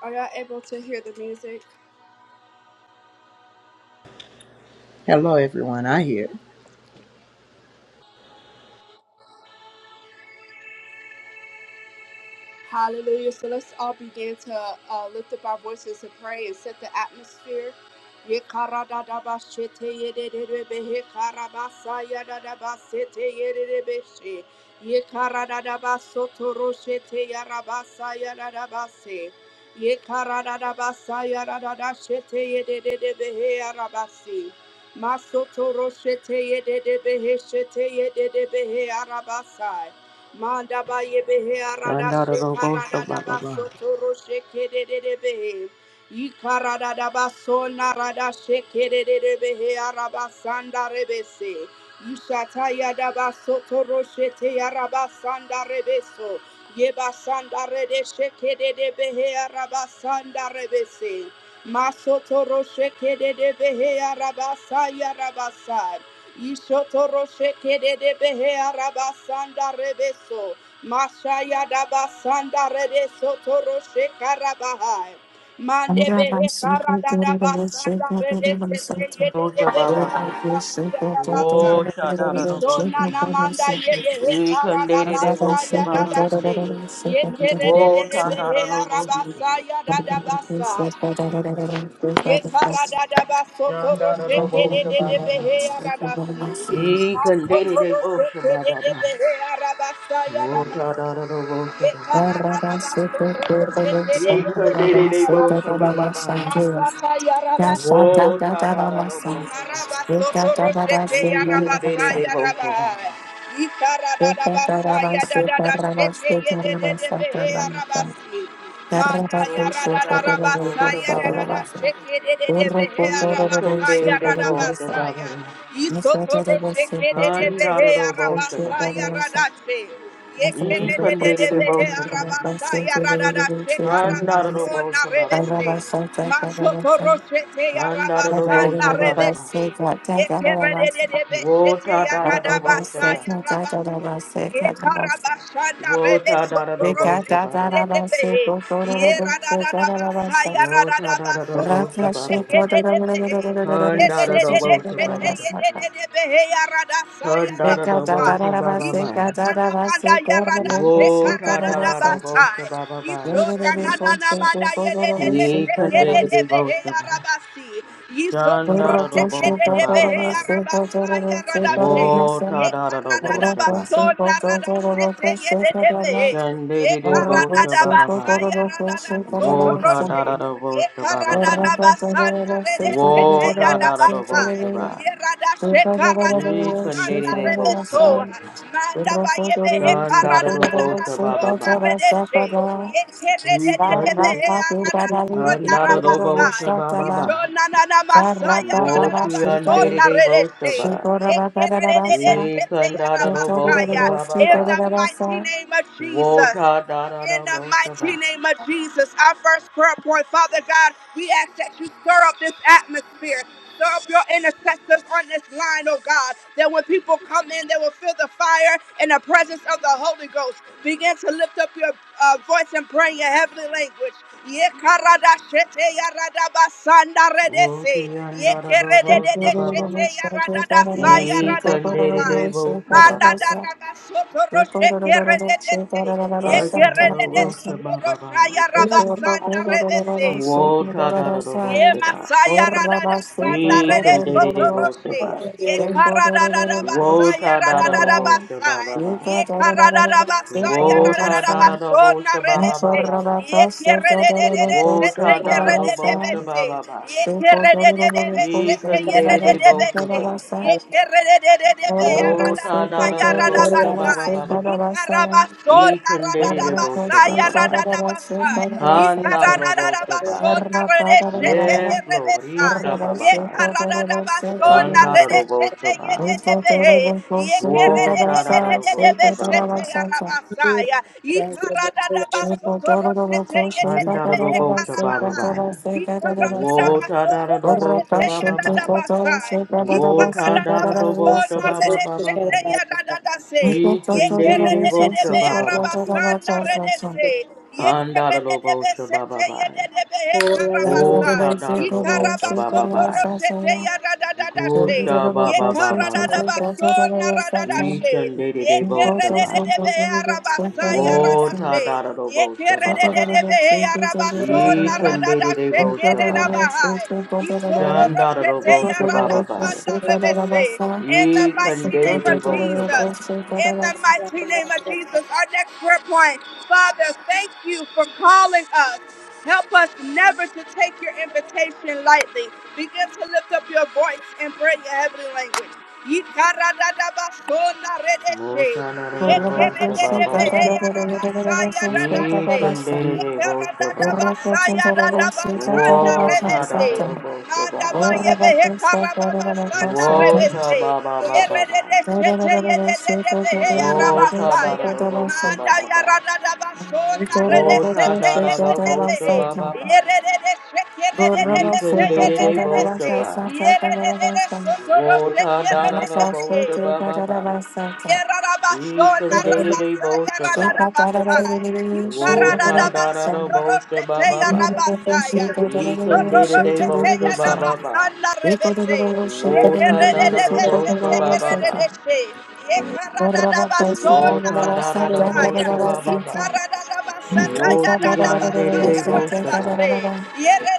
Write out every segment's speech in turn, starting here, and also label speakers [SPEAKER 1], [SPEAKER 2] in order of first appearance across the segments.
[SPEAKER 1] Are y'all able to hear the music?
[SPEAKER 2] Hello, everyone. I hear.
[SPEAKER 1] Hallelujah. So let's all begin to uh, lift up our voices and pray and set the atmosphere. Yekaradadabashete yedededebe, hekarabasa yadadabasete yededebeshe. Yekaradadabasotoroshete yarabasa yadadabase. Yekaradadabasa yadadadashete yedededebe, heyarabasi. Masotoroshete yededebe, heshete yededebe, heyarabasai. Manda ba ye behe arada
[SPEAKER 3] Shanda da
[SPEAKER 1] she
[SPEAKER 3] da Shandarabosha
[SPEAKER 1] karada da
[SPEAKER 3] Baba
[SPEAKER 1] ba
[SPEAKER 3] Ba.
[SPEAKER 1] soto ro she kede de de behe. I karada da ba so na she kede de de behe araba sanda rebese. Ishata yadaba soto roshete yaraba sanda rebeso. Yeba sanda rede sheke de de behe araba sanda rebese. Masoto rosheke de de behe araba saya rabasa. Ishoto rosheke de de behe araba sanda rebeso. Mashaya daba sanda rede karabahai. Mande behe
[SPEAKER 4] Yes.
[SPEAKER 1] karada daba sanda yede de
[SPEAKER 3] Bosha Baba
[SPEAKER 1] behe
[SPEAKER 3] Ba. ba ba.
[SPEAKER 1] arabasa.
[SPEAKER 3] Wo
[SPEAKER 1] Isona
[SPEAKER 3] Shadarabosha
[SPEAKER 1] na
[SPEAKER 3] Ba.
[SPEAKER 1] na manda yebe he karada
[SPEAKER 3] Ekandere
[SPEAKER 1] basa
[SPEAKER 3] Bosha
[SPEAKER 1] ya
[SPEAKER 3] Baba
[SPEAKER 1] dada
[SPEAKER 3] Ba. ba ba.
[SPEAKER 1] she. Ye kere de
[SPEAKER 3] Wo
[SPEAKER 1] de de be he
[SPEAKER 3] Tandarabosha Ba.
[SPEAKER 1] arabasa ya dada basa. Ye karada da baso toro she kere
[SPEAKER 3] Shandarabosha
[SPEAKER 1] de de
[SPEAKER 3] Baba
[SPEAKER 1] be
[SPEAKER 3] Ba.
[SPEAKER 1] he arabasi. Maso toro
[SPEAKER 3] Ekandere
[SPEAKER 1] she
[SPEAKER 3] Bosha
[SPEAKER 1] kere
[SPEAKER 3] Baba Ba.
[SPEAKER 1] de
[SPEAKER 3] ba
[SPEAKER 1] be
[SPEAKER 3] ba.
[SPEAKER 1] he arabasa ya
[SPEAKER 3] Wo
[SPEAKER 1] dada. Ye
[SPEAKER 3] Tandarabosha Ba.
[SPEAKER 1] karada da baso toro she kere de be he
[SPEAKER 3] Ekandere Bosha
[SPEAKER 1] arabasi.
[SPEAKER 3] Baba Ba. ba ba ya.
[SPEAKER 1] Masata ya rabasi.
[SPEAKER 3] Wo Tandarabosha Ba.
[SPEAKER 1] Ikarabasoto roshete yarabasa
[SPEAKER 3] Ekandere
[SPEAKER 1] yaraba.
[SPEAKER 3] Bosha Ba.
[SPEAKER 4] Thank you.
[SPEAKER 1] Ikaradadabasa yadadadashete yedededebehe yarabasi. Manda
[SPEAKER 3] Wo
[SPEAKER 1] yaradadadabasa
[SPEAKER 3] Tandarabosha Baba Ba. ba ba.
[SPEAKER 1] yadadadashete dededebehe yarabasa
[SPEAKER 3] Ikundere Bosha
[SPEAKER 1] yaradabasa
[SPEAKER 3] Baba.
[SPEAKER 1] ya.
[SPEAKER 3] baba.
[SPEAKER 1] Isoto roshete dededebehe
[SPEAKER 3] Handaro Bosha
[SPEAKER 1] yarabasa
[SPEAKER 3] Baba.
[SPEAKER 1] yaradashe.
[SPEAKER 3] Ikundere
[SPEAKER 1] Yekeredededebehe
[SPEAKER 3] Bosha Baba. baba.
[SPEAKER 1] arabasa yaradada shekarabaso
[SPEAKER 3] Handaro Bosha Baba. baba.
[SPEAKER 1] narebese. Masotoroshete
[SPEAKER 3] Handaro
[SPEAKER 1] yarabasa
[SPEAKER 3] Bosha Baba. baba.
[SPEAKER 1] narebese. Yekeredededebeshete
[SPEAKER 3] Wota Dada do Bosha
[SPEAKER 1] yaradabasa
[SPEAKER 3] Baba.
[SPEAKER 1] yarabaso. Yekarabasa
[SPEAKER 3] Wota
[SPEAKER 1] narebeso
[SPEAKER 3] Dada
[SPEAKER 4] Thank
[SPEAKER 3] do Bosha
[SPEAKER 4] you.
[SPEAKER 3] Baba. baba. Wota Dada do Bosha Baba. baba. Handaro Bosha Baba. baba. Handaro Bosha Baba. baba. Wota Dada do Bosha Baba. Ikundere Bosha Baba. Shandarabo Shababai.
[SPEAKER 1] Ye Ye karada
[SPEAKER 3] Wotadarabo
[SPEAKER 1] da
[SPEAKER 3] Shabai.
[SPEAKER 1] baso na rada sete ye de de be. Ye
[SPEAKER 3] Shandarabo
[SPEAKER 1] karada da basa
[SPEAKER 3] Shababai.
[SPEAKER 1] ya rada da soto roche.
[SPEAKER 3] Wotadarabo
[SPEAKER 1] Ye
[SPEAKER 4] Thank you.
[SPEAKER 1] karada
[SPEAKER 3] Shababai.
[SPEAKER 1] da basa na rede sete ya da basa.
[SPEAKER 3] Wotadarabo Shabai.
[SPEAKER 1] Ye rada she karada basa na rede
[SPEAKER 3] Rekandarabo
[SPEAKER 1] so.
[SPEAKER 3] Shababai.
[SPEAKER 1] Manda ba ye be he karada da
[SPEAKER 3] Shandarabo
[SPEAKER 1] da da so na
[SPEAKER 3] Shababai.
[SPEAKER 1] rede she. Ye kere de de de be
[SPEAKER 3] Rekandar.
[SPEAKER 1] he ya rada so na
[SPEAKER 3] Shandarabo
[SPEAKER 1] rabasa. Isho
[SPEAKER 3] Shababai.
[SPEAKER 1] na na na masaya rada da baso na rede
[SPEAKER 3] Wotiandarabo
[SPEAKER 1] she.
[SPEAKER 3] Shabai.
[SPEAKER 1] In
[SPEAKER 3] Rekandarabo Shababai.
[SPEAKER 1] the mighty name of Jesus.
[SPEAKER 3] Wota da da
[SPEAKER 1] In
[SPEAKER 3] da
[SPEAKER 1] the
[SPEAKER 3] bo shaba.
[SPEAKER 1] mighty name of Jesus, our first prayer point, Father God, we ask that you stir up this atmosphere. Stir up your intercessors on this line, oh God, that when people come in, they will feel the fire and the presence of the Holy Ghost. Begin to lift up your uh, voice and pray in your heavenly language. Ye karada shete ya rada basanda redese.
[SPEAKER 3] Woti an
[SPEAKER 1] Ye
[SPEAKER 3] da da do
[SPEAKER 1] kerede
[SPEAKER 3] bo
[SPEAKER 1] de de
[SPEAKER 3] shaba ba
[SPEAKER 1] shete
[SPEAKER 3] ba.
[SPEAKER 1] ya rada da sa ya
[SPEAKER 3] E
[SPEAKER 1] rada
[SPEAKER 3] kunde de de de
[SPEAKER 1] basai.
[SPEAKER 3] bo shaba
[SPEAKER 1] Manda
[SPEAKER 3] ba
[SPEAKER 1] da
[SPEAKER 3] ba.
[SPEAKER 1] raba soto
[SPEAKER 4] Thank you.
[SPEAKER 1] roche kerede dese. Ye
[SPEAKER 3] right on the
[SPEAKER 1] kerede
[SPEAKER 3] low
[SPEAKER 1] de
[SPEAKER 3] bo
[SPEAKER 1] soto
[SPEAKER 3] shaba ba ba
[SPEAKER 1] rosha ya
[SPEAKER 3] ya.
[SPEAKER 1] raba sanda
[SPEAKER 5] Thank
[SPEAKER 1] redese.
[SPEAKER 3] Wota da da do bo
[SPEAKER 1] Ye
[SPEAKER 3] shaba.
[SPEAKER 1] masaya rada da sanda
[SPEAKER 3] E
[SPEAKER 1] rede
[SPEAKER 3] kunde de de
[SPEAKER 1] soto
[SPEAKER 3] de bo
[SPEAKER 1] roshi.
[SPEAKER 3] shaba.
[SPEAKER 1] Ye kara da da basaya
[SPEAKER 3] Wota da
[SPEAKER 1] rada
[SPEAKER 3] da
[SPEAKER 1] da
[SPEAKER 3] do
[SPEAKER 1] da
[SPEAKER 3] bo shaba
[SPEAKER 1] basai.
[SPEAKER 3] ba ba.
[SPEAKER 1] Ye kara da da basaya rada da
[SPEAKER 3] Wota
[SPEAKER 1] da
[SPEAKER 3] da da do bo
[SPEAKER 1] basona
[SPEAKER 3] shaba
[SPEAKER 1] rede
[SPEAKER 3] ba ba
[SPEAKER 1] se.
[SPEAKER 3] ba ba.
[SPEAKER 1] Ye kere de de de de sete
[SPEAKER 3] Wota
[SPEAKER 1] ye
[SPEAKER 3] da da do
[SPEAKER 1] rede de
[SPEAKER 3] bo
[SPEAKER 1] be
[SPEAKER 3] shaba
[SPEAKER 1] se.
[SPEAKER 3] ba ba.
[SPEAKER 1] Ye kere de de de de
[SPEAKER 3] E
[SPEAKER 1] sete
[SPEAKER 3] kunde
[SPEAKER 1] ye
[SPEAKER 3] de de
[SPEAKER 1] rede
[SPEAKER 3] de
[SPEAKER 1] de
[SPEAKER 3] bo
[SPEAKER 1] be se.
[SPEAKER 3] shaba.
[SPEAKER 1] Ye kere de de de de be ya rada
[SPEAKER 3] Wota da da
[SPEAKER 1] saya
[SPEAKER 3] da
[SPEAKER 1] rada
[SPEAKER 3] bosha ba ba
[SPEAKER 1] basai.
[SPEAKER 3] ba ba ba.
[SPEAKER 1] Ikarabasona
[SPEAKER 3] Ekan
[SPEAKER 4] Thank
[SPEAKER 3] de de de bosha ba
[SPEAKER 1] radadabasaya
[SPEAKER 3] ba ba.
[SPEAKER 4] you.
[SPEAKER 1] radadabasai.
[SPEAKER 3] Han da da da bosha ba.
[SPEAKER 1] Ikarararabasona redeshete
[SPEAKER 3] Yes, Lord.
[SPEAKER 1] yerebesai.
[SPEAKER 3] Isha ba ba ba. Kan
[SPEAKER 1] Yekarararabasona
[SPEAKER 3] da da da
[SPEAKER 1] redeshete
[SPEAKER 3] bosha ba.
[SPEAKER 1] yededebehe.
[SPEAKER 3] Wota da da da bosha ba ba
[SPEAKER 1] Yekeredededededebesete
[SPEAKER 3] ba.
[SPEAKER 1] yarabasaya. Ikarararabasotoroshete
[SPEAKER 3] Han da da da
[SPEAKER 1] yededebehe
[SPEAKER 3] bosha ba ba
[SPEAKER 1] karabahai.
[SPEAKER 3] ba. Wota da da da bosha
[SPEAKER 1] Ikarararabasotoroshete
[SPEAKER 3] ba ba ba.
[SPEAKER 1] yadadabasai.
[SPEAKER 3] Wota da da da bosha ba ba
[SPEAKER 1] Ikarararabasona
[SPEAKER 3] ba ba ba. Ekan de de de bosha ba ba ba. An da da da bosha ba ba ba. Wota nada no bosa ba ba ba. ya.
[SPEAKER 4] Thank you.
[SPEAKER 3] Gusha ba ba ba ba ba. Nishan de de de bosa ba. Wota nada no bosa ba ba
[SPEAKER 1] Ye in
[SPEAKER 3] ba. ya. Ikan de de de bosa ba. Shandada no bosa ba ba ba. ya.
[SPEAKER 1] the
[SPEAKER 3] Ikan
[SPEAKER 1] mighty
[SPEAKER 3] de de
[SPEAKER 1] name of
[SPEAKER 3] de bosa
[SPEAKER 1] Jesus.
[SPEAKER 3] ba.
[SPEAKER 1] In the mighty name of Jesus. Our next prayer point. Father, thank you for calling us. Help us never to take your invitation lightly. Begin to lift up your voice and pray your heavenly language. Ikaradadabashona redeshe.
[SPEAKER 3] Wota nada no bosa ba ba ba. ya.
[SPEAKER 1] Yekerededebeheya rabasaya dadashe.
[SPEAKER 3] Ikan de de de bosa ba.
[SPEAKER 1] Yekeradadabasaya dadabasanda
[SPEAKER 3] Wota
[SPEAKER 1] redeshe.
[SPEAKER 3] nada no bosa ba ba
[SPEAKER 1] Madaba
[SPEAKER 3] ba. ya.
[SPEAKER 1] yebehe karababasanda
[SPEAKER 3] Wota
[SPEAKER 1] redeshe.
[SPEAKER 3] ba ba ba ba ba. ya.
[SPEAKER 4] Shake
[SPEAKER 1] Yerededeshete yedededebeheya rabasaya.
[SPEAKER 3] Wota da da
[SPEAKER 1] Basaya,
[SPEAKER 3] da bosha ba
[SPEAKER 1] Manda
[SPEAKER 3] ba
[SPEAKER 1] ya
[SPEAKER 3] ba.
[SPEAKER 1] rada da basona rede
[SPEAKER 3] Wota
[SPEAKER 1] sete
[SPEAKER 3] da da
[SPEAKER 1] yede
[SPEAKER 3] da
[SPEAKER 1] de
[SPEAKER 3] bosha ba ba
[SPEAKER 1] de.
[SPEAKER 3] ba.
[SPEAKER 1] Yere de de sheke yere de de de se
[SPEAKER 3] Deacon day to
[SPEAKER 1] yere
[SPEAKER 3] day
[SPEAKER 1] de de
[SPEAKER 3] bosha
[SPEAKER 1] se.
[SPEAKER 3] ba.
[SPEAKER 1] Yere de de de soto ro sete
[SPEAKER 3] Wota da
[SPEAKER 1] yere
[SPEAKER 3] da
[SPEAKER 1] de
[SPEAKER 3] da
[SPEAKER 1] de de.
[SPEAKER 3] bosha ba ba ba. Deacon day to day bosha ba. Wota da da da bosha ba ba ba. Deacon day to day bosha ba ba ba. Wota da da da bosha ba ba ba. Wota da da da bosha ba ba ba.
[SPEAKER 4] Thank
[SPEAKER 3] Woti
[SPEAKER 4] you.
[SPEAKER 3] on day
[SPEAKER 6] raba
[SPEAKER 3] to
[SPEAKER 6] shoko
[SPEAKER 3] day bosha ba.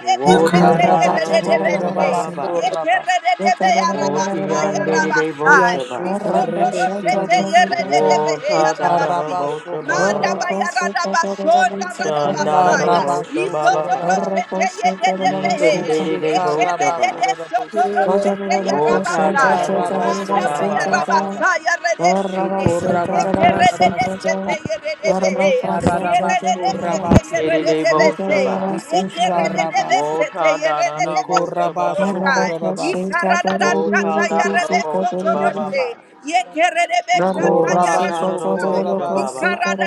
[SPEAKER 3] Wota da da da vosha ba ba ba ya.
[SPEAKER 6] Ikarabashokorabas,
[SPEAKER 1] Ye
[SPEAKER 3] Woti
[SPEAKER 1] Arabasai
[SPEAKER 3] yande de de
[SPEAKER 1] Arabasai.
[SPEAKER 3] vosha ba.
[SPEAKER 1] Isoto Roshete
[SPEAKER 6] Kiashokorebekedes,
[SPEAKER 1] Yeredebehe
[SPEAKER 3] Wota da da da
[SPEAKER 1] Arabasi.
[SPEAKER 3] vosha ba ba
[SPEAKER 1] Manda
[SPEAKER 3] ba.
[SPEAKER 6] Ikarabashokorabas,
[SPEAKER 1] Bayarada Bashonda
[SPEAKER 3] Shan da da da
[SPEAKER 1] Radabasaya.
[SPEAKER 3] vosha ba ba
[SPEAKER 1] Isoto
[SPEAKER 3] ba.
[SPEAKER 6] Ikarabashokorabas,
[SPEAKER 1] Roshete Yeredebehe.
[SPEAKER 3] Ekan de de de vosha ba.
[SPEAKER 1] Ekerede Soto
[SPEAKER 6] Ikoshekarabakorabosa,
[SPEAKER 1] Roshete
[SPEAKER 3] Wota da
[SPEAKER 1] Yarabasai.
[SPEAKER 3] da da vosha
[SPEAKER 1] Manda
[SPEAKER 3] ba ba
[SPEAKER 6] Ikarabasorabas,
[SPEAKER 3] ba ba
[SPEAKER 1] Bayarabasai Yaredeshete.
[SPEAKER 3] ba.
[SPEAKER 1] Ekerede
[SPEAKER 6] Shekorabakarabas,
[SPEAKER 1] Sete Yeredebehe. Yeredede Sete
[SPEAKER 3] De de
[SPEAKER 6] Ikarabashorabakedes,
[SPEAKER 3] de vosha
[SPEAKER 1] Yeredebese.
[SPEAKER 3] ba.
[SPEAKER 6] Ikusharabas,
[SPEAKER 1] Ekerede Sete
[SPEAKER 3] Wota da da da
[SPEAKER 1] Yeredebese.
[SPEAKER 3] vosha
[SPEAKER 1] Ye
[SPEAKER 3] ba ba
[SPEAKER 4] Nada
[SPEAKER 3] ba ya.
[SPEAKER 6] Mekorabashokorabas,
[SPEAKER 3] Wota da da da vosha ba ba ba. Wota da da da vosha ba
[SPEAKER 6] Ikorabashokorabas,
[SPEAKER 3] ba ba.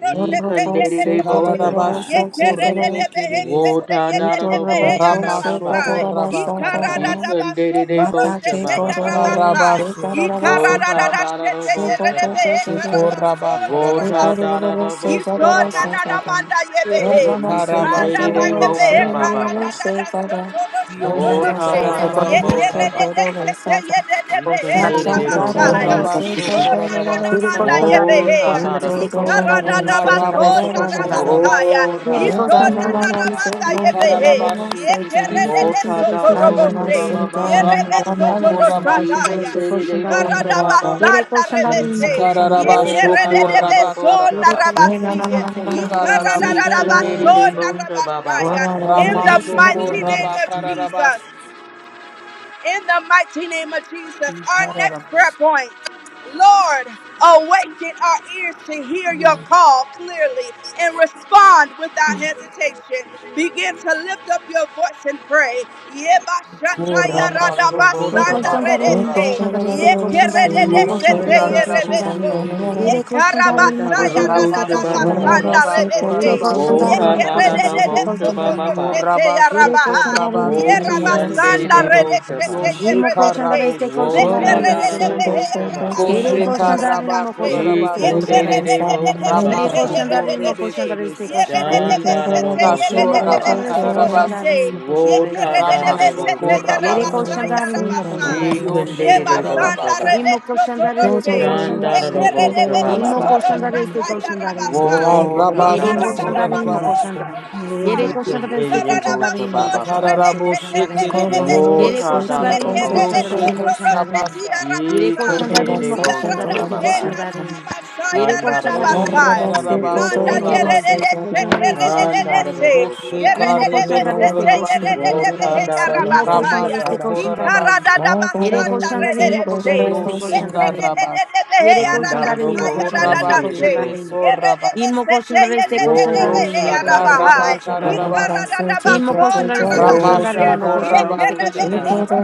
[SPEAKER 3] Ikandere de Boshaba.
[SPEAKER 6] Ikararabashi
[SPEAKER 1] kerede de
[SPEAKER 6] korebe
[SPEAKER 1] behe
[SPEAKER 6] kereresa.
[SPEAKER 1] sete
[SPEAKER 3] Wota
[SPEAKER 1] Ye de
[SPEAKER 3] dada
[SPEAKER 1] de
[SPEAKER 3] do
[SPEAKER 1] behe
[SPEAKER 3] Boshaba
[SPEAKER 6] Ramasho
[SPEAKER 1] arabasa.
[SPEAKER 3] Babaya.
[SPEAKER 1] Yarabasai,
[SPEAKER 6] koraba kararabasi.
[SPEAKER 3] Ikandere de
[SPEAKER 1] Ikaradabasoto Roshete
[SPEAKER 3] Boshaba Babaya.
[SPEAKER 1] Yarabasai,
[SPEAKER 6] Ikarabashe.
[SPEAKER 3] Wota dada do
[SPEAKER 1] Ikaradadashete
[SPEAKER 3] Boshaba.
[SPEAKER 1] Yerebehe
[SPEAKER 4] que
[SPEAKER 6] Shekoraba
[SPEAKER 1] Karabasona
[SPEAKER 4] Thank
[SPEAKER 3] Wota
[SPEAKER 6] kararabasi.
[SPEAKER 1] Rabasi,
[SPEAKER 3] dada do Boshaba
[SPEAKER 1] Isona
[SPEAKER 3] Babaya.
[SPEAKER 1] Nanamanda Yebehe, Manda
[SPEAKER 3] Ikandere
[SPEAKER 6] Ikarabasho
[SPEAKER 3] de
[SPEAKER 1] Bayebehe
[SPEAKER 3] Boshaba
[SPEAKER 6] korabasa.
[SPEAKER 3] Babaya.
[SPEAKER 1] Karadadasoto Roshoto
[SPEAKER 6] Kiyoshe
[SPEAKER 3] Wota
[SPEAKER 1] Roshe,
[SPEAKER 7] Este
[SPEAKER 3] dada do
[SPEAKER 7] question
[SPEAKER 6] kararabaso
[SPEAKER 3] Boshaba.
[SPEAKER 1] Yekerede
[SPEAKER 6] rabasi.
[SPEAKER 1] Sete Yerebehe
[SPEAKER 7] that is
[SPEAKER 3] Ikandere
[SPEAKER 7] the
[SPEAKER 3] de
[SPEAKER 7] question that
[SPEAKER 1] Arabasai,
[SPEAKER 7] is
[SPEAKER 3] Boshaba
[SPEAKER 7] the
[SPEAKER 3] Babaya.
[SPEAKER 6] Ikorabasho
[SPEAKER 7] question.
[SPEAKER 1] Isona
[SPEAKER 7] Really
[SPEAKER 6] korarabaso.
[SPEAKER 1] Nanamanda
[SPEAKER 7] question that is the
[SPEAKER 1] Yebehe.
[SPEAKER 3] Wota
[SPEAKER 7] question that
[SPEAKER 3] dada
[SPEAKER 7] is the
[SPEAKER 3] do
[SPEAKER 7] question
[SPEAKER 3] Boshaba.
[SPEAKER 1] Ikarada
[SPEAKER 7] that is the
[SPEAKER 6] Ikarabasho
[SPEAKER 7] question that is the question that is.
[SPEAKER 6] korarabaso
[SPEAKER 3] Wota
[SPEAKER 1] Ye
[SPEAKER 7] Really
[SPEAKER 6] rabasi.
[SPEAKER 3] dada
[SPEAKER 7] question
[SPEAKER 3] do
[SPEAKER 7] that
[SPEAKER 1] Ishona
[SPEAKER 7] is
[SPEAKER 1] na
[SPEAKER 7] the
[SPEAKER 1] na
[SPEAKER 3] Boshaba
[SPEAKER 7] question
[SPEAKER 1] manda
[SPEAKER 7] that is the
[SPEAKER 3] Babaya.
[SPEAKER 1] yebehe.
[SPEAKER 7] question that
[SPEAKER 6] Ikararabashe
[SPEAKER 7] is. In the
[SPEAKER 6] kereresa.
[SPEAKER 7] question that
[SPEAKER 3] Wota
[SPEAKER 7] is
[SPEAKER 3] da
[SPEAKER 7] the
[SPEAKER 3] da
[SPEAKER 7] question that
[SPEAKER 3] bosha ba ba
[SPEAKER 7] is the
[SPEAKER 3] ba ba ba.
[SPEAKER 6] Ramasho
[SPEAKER 7] question that is the
[SPEAKER 6] koraba
[SPEAKER 3] Ye
[SPEAKER 7] question that is
[SPEAKER 3] kun
[SPEAKER 7] the question that is the
[SPEAKER 3] de
[SPEAKER 6] kereresa.
[SPEAKER 3] de
[SPEAKER 7] question
[SPEAKER 3] de
[SPEAKER 7] that is.
[SPEAKER 3] bosha ba ba ba.
[SPEAKER 7] Really question that is the
[SPEAKER 4] you.
[SPEAKER 7] question that is the
[SPEAKER 6] Ikararabasho
[SPEAKER 7] question
[SPEAKER 3] Wota
[SPEAKER 7] that
[SPEAKER 3] da da
[SPEAKER 7] is.
[SPEAKER 6] koraba
[SPEAKER 3] da bosha
[SPEAKER 7] Really
[SPEAKER 6] kararabasi.
[SPEAKER 3] ba.
[SPEAKER 4] Thank
[SPEAKER 7] question that is the question that is yes,
[SPEAKER 6] Ekararabo
[SPEAKER 3] Ye kun
[SPEAKER 7] really
[SPEAKER 3] de de
[SPEAKER 7] done.
[SPEAKER 3] de
[SPEAKER 6] shekeresa.
[SPEAKER 3] bosha ba ba ba.
[SPEAKER 7] In the
[SPEAKER 1] In the
[SPEAKER 7] question that is
[SPEAKER 6] Ramashoko
[SPEAKER 7] the
[SPEAKER 1] mighty
[SPEAKER 3] Yan
[SPEAKER 1] name of
[SPEAKER 7] question.
[SPEAKER 6] rabakararabas.
[SPEAKER 1] Jesus in the mighty name of Jesus. Our next prayer
[SPEAKER 6] Ikararabos.
[SPEAKER 1] point. Lord, awaken our ears to hear your call clearly and respond without hesitation. Begin to lift up your voice and pray.
[SPEAKER 6] Iko
[SPEAKER 3] da da da
[SPEAKER 6] rabashoko
[SPEAKER 3] bosha ba ba
[SPEAKER 6] rarabaso
[SPEAKER 3] ba.
[SPEAKER 7] Yekoshandare
[SPEAKER 1] Yebashatayaradabasandarese.
[SPEAKER 6] rabas.
[SPEAKER 7] Shandare Seko Shandare
[SPEAKER 6] Iko
[SPEAKER 3] Ye
[SPEAKER 7] Moko
[SPEAKER 3] kun
[SPEAKER 7] Shandare
[SPEAKER 1] Yekerededesete
[SPEAKER 3] da
[SPEAKER 7] Seko
[SPEAKER 6] shekararabo
[SPEAKER 1] yerebeso.
[SPEAKER 7] Shandare Yere
[SPEAKER 6] shekeresa.
[SPEAKER 7] Koshandare
[SPEAKER 3] da da
[SPEAKER 7] Moko
[SPEAKER 3] da da
[SPEAKER 7] Shandare
[SPEAKER 3] bosha
[SPEAKER 7] Seko
[SPEAKER 3] ba ba
[SPEAKER 6] Ramashoko
[SPEAKER 3] ba.
[SPEAKER 7] Shandare Yere
[SPEAKER 6] rabakorarabaso
[SPEAKER 7] Koshandare
[SPEAKER 3] Wota
[SPEAKER 7] Moko
[SPEAKER 3] da
[SPEAKER 6] rabas.
[SPEAKER 3] da
[SPEAKER 1] Yekarabasayaradabasandarese.
[SPEAKER 7] Shandare
[SPEAKER 3] da
[SPEAKER 7] Seko
[SPEAKER 3] bosha ba ba
[SPEAKER 6] Iko
[SPEAKER 7] Shandare
[SPEAKER 3] ba.
[SPEAKER 7] Yere
[SPEAKER 6] rabashoko
[SPEAKER 1] Yerabasai.
[SPEAKER 7] Koshandare Moko
[SPEAKER 3] Woti
[SPEAKER 7] Shandare
[SPEAKER 6] rabakeresa.
[SPEAKER 3] yan
[SPEAKER 7] Seko
[SPEAKER 3] de de
[SPEAKER 1] Yebasanda
[SPEAKER 3] de
[SPEAKER 7] Shandare
[SPEAKER 3] bosha
[SPEAKER 1] rebeso
[SPEAKER 6] Yo
[SPEAKER 3] ba.
[SPEAKER 7] Moko Shandare
[SPEAKER 6] shekarabo
[SPEAKER 7] Seko
[SPEAKER 3] Wota
[SPEAKER 7] Shandare
[SPEAKER 3] da da
[SPEAKER 6] shekeresa.
[SPEAKER 7] Moko
[SPEAKER 3] da
[SPEAKER 7] Shandare
[SPEAKER 3] bosha ba
[SPEAKER 6] Iko
[SPEAKER 3] ba
[SPEAKER 7] Yere
[SPEAKER 3] ba.
[SPEAKER 7] Koshandare
[SPEAKER 6] shekaraba
[SPEAKER 7] Moko Shandare
[SPEAKER 6] korarabaso.
[SPEAKER 7] Seko Shandare
[SPEAKER 3] Ikandedevosha
[SPEAKER 7] Yere
[SPEAKER 6] Ramashoko
[SPEAKER 3] bababaya.
[SPEAKER 7] Koshandare Moko Shandare Seko
[SPEAKER 6] rebekeresa.
[SPEAKER 7] Shandare
[SPEAKER 3] Shandaradovosha
[SPEAKER 7] Nimo potion
[SPEAKER 6] Kashoraba
[SPEAKER 7] that is
[SPEAKER 3] bababaya.
[SPEAKER 7] the
[SPEAKER 6] Kararabasa
[SPEAKER 3] Wotadaradovosha
[SPEAKER 6] Ramashoko
[SPEAKER 7] Yere
[SPEAKER 3] bababaya.
[SPEAKER 7] potion
[SPEAKER 6] Rabase
[SPEAKER 7] that in the potion
[SPEAKER 4] you.
[SPEAKER 6] Kiyoshe
[SPEAKER 3] Ikandedevosha
[SPEAKER 6] Kararabasa
[SPEAKER 3] ba.
[SPEAKER 7] Nimo potion that
[SPEAKER 4] Thank you.
[SPEAKER 1] toroshe. Yekere
[SPEAKER 3] Shandaradovosha
[SPEAKER 1] rebeso
[SPEAKER 7] Nimo potion
[SPEAKER 3] bababaya.
[SPEAKER 7] that
[SPEAKER 1] torosa kaya rabasai.
[SPEAKER 7] Yere
[SPEAKER 6] Karabasho
[SPEAKER 7] potion that
[SPEAKER 3] Wotadaradovosha
[SPEAKER 7] in
[SPEAKER 3] ba.
[SPEAKER 6] Korarabase
[SPEAKER 7] Yere potion that is the ocean
[SPEAKER 3] Ikandedevosha bababaya.
[SPEAKER 6] Ekararabo Shekeresa
[SPEAKER 7] Yere potion that in the
[SPEAKER 3] Wotadaradovosha
[SPEAKER 6] Kiyoshe
[SPEAKER 3] ba.
[SPEAKER 6] Karabasa
[SPEAKER 7] Yere potion that in the
[SPEAKER 3] Ikandedevosha bababaya.
[SPEAKER 7] Yere potion that in
[SPEAKER 6] Koshe
[SPEAKER 3] Handaradovosha
[SPEAKER 1] Manda
[SPEAKER 6] Kararabaso
[SPEAKER 7] Thank you, Lord
[SPEAKER 6] Rabas
[SPEAKER 1] yerere
[SPEAKER 7] Jesus. Coaching that is the coaching
[SPEAKER 1] şekerere
[SPEAKER 7] that
[SPEAKER 1] se
[SPEAKER 7] in.
[SPEAKER 6] Koshe
[SPEAKER 3] Handarabosaba.
[SPEAKER 7] We more
[SPEAKER 1] yerere
[SPEAKER 7] coaching
[SPEAKER 6] Karebe
[SPEAKER 7] that is the
[SPEAKER 1] sete
[SPEAKER 7] coaching that
[SPEAKER 6] Korarabaso
[SPEAKER 1] yerere
[SPEAKER 7] in.
[SPEAKER 1] behe
[SPEAKER 7] We
[SPEAKER 1] yarabasaya
[SPEAKER 6] Ramasho
[SPEAKER 3] Wotadarabosababa.
[SPEAKER 1] ikarada da
[SPEAKER 6] Korarabase
[SPEAKER 1] da
[SPEAKER 7] Yere
[SPEAKER 1] basanda
[SPEAKER 7] coaching that in, more
[SPEAKER 1] rere se
[SPEAKER 7] coaching that is the
[SPEAKER 6] Kiyoshe Karabasa
[SPEAKER 1] yerere behe
[SPEAKER 7] Yere coaching
[SPEAKER 1] yarada
[SPEAKER 7] that in, more
[SPEAKER 1] saya
[SPEAKER 7] coaching
[SPEAKER 1] rada
[SPEAKER 7] that
[SPEAKER 1] da
[SPEAKER 7] is the
[SPEAKER 6] Ekoraba
[SPEAKER 1] da se
[SPEAKER 7] coaching that in.
[SPEAKER 6] Kereso
[SPEAKER 3] Handaraboshiandebosaba.
[SPEAKER 7] We
[SPEAKER 1] yerere
[SPEAKER 6] Rabasa
[SPEAKER 7] more
[SPEAKER 1] sete
[SPEAKER 7] coaching that is the
[SPEAKER 1] yere de
[SPEAKER 7] coaching that in, more coaching
[SPEAKER 6] Kiosheka
[SPEAKER 7] that is the coaching that in.
[SPEAKER 3] Wotadarabosababa.
[SPEAKER 6] rabakararabaso.
[SPEAKER 7] We more coaching that is the coaching that in, more
[SPEAKER 6] Ramashoko rabakerese.
[SPEAKER 3] Wotadarabosababa.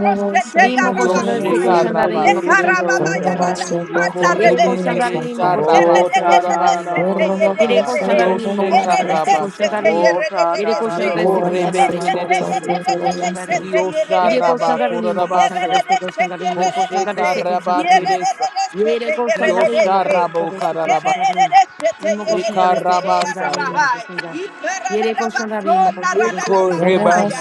[SPEAKER 6] Kiosheka rabaso.
[SPEAKER 4] Thank
[SPEAKER 3] Ikandedebosaba.
[SPEAKER 6] Eko
[SPEAKER 7] Yere coaching that in, more
[SPEAKER 6] rebekeresha
[SPEAKER 7] coaching that is the
[SPEAKER 6] rabakorarabasa.
[SPEAKER 7] Yere
[SPEAKER 3] Wotadarabosababa.
[SPEAKER 7] koşanların mı
[SPEAKER 6] Kiosheka
[SPEAKER 7] koşanlar este
[SPEAKER 4] you.
[SPEAKER 6] rabasa.
[SPEAKER 7] koşanların. Yere koşanlar
[SPEAKER 6] Meko
[SPEAKER 7] este koşanların mı
[SPEAKER 3] Wotadarabosababa.
[SPEAKER 7] koşanlar
[SPEAKER 6] rebekerese.
[SPEAKER 7] este koşanların.
[SPEAKER 6] Kiosha
[SPEAKER 7] Yere koşanların mı koşanlar
[SPEAKER 6] rabakorarabaso.
[SPEAKER 7] este koşanların mı koşanlar
[SPEAKER 6] Kosheka
[SPEAKER 7] este koşanların.
[SPEAKER 6] rabakeresa.
[SPEAKER 7] Yere koşanların
[SPEAKER 6] Kiosha
[SPEAKER 7] mı koşanlar este
[SPEAKER 6] rabokararabasa.
[SPEAKER 7] koşanların. Mı koşanlar
[SPEAKER 6] Eka
[SPEAKER 7] este koşanların
[SPEAKER 6] rabasaya.
[SPEAKER 7] mı
[SPEAKER 1] Rabahai,
[SPEAKER 7] koşanlar. Yere koşanların mı
[SPEAKER 1] Ikarabasona
[SPEAKER 7] koşanlar este
[SPEAKER 6] Eko
[SPEAKER 7] koşanların.
[SPEAKER 1] Radabasaya,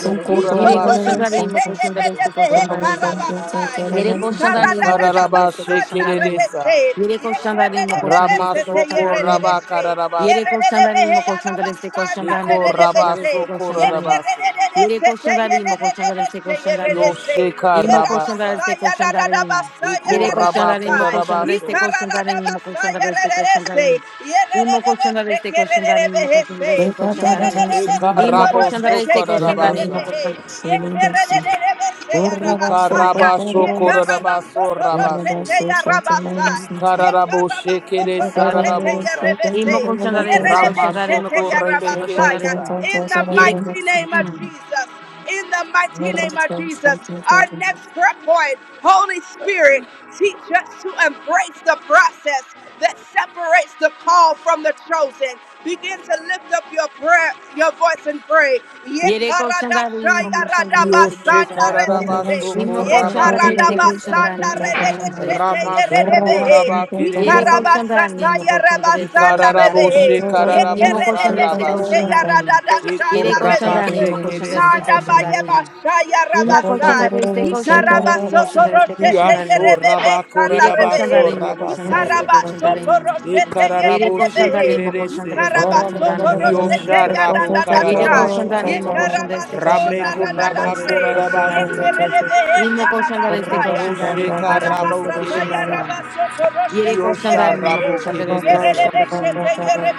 [SPEAKER 7] Yere koşanların mı
[SPEAKER 1] Isokorosete
[SPEAKER 7] koşanlar este
[SPEAKER 1] Yedebehe
[SPEAKER 7] koşanların.
[SPEAKER 1] Karabasai,
[SPEAKER 7] Yere koşanların mı koşan destek
[SPEAKER 6] Ikararabashe
[SPEAKER 1] Ikarabasanda
[SPEAKER 7] koşanların.
[SPEAKER 6] kereresa.
[SPEAKER 1] Redese,
[SPEAKER 7] Yere koşanların mı koşan
[SPEAKER 1] Yekeredese
[SPEAKER 7] destek
[SPEAKER 6] Ramasoko
[SPEAKER 7] koşanların.
[SPEAKER 1] Yeredese,
[SPEAKER 7] Yere
[SPEAKER 6] rabakararabase.
[SPEAKER 7] koşanların
[SPEAKER 1] Yeredebehe
[SPEAKER 7] mı koşan destek
[SPEAKER 1] Arabasanda
[SPEAKER 7] koşanların
[SPEAKER 6] Eko
[SPEAKER 7] mı koşan
[SPEAKER 1] Redese,
[SPEAKER 7] destek
[SPEAKER 6] rabasoko
[SPEAKER 7] koşanların.
[SPEAKER 6] rarabaso.
[SPEAKER 7] Yere
[SPEAKER 1] Yekeredese
[SPEAKER 7] koşanların mı koşan destek
[SPEAKER 1] Yeredese
[SPEAKER 7] koşanların.
[SPEAKER 1] Yeredese,
[SPEAKER 6] Kiyosheka
[SPEAKER 7] İmo koşan
[SPEAKER 6] rabasa.
[SPEAKER 7] destek
[SPEAKER 1] Yerabasaya
[SPEAKER 7] koşanların.
[SPEAKER 6] Eko
[SPEAKER 7] Yere
[SPEAKER 1] Radabasaya
[SPEAKER 7] koşanların mı
[SPEAKER 1] Sai,
[SPEAKER 7] koşan destek
[SPEAKER 6] rabakorarabaso.
[SPEAKER 1] Icarada
[SPEAKER 7] koşanların mı koşan
[SPEAKER 1] Basaya
[SPEAKER 7] destek
[SPEAKER 1] Rese,
[SPEAKER 7] koşanların. İmo
[SPEAKER 1] Yerede
[SPEAKER 7] koşan destek koşanların mı koşan
[SPEAKER 1] Sekerese,
[SPEAKER 7] destek koşanların.
[SPEAKER 1] Yerede
[SPEAKER 6] Eka
[SPEAKER 7] İmo
[SPEAKER 1] Sotoro
[SPEAKER 7] koşan
[SPEAKER 1] Sete
[SPEAKER 6] rabosoko
[SPEAKER 7] destek koşanların mı
[SPEAKER 6] rarabasa.
[SPEAKER 1] Yerede,
[SPEAKER 7] koşan beste
[SPEAKER 1] Yekerede Seya
[SPEAKER 6] Eka
[SPEAKER 1] Rabasaya,
[SPEAKER 6] rabasoko
[SPEAKER 1] Yekaraba
[SPEAKER 6] rarabaso
[SPEAKER 1] Sotoro Sete
[SPEAKER 6] rabase.
[SPEAKER 1] Yarabasai, Yekaraba
[SPEAKER 6] Ikararaboshe keresa
[SPEAKER 1] Sotoro
[SPEAKER 7] koşanların.
[SPEAKER 1] Sete
[SPEAKER 6] rarabosa.
[SPEAKER 1] Yerebese,
[SPEAKER 7] Imo koshandare este
[SPEAKER 1] Yerede
[SPEAKER 7] koshandare imo
[SPEAKER 1] Sete
[SPEAKER 6] Ramasoko
[SPEAKER 7] koshandare este
[SPEAKER 4] Thank
[SPEAKER 1] Yarabasaya,
[SPEAKER 6] rebekeresa.
[SPEAKER 7] koshandare
[SPEAKER 1] In the
[SPEAKER 7] yere
[SPEAKER 1] mighty name of
[SPEAKER 7] Mm.
[SPEAKER 1] Jesus, in the mighty name of Jesus, our next prayer point, Holy Spirit, teach us to embrace the process that separates the call from the chosen. Begin to lift up your prayer, your voice and pray.
[SPEAKER 7] yere koshandare imo koshandare este
[SPEAKER 6] Kiyosheka
[SPEAKER 7] koshandare
[SPEAKER 1] Yekaradashayaradabasandarebese.
[SPEAKER 6] rarabasoko
[SPEAKER 7] imo koshandare este
[SPEAKER 6] rabakereresa.
[SPEAKER 7] koshandare imo koshandare este koshandare
[SPEAKER 6] Ramashoko
[SPEAKER 1] Yekaradabasandaredesheteyeredebehe.
[SPEAKER 6] raba
[SPEAKER 7] yere
[SPEAKER 6] kererese.
[SPEAKER 7] koshandare imo koshandare este koshandare
[SPEAKER 6] Ikararabo
[SPEAKER 1] Ikarabasatayerebasandarebehe.
[SPEAKER 6] shekararabo
[SPEAKER 7] imo koshandare este
[SPEAKER 6] sarabasa.
[SPEAKER 7] koshandare
[SPEAKER 4] you.
[SPEAKER 6] Eko
[SPEAKER 7] yere
[SPEAKER 6] raba
[SPEAKER 7] koshandare imo koshandare este
[SPEAKER 6] shekeresa.
[SPEAKER 1] Manda
[SPEAKER 7] koshandare
[SPEAKER 1] bayeba shaya
[SPEAKER 7] imo
[SPEAKER 1] rabasai.
[SPEAKER 7] koshandare este koshandare imo
[SPEAKER 1] Ikarabasoto
[SPEAKER 7] koshandare este
[SPEAKER 1] roshete
[SPEAKER 6] Kiasho
[SPEAKER 7] koshandare
[SPEAKER 1] yerebebe
[SPEAKER 6] raba
[SPEAKER 1] sanda
[SPEAKER 7] yere
[SPEAKER 6] korarabaso
[SPEAKER 7] koshandare
[SPEAKER 1] rebehe.
[SPEAKER 7] imo koshandare este
[SPEAKER 6] rabasaya.
[SPEAKER 1] Ikarabasoto
[SPEAKER 7] koshandare
[SPEAKER 1] roshete
[SPEAKER 7] Yere
[SPEAKER 6] Ekararabo
[SPEAKER 7] koşandan
[SPEAKER 1] yedebehe.
[SPEAKER 7] imo koşandan
[SPEAKER 6] shekererese.
[SPEAKER 7] destek koşandan
[SPEAKER 1] Ikarabasoto
[SPEAKER 7] imo
[SPEAKER 1] roshete
[SPEAKER 6] Kiosha
[SPEAKER 7] koşandan.
[SPEAKER 6] rabo
[SPEAKER 7] Yere
[SPEAKER 1] yadadadashai.
[SPEAKER 7] koşandan
[SPEAKER 6] kararabasa.
[SPEAKER 7] imo koşandan destek
[SPEAKER 1] Yekarabasona
[SPEAKER 7] koşandan
[SPEAKER 6] Rameko
[SPEAKER 7] imo
[SPEAKER 6] raba
[SPEAKER 7] koşandan
[SPEAKER 1] radadashe.
[SPEAKER 7] destek koşandan imo.
[SPEAKER 6] korarabase.
[SPEAKER 7] İmo
[SPEAKER 1] Yekerebehe
[SPEAKER 7] koşandan
[SPEAKER 4] Thank
[SPEAKER 7] destek koşandan imo
[SPEAKER 6] Kosheka
[SPEAKER 7] koşandan
[SPEAKER 6] rabo
[SPEAKER 7] destek koşandan
[SPEAKER 6] keresa.
[SPEAKER 7] imo. Yere
[SPEAKER 6] Kiosha
[SPEAKER 7] koşandan imo
[SPEAKER 6] rabo
[SPEAKER 7] koşandan destek
[SPEAKER 6] kereresa.
[SPEAKER 7] koşandan imo.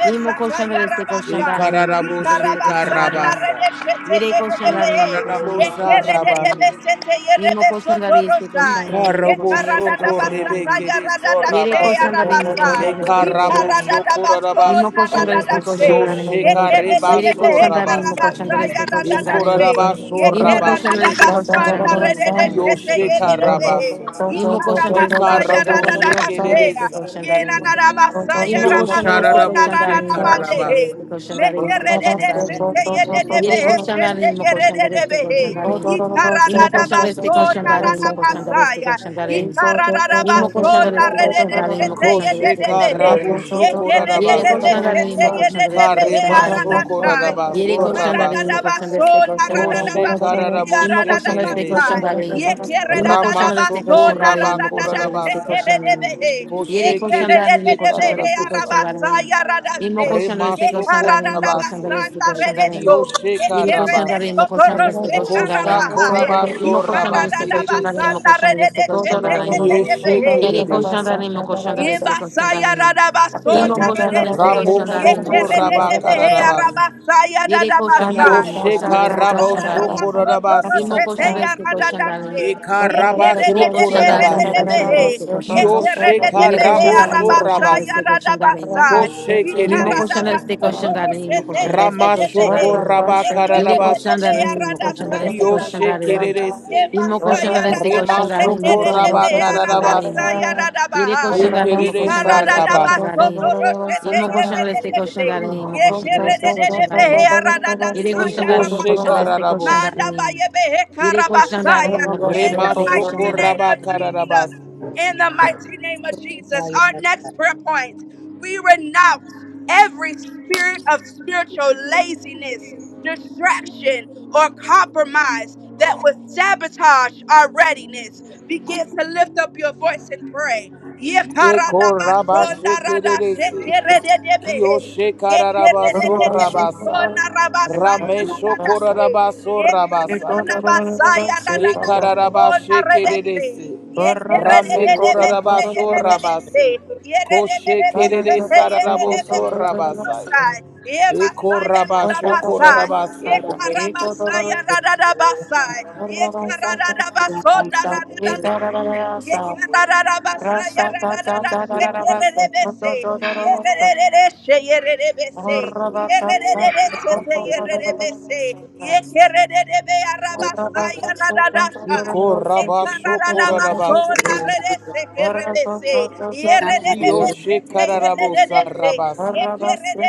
[SPEAKER 7] İmo koşandan destek koşandan imo
[SPEAKER 6] Ekararabo
[SPEAKER 7] koşandan destek koşandan imo.
[SPEAKER 6] shekarabasa.
[SPEAKER 7] Yere koşandan imo koşandan
[SPEAKER 6] Ikarabo
[SPEAKER 7] destek koşandan
[SPEAKER 6] sharaba.
[SPEAKER 7] imo. İmo koşandan destek koşandan
[SPEAKER 1] Ye
[SPEAKER 7] imo
[SPEAKER 6] Ikarabo
[SPEAKER 7] koşandan
[SPEAKER 1] karada
[SPEAKER 7] destek
[SPEAKER 1] da
[SPEAKER 6] soko
[SPEAKER 7] koşandan
[SPEAKER 1] basa
[SPEAKER 7] imo.
[SPEAKER 6] rebeke
[SPEAKER 1] Ye
[SPEAKER 6] de
[SPEAKER 7] Yere
[SPEAKER 6] sorabaso.
[SPEAKER 7] koşandan imo koşandan destek
[SPEAKER 6] Mekarabo
[SPEAKER 7] koşandan imo.
[SPEAKER 6] soko
[SPEAKER 7] Imo
[SPEAKER 6] rabasi.
[SPEAKER 7] koşanda destek koşanların.
[SPEAKER 6] Kiyosheka reba
[SPEAKER 7] Yere koşanların imo
[SPEAKER 6] sorabasaya.
[SPEAKER 7] koşanda destek koşanların.
[SPEAKER 6] Ikoraraba
[SPEAKER 7] Imo
[SPEAKER 6] soraba
[SPEAKER 7] koşanda destek
[SPEAKER 6] kererese.
[SPEAKER 7] koşanların imo koşanda destek
[SPEAKER 6] Kiyosheka
[SPEAKER 7] koşanların.
[SPEAKER 6] rabaso.
[SPEAKER 7] Imo koşanda destek
[SPEAKER 1] Ikarada
[SPEAKER 6] Mekarabo
[SPEAKER 7] koşanların imo koşanda destek
[SPEAKER 6] shekereresa.
[SPEAKER 7] koşanların. Imo koşanda destek
[SPEAKER 6] Kiyosharabo
[SPEAKER 7] koşanların imo koşanda
[SPEAKER 6] shekararabasa.
[SPEAKER 7] destek koşanların destek koşanların. Yere koşanların imo koşanda destek koşanların. Imo koşanda destek
[SPEAKER 1] baso na na
[SPEAKER 7] koşanların imo
[SPEAKER 1] na
[SPEAKER 7] koşanda destek
[SPEAKER 1] masaya,
[SPEAKER 7] koşanların. Imo koşanda
[SPEAKER 1] Sona
[SPEAKER 7] destek
[SPEAKER 1] rede de
[SPEAKER 4] you.
[SPEAKER 7] koşanların imo
[SPEAKER 1] sete ye
[SPEAKER 7] koşanda
[SPEAKER 1] de
[SPEAKER 7] destek
[SPEAKER 1] de
[SPEAKER 6] Kosheka
[SPEAKER 1] behe.
[SPEAKER 4] Thank
[SPEAKER 6] rabo
[SPEAKER 7] koşanların.
[SPEAKER 1] Ye
[SPEAKER 6] soko
[SPEAKER 1] kere de
[SPEAKER 7] Yere
[SPEAKER 1] de be
[SPEAKER 6] rabase.
[SPEAKER 7] koşan da
[SPEAKER 1] sete
[SPEAKER 7] imo
[SPEAKER 1] ye
[SPEAKER 7] koşan
[SPEAKER 1] de
[SPEAKER 7] da
[SPEAKER 1] de
[SPEAKER 7] destek
[SPEAKER 1] behe
[SPEAKER 7] koşan
[SPEAKER 6] Ikarema
[SPEAKER 7] da
[SPEAKER 1] arada
[SPEAKER 7] imo.
[SPEAKER 6] soko
[SPEAKER 1] shai.
[SPEAKER 7] Yere
[SPEAKER 6] rabaso
[SPEAKER 7] koşan da
[SPEAKER 1] Ikarada
[SPEAKER 7] imo
[SPEAKER 1] da
[SPEAKER 6] rabase.
[SPEAKER 7] koşan da
[SPEAKER 1] baso
[SPEAKER 7] destek koşan da
[SPEAKER 1] narada da
[SPEAKER 7] imo.
[SPEAKER 6] Koshe
[SPEAKER 1] basiti
[SPEAKER 6] kararabo
[SPEAKER 7] İmo
[SPEAKER 1] arada da
[SPEAKER 7] koşan da destek
[SPEAKER 6] shekereresa.
[SPEAKER 7] koşan
[SPEAKER 1] basai.
[SPEAKER 7] da imo.
[SPEAKER 1] Ye kere da
[SPEAKER 7] İmo
[SPEAKER 1] da
[SPEAKER 7] koşan
[SPEAKER 1] da
[SPEAKER 7] da destek
[SPEAKER 1] baso
[SPEAKER 6] Ramashoko
[SPEAKER 7] koşan da imo.
[SPEAKER 1] narada
[SPEAKER 7] İmo
[SPEAKER 1] da
[SPEAKER 7] koşan
[SPEAKER 1] da
[SPEAKER 7] da destek
[SPEAKER 6] rabakorarabasa.
[SPEAKER 1] shekere
[SPEAKER 7] koşan da
[SPEAKER 1] de
[SPEAKER 7] imo.
[SPEAKER 1] behe. Ye
[SPEAKER 7] Yere
[SPEAKER 6] Koshe
[SPEAKER 7] koşan
[SPEAKER 1] kere
[SPEAKER 7] da
[SPEAKER 1] de de
[SPEAKER 7] imo
[SPEAKER 6] kereshe
[SPEAKER 1] de
[SPEAKER 7] koşan da
[SPEAKER 1] behe
[SPEAKER 7] destek
[SPEAKER 6] kararabosa.
[SPEAKER 7] koşan da imo.
[SPEAKER 1] arabasai arada
[SPEAKER 7] İmo
[SPEAKER 1] she.
[SPEAKER 7] koşan da
[SPEAKER 1] Ye
[SPEAKER 7] destek koşan
[SPEAKER 6] Remashoko
[SPEAKER 7] da imo.
[SPEAKER 1] karada
[SPEAKER 7] İmo
[SPEAKER 1] da
[SPEAKER 7] koşan da
[SPEAKER 6] rabase.
[SPEAKER 7] destek
[SPEAKER 1] basanda
[SPEAKER 7] koşan da imo.
[SPEAKER 1] redeso.
[SPEAKER 6] Kiyoshe
[SPEAKER 1] Ye
[SPEAKER 7] Yere
[SPEAKER 1] kere
[SPEAKER 7] koşan da
[SPEAKER 6] karabasa.
[SPEAKER 1] beso
[SPEAKER 7] imo koşan da
[SPEAKER 1] toro
[SPEAKER 7] destek koşan da
[SPEAKER 6] Kosha
[SPEAKER 7] imo.
[SPEAKER 1] shekarabahaya.
[SPEAKER 7] İmo
[SPEAKER 6] korabasho
[SPEAKER 7] koşan da
[SPEAKER 1] Ikarada
[SPEAKER 7] destek
[SPEAKER 1] da
[SPEAKER 7] koşan da imo.
[SPEAKER 6] rabakereresa.
[SPEAKER 1] basanda
[SPEAKER 7] Koşan da
[SPEAKER 1] rede de
[SPEAKER 7] destek koşan
[SPEAKER 1] sete
[SPEAKER 7] da
[SPEAKER 1] ye
[SPEAKER 7] imo.
[SPEAKER 1] de de
[SPEAKER 6] Kiyeshe
[SPEAKER 1] behe.
[SPEAKER 7] Yere
[SPEAKER 6] kereresa.
[SPEAKER 7] koşanların mı koşanlar
[SPEAKER 1] Ye
[SPEAKER 7] destek
[SPEAKER 1] basaya Yebasaya
[SPEAKER 7] koşanların İmo
[SPEAKER 1] Radabasona
[SPEAKER 7] koşanlar destek
[SPEAKER 1] Redeshe.
[SPEAKER 7] koşanların mı
[SPEAKER 6] Ramoshoko
[SPEAKER 7] koşanlar destek
[SPEAKER 1] Yekeredebehe
[SPEAKER 7] koşanların
[SPEAKER 6] rabakararabasi.
[SPEAKER 1] Arabasaya
[SPEAKER 7] Yere koşanların
[SPEAKER 1] Dadabasai.
[SPEAKER 7] mı
[SPEAKER 6] Kiyoshe
[SPEAKER 7] koşanlar destek
[SPEAKER 6] karabosho
[SPEAKER 7] koşanların
[SPEAKER 1] Ikaradadabasoto
[SPEAKER 6] korarabasa.
[SPEAKER 7] İmo
[SPEAKER 1] Roshete
[SPEAKER 7] koşanlar
[SPEAKER 1] ya
[SPEAKER 7] destek
[SPEAKER 1] rada dashe.
[SPEAKER 7] koşanların
[SPEAKER 1] Ye kere
[SPEAKER 7] Yere
[SPEAKER 1] de
[SPEAKER 6] Ekarabasho
[SPEAKER 7] koşanların mı
[SPEAKER 6] korarabase.
[SPEAKER 7] koşanlar
[SPEAKER 1] de
[SPEAKER 7] destek koşanlar
[SPEAKER 6] Kioshe
[SPEAKER 7] Yere
[SPEAKER 1] Yekeredebehe
[SPEAKER 7] koşanların
[SPEAKER 6] karabosho
[SPEAKER 7] mı
[SPEAKER 4] you.
[SPEAKER 7] koşanlar
[SPEAKER 1] Arabasaya
[SPEAKER 6] rabase.
[SPEAKER 7] destek koşanların
[SPEAKER 1] Radabasai.
[SPEAKER 4] Thank
[SPEAKER 6] Koshe
[SPEAKER 7] İmo koşanlar
[SPEAKER 6] kededesa.
[SPEAKER 7] destek
[SPEAKER 1] Ikaradabasoto
[SPEAKER 7] koşanların İmo
[SPEAKER 1] Roshete
[SPEAKER 7] koşanlar destek
[SPEAKER 6] Ramashoko
[SPEAKER 1] Yedebehe.
[SPEAKER 7] koşanların Yere
[SPEAKER 6] rabakarabasi.
[SPEAKER 7] koşanların mı koşanlar destek
[SPEAKER 6] Kioshe
[SPEAKER 7] koşanların
[SPEAKER 6] kededese.
[SPEAKER 7] İmo koşanlar destek koşanların İmo
[SPEAKER 6] Remashoko
[SPEAKER 7] koşanlar destek koşanların
[SPEAKER 6] rabakarabase.
[SPEAKER 7] Yere koşanların imo koşanların
[SPEAKER 6] Ekededesa
[SPEAKER 7] este
[SPEAKER 6] rabase.
[SPEAKER 7] koşanların imo koşanların este koşanların imo koşanların este koşanların Yere koşanların imo
[SPEAKER 6] Ikoshe
[SPEAKER 7] koşanların este
[SPEAKER 6] kararabose.
[SPEAKER 7] koşanların Yere koşanların imo
[SPEAKER 1] In
[SPEAKER 7] koşanların
[SPEAKER 1] the
[SPEAKER 7] este
[SPEAKER 6] Remashoko
[SPEAKER 1] mighty
[SPEAKER 7] koşanların
[SPEAKER 1] name of Jesus,
[SPEAKER 6] rabakarabase.
[SPEAKER 1] in the mighty name of Jesus, our next prayer point, we renounce every spirit of spiritual laziness, distraction, or compromise that would sabotage our readiness. Begin to lift up your voice and pray.
[SPEAKER 6] Eko rabashe kededese.
[SPEAKER 1] Yekaradabashondaradashekerededebehe.
[SPEAKER 6] Kioshe
[SPEAKER 1] Ye
[SPEAKER 6] kararabaso rabasa. Rameshoko rabaso rabasa. ye. Ekararaba
[SPEAKER 4] you.
[SPEAKER 6] kererese.
[SPEAKER 4] Thank
[SPEAKER 6] Rame korarabaso rabase. Koshe kerere sararaboso rabasaya. Eko rabasho korarabase.
[SPEAKER 5] you. Thank
[SPEAKER 1] Ye
[SPEAKER 6] Iko rabasho korarabase. Kiyoshe
[SPEAKER 4] you.
[SPEAKER 6] kararabosa rabase.
[SPEAKER 4] Thank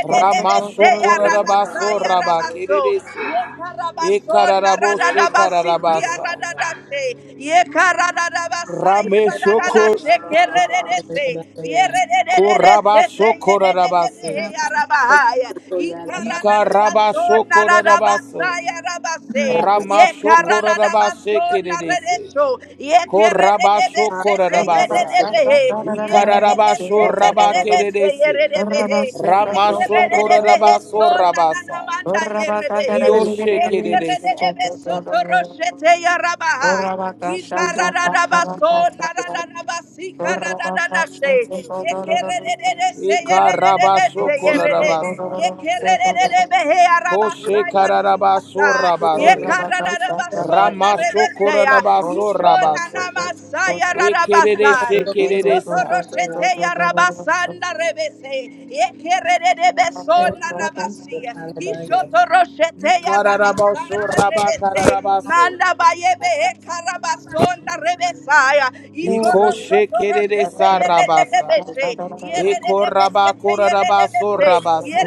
[SPEAKER 6] Ramasho korarabaso raba kererese.
[SPEAKER 1] Yekarabasona
[SPEAKER 6] Ekararaboshe
[SPEAKER 1] radadabasiti
[SPEAKER 6] kararabasa.
[SPEAKER 1] yaradadashe. Yekaradadabasaya
[SPEAKER 6] Rame shoko
[SPEAKER 1] radadadashe kererese. Yerererese se
[SPEAKER 6] korabasho
[SPEAKER 1] yerererehe yarabahaya.
[SPEAKER 6] Ika raba
[SPEAKER 1] Yikaradadabasona
[SPEAKER 6] shokora rabaso.
[SPEAKER 1] radabasaya rabase.
[SPEAKER 6] Rama shokora rabashe
[SPEAKER 1] Yekaradadabasona
[SPEAKER 6] kedese.
[SPEAKER 1] reresho.
[SPEAKER 6] Ko raba
[SPEAKER 1] Yekerererese
[SPEAKER 6] shokora
[SPEAKER 1] se
[SPEAKER 6] rabasa.
[SPEAKER 1] yerererehe.
[SPEAKER 6] Ika
[SPEAKER 1] Yerererese
[SPEAKER 6] rabasho raba
[SPEAKER 1] yerererese
[SPEAKER 6] kedese.
[SPEAKER 1] yerererehe. Ye so
[SPEAKER 6] rama
[SPEAKER 1] so na na na na
[SPEAKER 6] Ikarabashokorarabaso.
[SPEAKER 1] manda ye rebehe. ye kere de de
[SPEAKER 6] Ramashokorarabasekererese.
[SPEAKER 1] be so toro shete ya rabahai. ye kara da da ba so na da da da ba si kara da da da she. ye kere de de de se ye re de de de
[SPEAKER 6] Korabashokorarabasa.
[SPEAKER 1] se
[SPEAKER 6] Ikararabasho rabakererese. shokora rabasa. Kioshekereresa. Ikarabashokorarabasa.
[SPEAKER 1] ye kara she,
[SPEAKER 6] Koshekararabaso
[SPEAKER 1] Sai.
[SPEAKER 6] rabase.
[SPEAKER 1] Yekararabasona rebeseya.
[SPEAKER 6] Ramashokorarabaso
[SPEAKER 1] Ishona
[SPEAKER 6] rabase.
[SPEAKER 1] namasaya
[SPEAKER 4] you.
[SPEAKER 1] rarabasa.
[SPEAKER 4] Thank
[SPEAKER 6] Ekerereshekereresa.
[SPEAKER 1] Ishotoroshete ya rabasanda rebese. Ye kerere besona rabasi. rabasiya. Ishotoroshete ya
[SPEAKER 6] Ikararabaso
[SPEAKER 1] rabasanda rebese.
[SPEAKER 6] rabakararabaso.
[SPEAKER 1] Manda bayebe he karabasonda rebesaya.
[SPEAKER 6] Iko
[SPEAKER 1] Ikorosoto
[SPEAKER 6] shekerere
[SPEAKER 1] rosete
[SPEAKER 6] sarabasa.
[SPEAKER 1] yerebebese.
[SPEAKER 6] Eko
[SPEAKER 1] Yerebebesete
[SPEAKER 6] rabakorarabaso
[SPEAKER 1] yerebebese.
[SPEAKER 6] rabaso.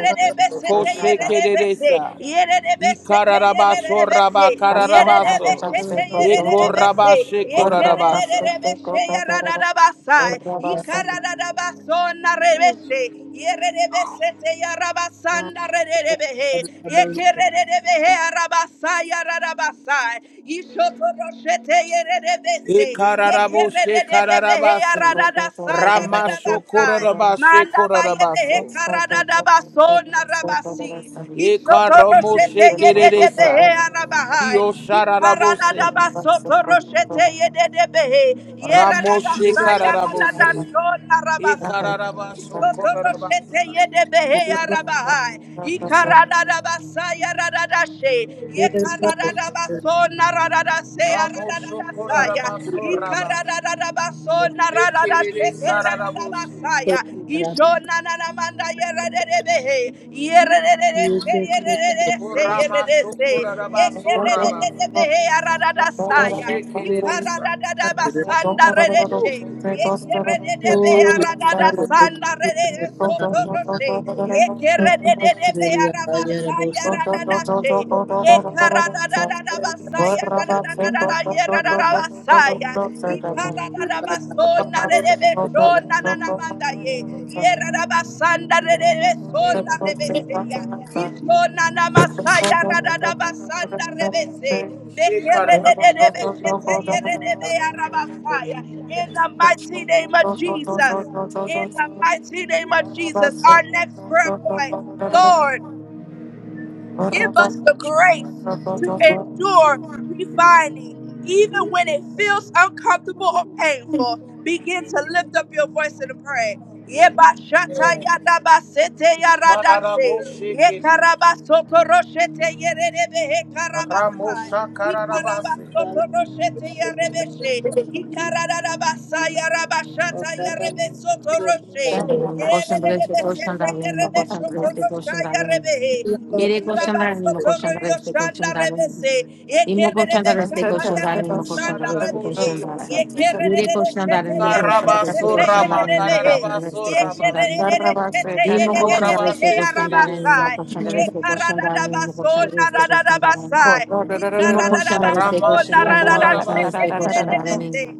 [SPEAKER 6] Ko shekerere
[SPEAKER 1] yerebebese.
[SPEAKER 6] sa.
[SPEAKER 1] Yerebebesete
[SPEAKER 6] Ikararabaso
[SPEAKER 1] yerebebese.
[SPEAKER 6] rabakararabaso.
[SPEAKER 1] Yerebebesete
[SPEAKER 6] Eko
[SPEAKER 1] yerebebese.
[SPEAKER 6] rabashekorarabasa.
[SPEAKER 1] Yekerebebese yararabasai. Ikararabasona rebese. Yererebesete yarabasanda rererebehe. Yekererebehe arabasa yararabasa. Yishoto roshete yererebese.
[SPEAKER 6] Ekararabo
[SPEAKER 1] Yekererebehe
[SPEAKER 6] shekararabase.
[SPEAKER 1] yararabasa
[SPEAKER 6] Ramasho
[SPEAKER 1] yararabasa.
[SPEAKER 6] korarabashe
[SPEAKER 1] Manda bayebehe
[SPEAKER 6] korarabaso.
[SPEAKER 1] karadadabaso narabasi. Yishoto
[SPEAKER 6] Ekaramo
[SPEAKER 1] roshete
[SPEAKER 6] shekerere
[SPEAKER 1] yererebehe
[SPEAKER 6] sa.
[SPEAKER 1] arabahai.
[SPEAKER 6] Kioshararabose.
[SPEAKER 1] Yikaradadabaso toroshete yererebehe.
[SPEAKER 6] Ramoshe
[SPEAKER 1] Yeradadasa
[SPEAKER 6] Kararabose,
[SPEAKER 1] yaradadasho
[SPEAKER 6] E
[SPEAKER 1] narabasi.
[SPEAKER 6] Kararabaso
[SPEAKER 4] you.
[SPEAKER 1] Isotoroshete
[SPEAKER 6] Korarabasa,
[SPEAKER 1] yedebehe yarabahai.
[SPEAKER 4] Thank
[SPEAKER 1] Ikaradadabasa yaradadashe. Yekaradadabaso naradadase
[SPEAKER 6] Ramosho
[SPEAKER 1] yaradadadasaya.
[SPEAKER 6] Korarabaso Rabas,
[SPEAKER 1] Ikaradadadabaso
[SPEAKER 6] E
[SPEAKER 1] naradadashe
[SPEAKER 6] Kerere Sararabose,
[SPEAKER 1] keradadabasaya. Ishonananamanda yerededebehe. Yeredededeche yerededese
[SPEAKER 5] you.
[SPEAKER 6] Koramaso
[SPEAKER 1] yeredese.
[SPEAKER 6] Korarabaso Rabas,
[SPEAKER 1] Yekeredededebehe yaradadasaya.
[SPEAKER 6] Yoshe Kereresa,
[SPEAKER 1] Ikaradadadabasanda redeshe. Ye
[SPEAKER 4] you. Thank
[SPEAKER 6] She Kararabose,
[SPEAKER 1] in the mighty name of Jesus. In the mighty name of Jesus. Our next prayer point. Lord. Give us the grace to endure refining, even when it feels uncomfortable or painful. Begin to lift up your voice and pray. Yebashata yadabasete yaradashe.
[SPEAKER 6] Kararaboshe Kerere,
[SPEAKER 1] Yekarabasoto roshete yererebehe karabasai.
[SPEAKER 6] Ramosha Kararabase,
[SPEAKER 1] Yikarabasoto roshete yarebeshe. Yararabasaya rabashata yarebesoto roshe.
[SPEAKER 7] koşanların imo koşanların este
[SPEAKER 1] Yererebesete
[SPEAKER 7] koşanların imo koşanların
[SPEAKER 1] yerebeshoto
[SPEAKER 7] este
[SPEAKER 1] rosha
[SPEAKER 7] koşanların
[SPEAKER 1] yarebehe.
[SPEAKER 7] Yere koşanların imo
[SPEAKER 1] Ikarabasoto
[SPEAKER 7] koşanların este
[SPEAKER 1] roshanna
[SPEAKER 7] koşanların
[SPEAKER 1] rebese. Ye
[SPEAKER 7] imo koşanların este koşanların imo koşanların este koşanların Yere koşanların imo koşanların este
[SPEAKER 6] Kararaboshe,
[SPEAKER 5] Thank
[SPEAKER 6] Karabaso Rama,
[SPEAKER 7] koşanların imo koşanların
[SPEAKER 6] Kararabaso
[SPEAKER 7] este
[SPEAKER 6] Rabas,
[SPEAKER 7] koşanların
[SPEAKER 6] She
[SPEAKER 7] Imo koşanda destek
[SPEAKER 6] Korabashe
[SPEAKER 4] you.
[SPEAKER 7] koşanların,
[SPEAKER 6] Kereresa,
[SPEAKER 7] imo koşanda destek koşanların, imo koşanda destek koşanların,
[SPEAKER 4] Rabasanda,
[SPEAKER 7] imo koşanda destek koşanların, imo koşanda
[SPEAKER 6] Ramashokorarabase.
[SPEAKER 7] destek koşanların,
[SPEAKER 1] Ikararabasonarararashekererebese.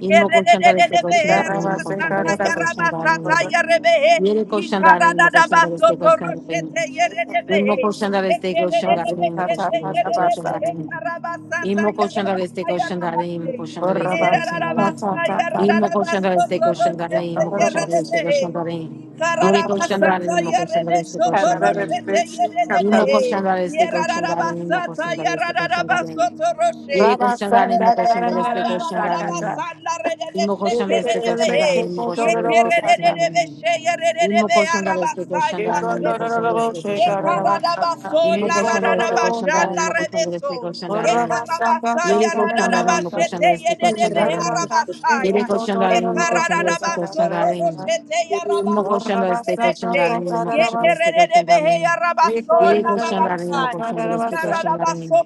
[SPEAKER 7] imo koşanda destek koşanların, imo koşanda destek koşanların, yere koşanların, imo koşanda destek koşanların, imo koşanda destek koşanların, imo koşanda destek koşanların, Imo koşanlar destek koşanlar imo koşanlar destek koşanlar imo koşanlar destek koşanlar imo koşanlar destek koşanlar yeri koşanlar imo koşanlar destek koşanlar imo koşanlar destek koşanlar imo koşanlar destek koşanlar yeri koşanlar imo koşanlar destek
[SPEAKER 1] yararabasotoroshete,
[SPEAKER 7] koşanlar imo
[SPEAKER 1] Ye
[SPEAKER 7] koşanlar destek koşanlar imo koşanlar destek koşanlar imo koşanlar destek
[SPEAKER 4] Rabasa,
[SPEAKER 7] koşanlar imo koşanlar destek koşanlar imo koşanlar destek koşanlar imo koşanlar destek koşanlar Yere koşanların mı koşanlar eski koşanların mı? Yere koşanların mı koşanlar eski koşanların mı? İmmo koşanlar eski koşanların mı? İmmo koşanlar eski koşanların mı? Yere koşanların mı koşanlar eski koşanların mı?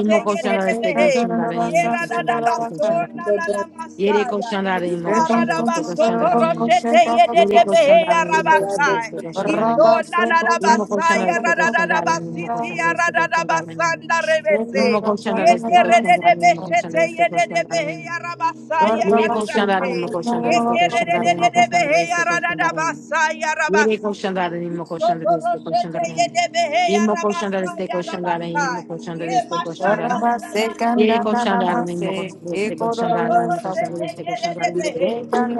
[SPEAKER 7] İmmo koşanlar eski koşanların
[SPEAKER 1] Yerada
[SPEAKER 7] mı? İmmo koşanlar eski koşanların mı?
[SPEAKER 1] basona na na
[SPEAKER 7] Yere
[SPEAKER 1] masaya.
[SPEAKER 7] koşanların mı koşanlar
[SPEAKER 1] Ikarada
[SPEAKER 7] eski
[SPEAKER 1] basoto
[SPEAKER 7] koşanların mı?
[SPEAKER 1] roshete yede de
[SPEAKER 7] Yere
[SPEAKER 1] behe beheya
[SPEAKER 7] koşanların mı koşanlar
[SPEAKER 1] rabasai.
[SPEAKER 7] eski koşanların mı?
[SPEAKER 1] Ishona na na
[SPEAKER 7] İmmo koşanlar
[SPEAKER 1] basaya
[SPEAKER 7] eski
[SPEAKER 1] rada rada
[SPEAKER 7] koşanların mı? İmmo
[SPEAKER 1] basiti
[SPEAKER 7] koşanlar
[SPEAKER 1] ya
[SPEAKER 7] eski
[SPEAKER 1] rada rada
[SPEAKER 7] koşanların mı?
[SPEAKER 1] basanda
[SPEAKER 4] Thank
[SPEAKER 1] rebese.
[SPEAKER 7] Nimo koşanda reste
[SPEAKER 1] Yekere de
[SPEAKER 7] da
[SPEAKER 1] de
[SPEAKER 7] nimo koşanda
[SPEAKER 1] beshete
[SPEAKER 7] reste
[SPEAKER 1] yede de behe
[SPEAKER 7] da nimo.
[SPEAKER 1] beheya rabasaya
[SPEAKER 7] Yere
[SPEAKER 1] rada
[SPEAKER 4] you.
[SPEAKER 7] koşanda nimo
[SPEAKER 1] dashe.
[SPEAKER 7] koşanda reste
[SPEAKER 1] Yekere de
[SPEAKER 7] koşanda
[SPEAKER 1] de de
[SPEAKER 7] nimo
[SPEAKER 1] behe
[SPEAKER 7] koşanda reste
[SPEAKER 1] beheya rada
[SPEAKER 7] koşanda
[SPEAKER 1] rada
[SPEAKER 7] nimo.
[SPEAKER 1] basaya
[SPEAKER 7] Yere colchão
[SPEAKER 1] rabasi.
[SPEAKER 7] da nimo koşanda
[SPEAKER 1] Isoto
[SPEAKER 7] reste da
[SPEAKER 1] roshete
[SPEAKER 7] nimo.
[SPEAKER 1] yede beheya
[SPEAKER 7] Nimo koşanda reste
[SPEAKER 1] rabasaya
[SPEAKER 7] koşanda nimo
[SPEAKER 1] rabasai.
[SPEAKER 7] koşanda
[SPEAKER 1] Ye
[SPEAKER 7] reste koşanda
[SPEAKER 1] mashaya
[SPEAKER 7] nimo.
[SPEAKER 1] rada
[SPEAKER 7] Yere koşanda
[SPEAKER 1] rada
[SPEAKER 7] nimo koşanda reste koşanda nimo koşanda reste koşanda nimo.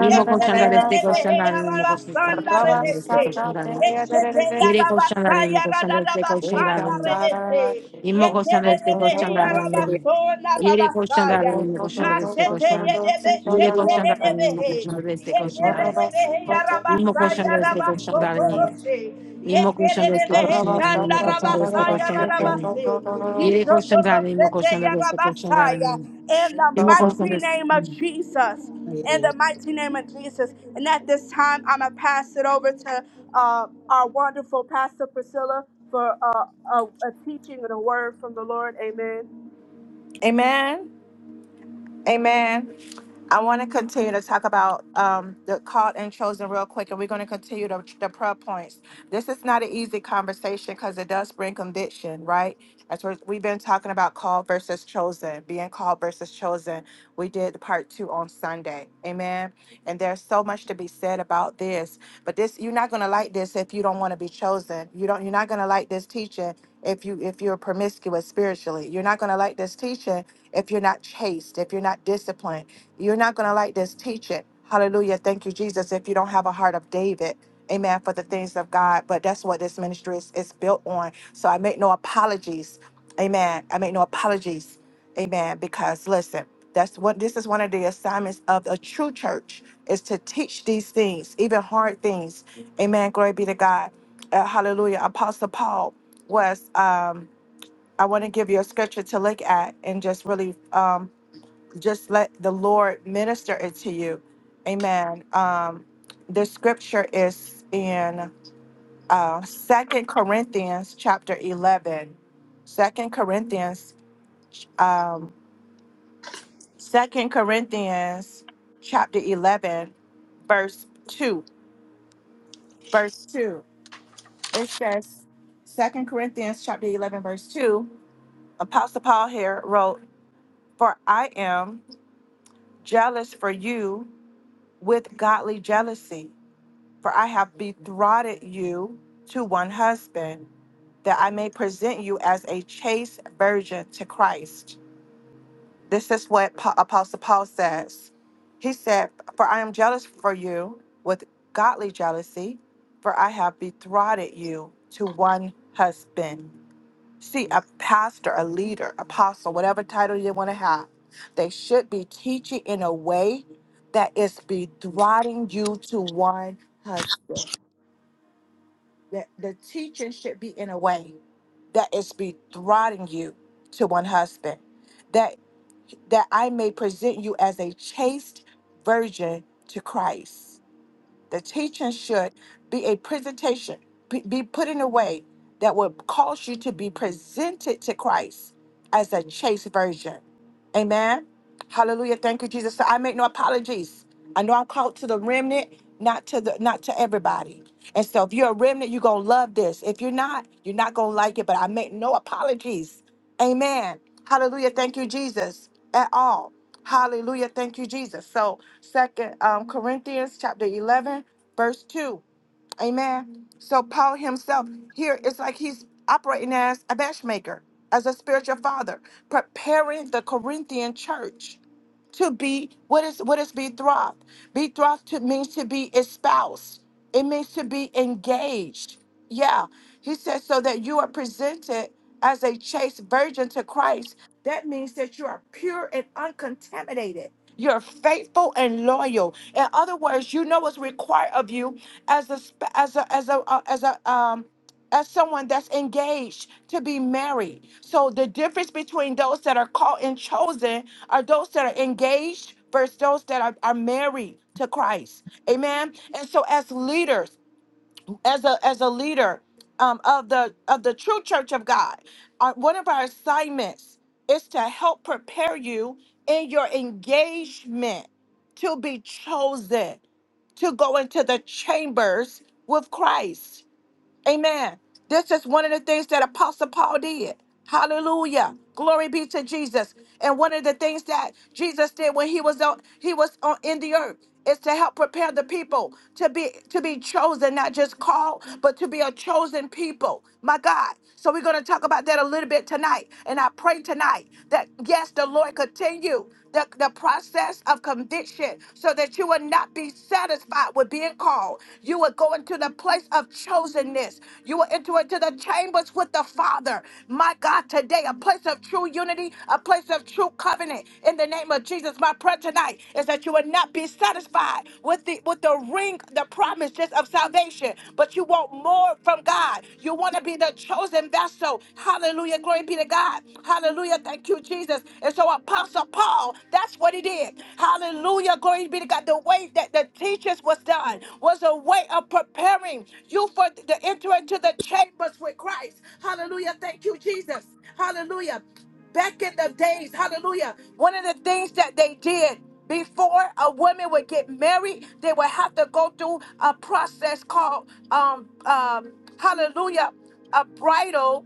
[SPEAKER 7] Nimo koşanda reste koşanda nimo koşanda reste koşanda nimo. Yere colchão da nimo koşanda reste da nimo. یمکوشاندست کوشنداری، یهی کوشنداری، کوشندست کوشان،
[SPEAKER 1] in the
[SPEAKER 7] یهی کوشنداری، ایمکوشاندست کوشنداری، ایمکوشاندست کوشنداری،
[SPEAKER 1] mighty
[SPEAKER 7] ایمکوشاندست کوشنداری، ایمکوشاندست کوشنداری، یهی کوشنداری، ایمکوشاندست کوشنداری، ایمکوشاندست، ایم، کوشنداری، ایمکوشاندست کوشنداری،
[SPEAKER 1] name of Jesus. In the mighty name of Jesus. And at this time, I'm going to pass it over to uh, our wonderful Pastor Priscilla for uh, a, a teaching and a word from the Lord. Amen.
[SPEAKER 4] Amen. Amen. I want to continue to talk about um, the called and chosen real quick, and we're going to continue the, the prayer points. This is not an easy conversation because it does bring conviction, right? As we're, we've been talking about called versus chosen, being called versus chosen. We did part two on Sunday, amen. And there's so much to be said about this, but this you're not going to like this if you don't want to be chosen. You don't. You're not going to like this teaching if you if you're promiscuous spiritually. You're not going to like this teaching if you're not chaste, if you're not disciplined you're not going to like this teaching. Hallelujah. Thank you, Jesus, if you don't have a heart of David. Amen. For the things of God. But that's what this ministry is, is built on. So I make no apologies. Amen. I make no apologies. Amen. Because listen, that's what this is one of the assignments of a true church is to teach these things, even hard things. Amen. Glory be to God. Uh, hallelujah. Apostle Paul was um I want to give you a scripture to look at and just really um, just let the Lord minister it to you. Amen. Um, the scripture is in uh, 2 Corinthians chapter 11. 2 Corinthians, um, 2 Corinthians chapter 11, verse 2. Verse 2. It says, Second Corinthians chapter 11, verse 2, Apostle Paul here wrote, For I am jealous for you with godly jealousy For I have betrothed you to one husband, that I may present you as a chaste virgin to Christ. This is what Pa- Apostle Paul says. He said, For I am jealous for you with godly jealousy, for I have betrothed you to one husband. See, a pastor, a leader, apostle, whatever title you want to have, they should be teaching in a way that is betrothing you to one husband that the teaching should be in a way that is bethrottling you to one husband, that that I may present you as a chaste virgin to Christ. The teaching should be a presentation, p- be put in a way that would cause you to be presented to Christ as a chaste virgin. Amen. Hallelujah. Thank you, Jesus. So I make no apologies. I know I'm called to the remnant, not to the not to everybody. And so if you're a remnant, you're gonna love this. If you're not, you're not gonna like it. But I make no apologies. Amen. Hallelujah. Thank you, Jesus. At all. Hallelujah. Thank you, Jesus. So, second um, Corinthians chapter 11, verse 2. Amen. So, Paul himself here, it's like he's operating as a matchmaker, as a spiritual father, preparing the Corinthian church to be what is what is betrothed betrothed to, means to be espoused it means to be engaged yeah he says so that you are presented as a chaste virgin to christ that means that you are pure and uncontaminated you're faithful and loyal in other words you know what's required of you as a sp- as a as a uh, as a um as someone that's engaged to be married. So the difference between those that are called and chosen are those that are engaged versus those that are, are married to Christ. Amen. And so as leaders, as a as a leader um, of the of the true church of God, our, one of our assignments is to help prepare you in your engagement to be chosen to go into the chambers with Christ. Amen. This is one of the things that Apostle Paul did. Hallelujah. Glory be to Jesus. And one of the things that Jesus did when he was on he was on in the earth is to help prepare the people to be to be chosen, not just called, but to be a chosen people. My God. So we're going to talk about that a little bit tonight. And I pray tonight that yes, the Lord continue the, the process of conviction so that you will not be satisfied with being called. You will go into the place of chosenness. You will enter into the chambers with the Father. My God, today, a place of true unity, a place of true covenant. In the name of Jesus, my prayer tonight is that you will not be satisfied with the with the ring, the promise just of salvation, but you want more from God. You want to be the chosen vessel. Hallelujah. Glory be to God. Hallelujah. Hallelujah. Thank you, Jesus. And so Apostle Paul, that's what he did. Hallelujah. Glory be to God. The way that the teachers was done was a way of preparing you for the enter into the chambers with Christ. Hallelujah. Thank you, Jesus. Hallelujah. Back in the days, hallelujah. One of the things that they did before a woman would get married, they would have to go through a process called um um hallelujah, a bridal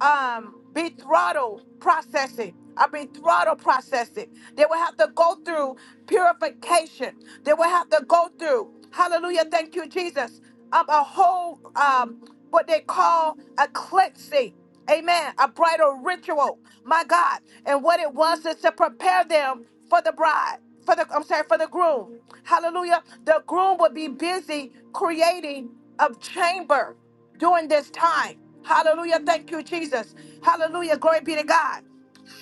[SPEAKER 4] um be throttle processing. I've been throttle processing. They will have to go through purification. They will have to go through. Hallelujah. Thank you, Jesus. Um, a whole um what they call a cleansing. Amen. A bridal ritual. My God. And what it was is to prepare them for the bride. For the I'm sorry, for the groom. Hallelujah. The groom would be busy creating a chamber during this time. Hallelujah. Thank you, Jesus. Hallelujah. Glory be to God.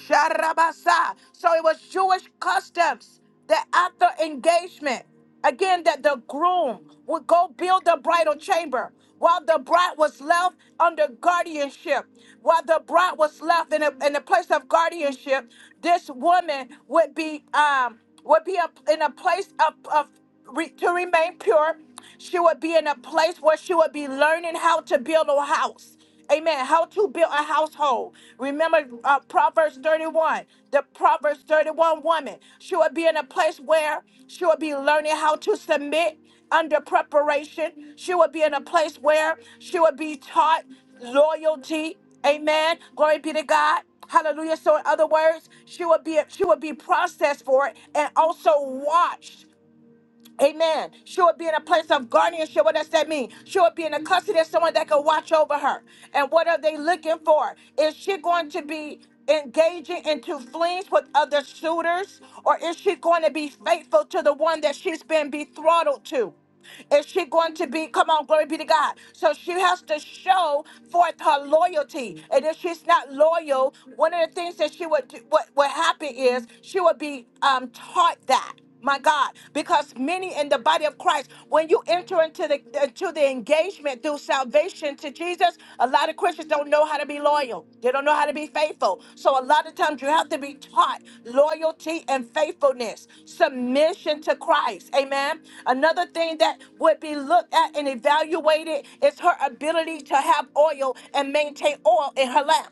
[SPEAKER 4] Sharabasa. So it was Jewish customs that after engagement, again, that the groom would go build the bridal chamber while the bride was left under guardianship. While the bride was left in a, in a place of guardianship, this woman would be um would be a, in a place of, of re, to remain pure she would be in a place where she would be learning how to build a house. Amen. How to build a household. Remember uh, Proverbs 31, the Proverbs 31 woman. She would be in a place where she would be learning how to submit under preparation. She would be in a place where she would be taught loyalty. Amen. Glory be to God. Hallelujah. So in other words, she would be she would be processed for it and also watched Amen. She would be in a place of guardianship. What does that mean? She would be in the custody of someone that could watch over her. And what are they looking for? Is she going to be engaging into flings with other suitors? Or is she going to be faithful to the one that she's been betrothed to? Is she going to be? Come on, glory be to God. So she has to show forth her loyalty. And if she's not loyal, one of the things that she would do, what what happen is she would be um, taught that. My God, because many in the body of Christ, when you enter into the into the engagement through salvation to Jesus, a lot of Christians don't know how to be loyal. They don't know how to be faithful. So a lot of times you have to be taught loyalty and faithfulness, submission submission to Christ. Amen. Another thing that would be looked at and evaluated is her ability to have oil and maintain oil in her lamp.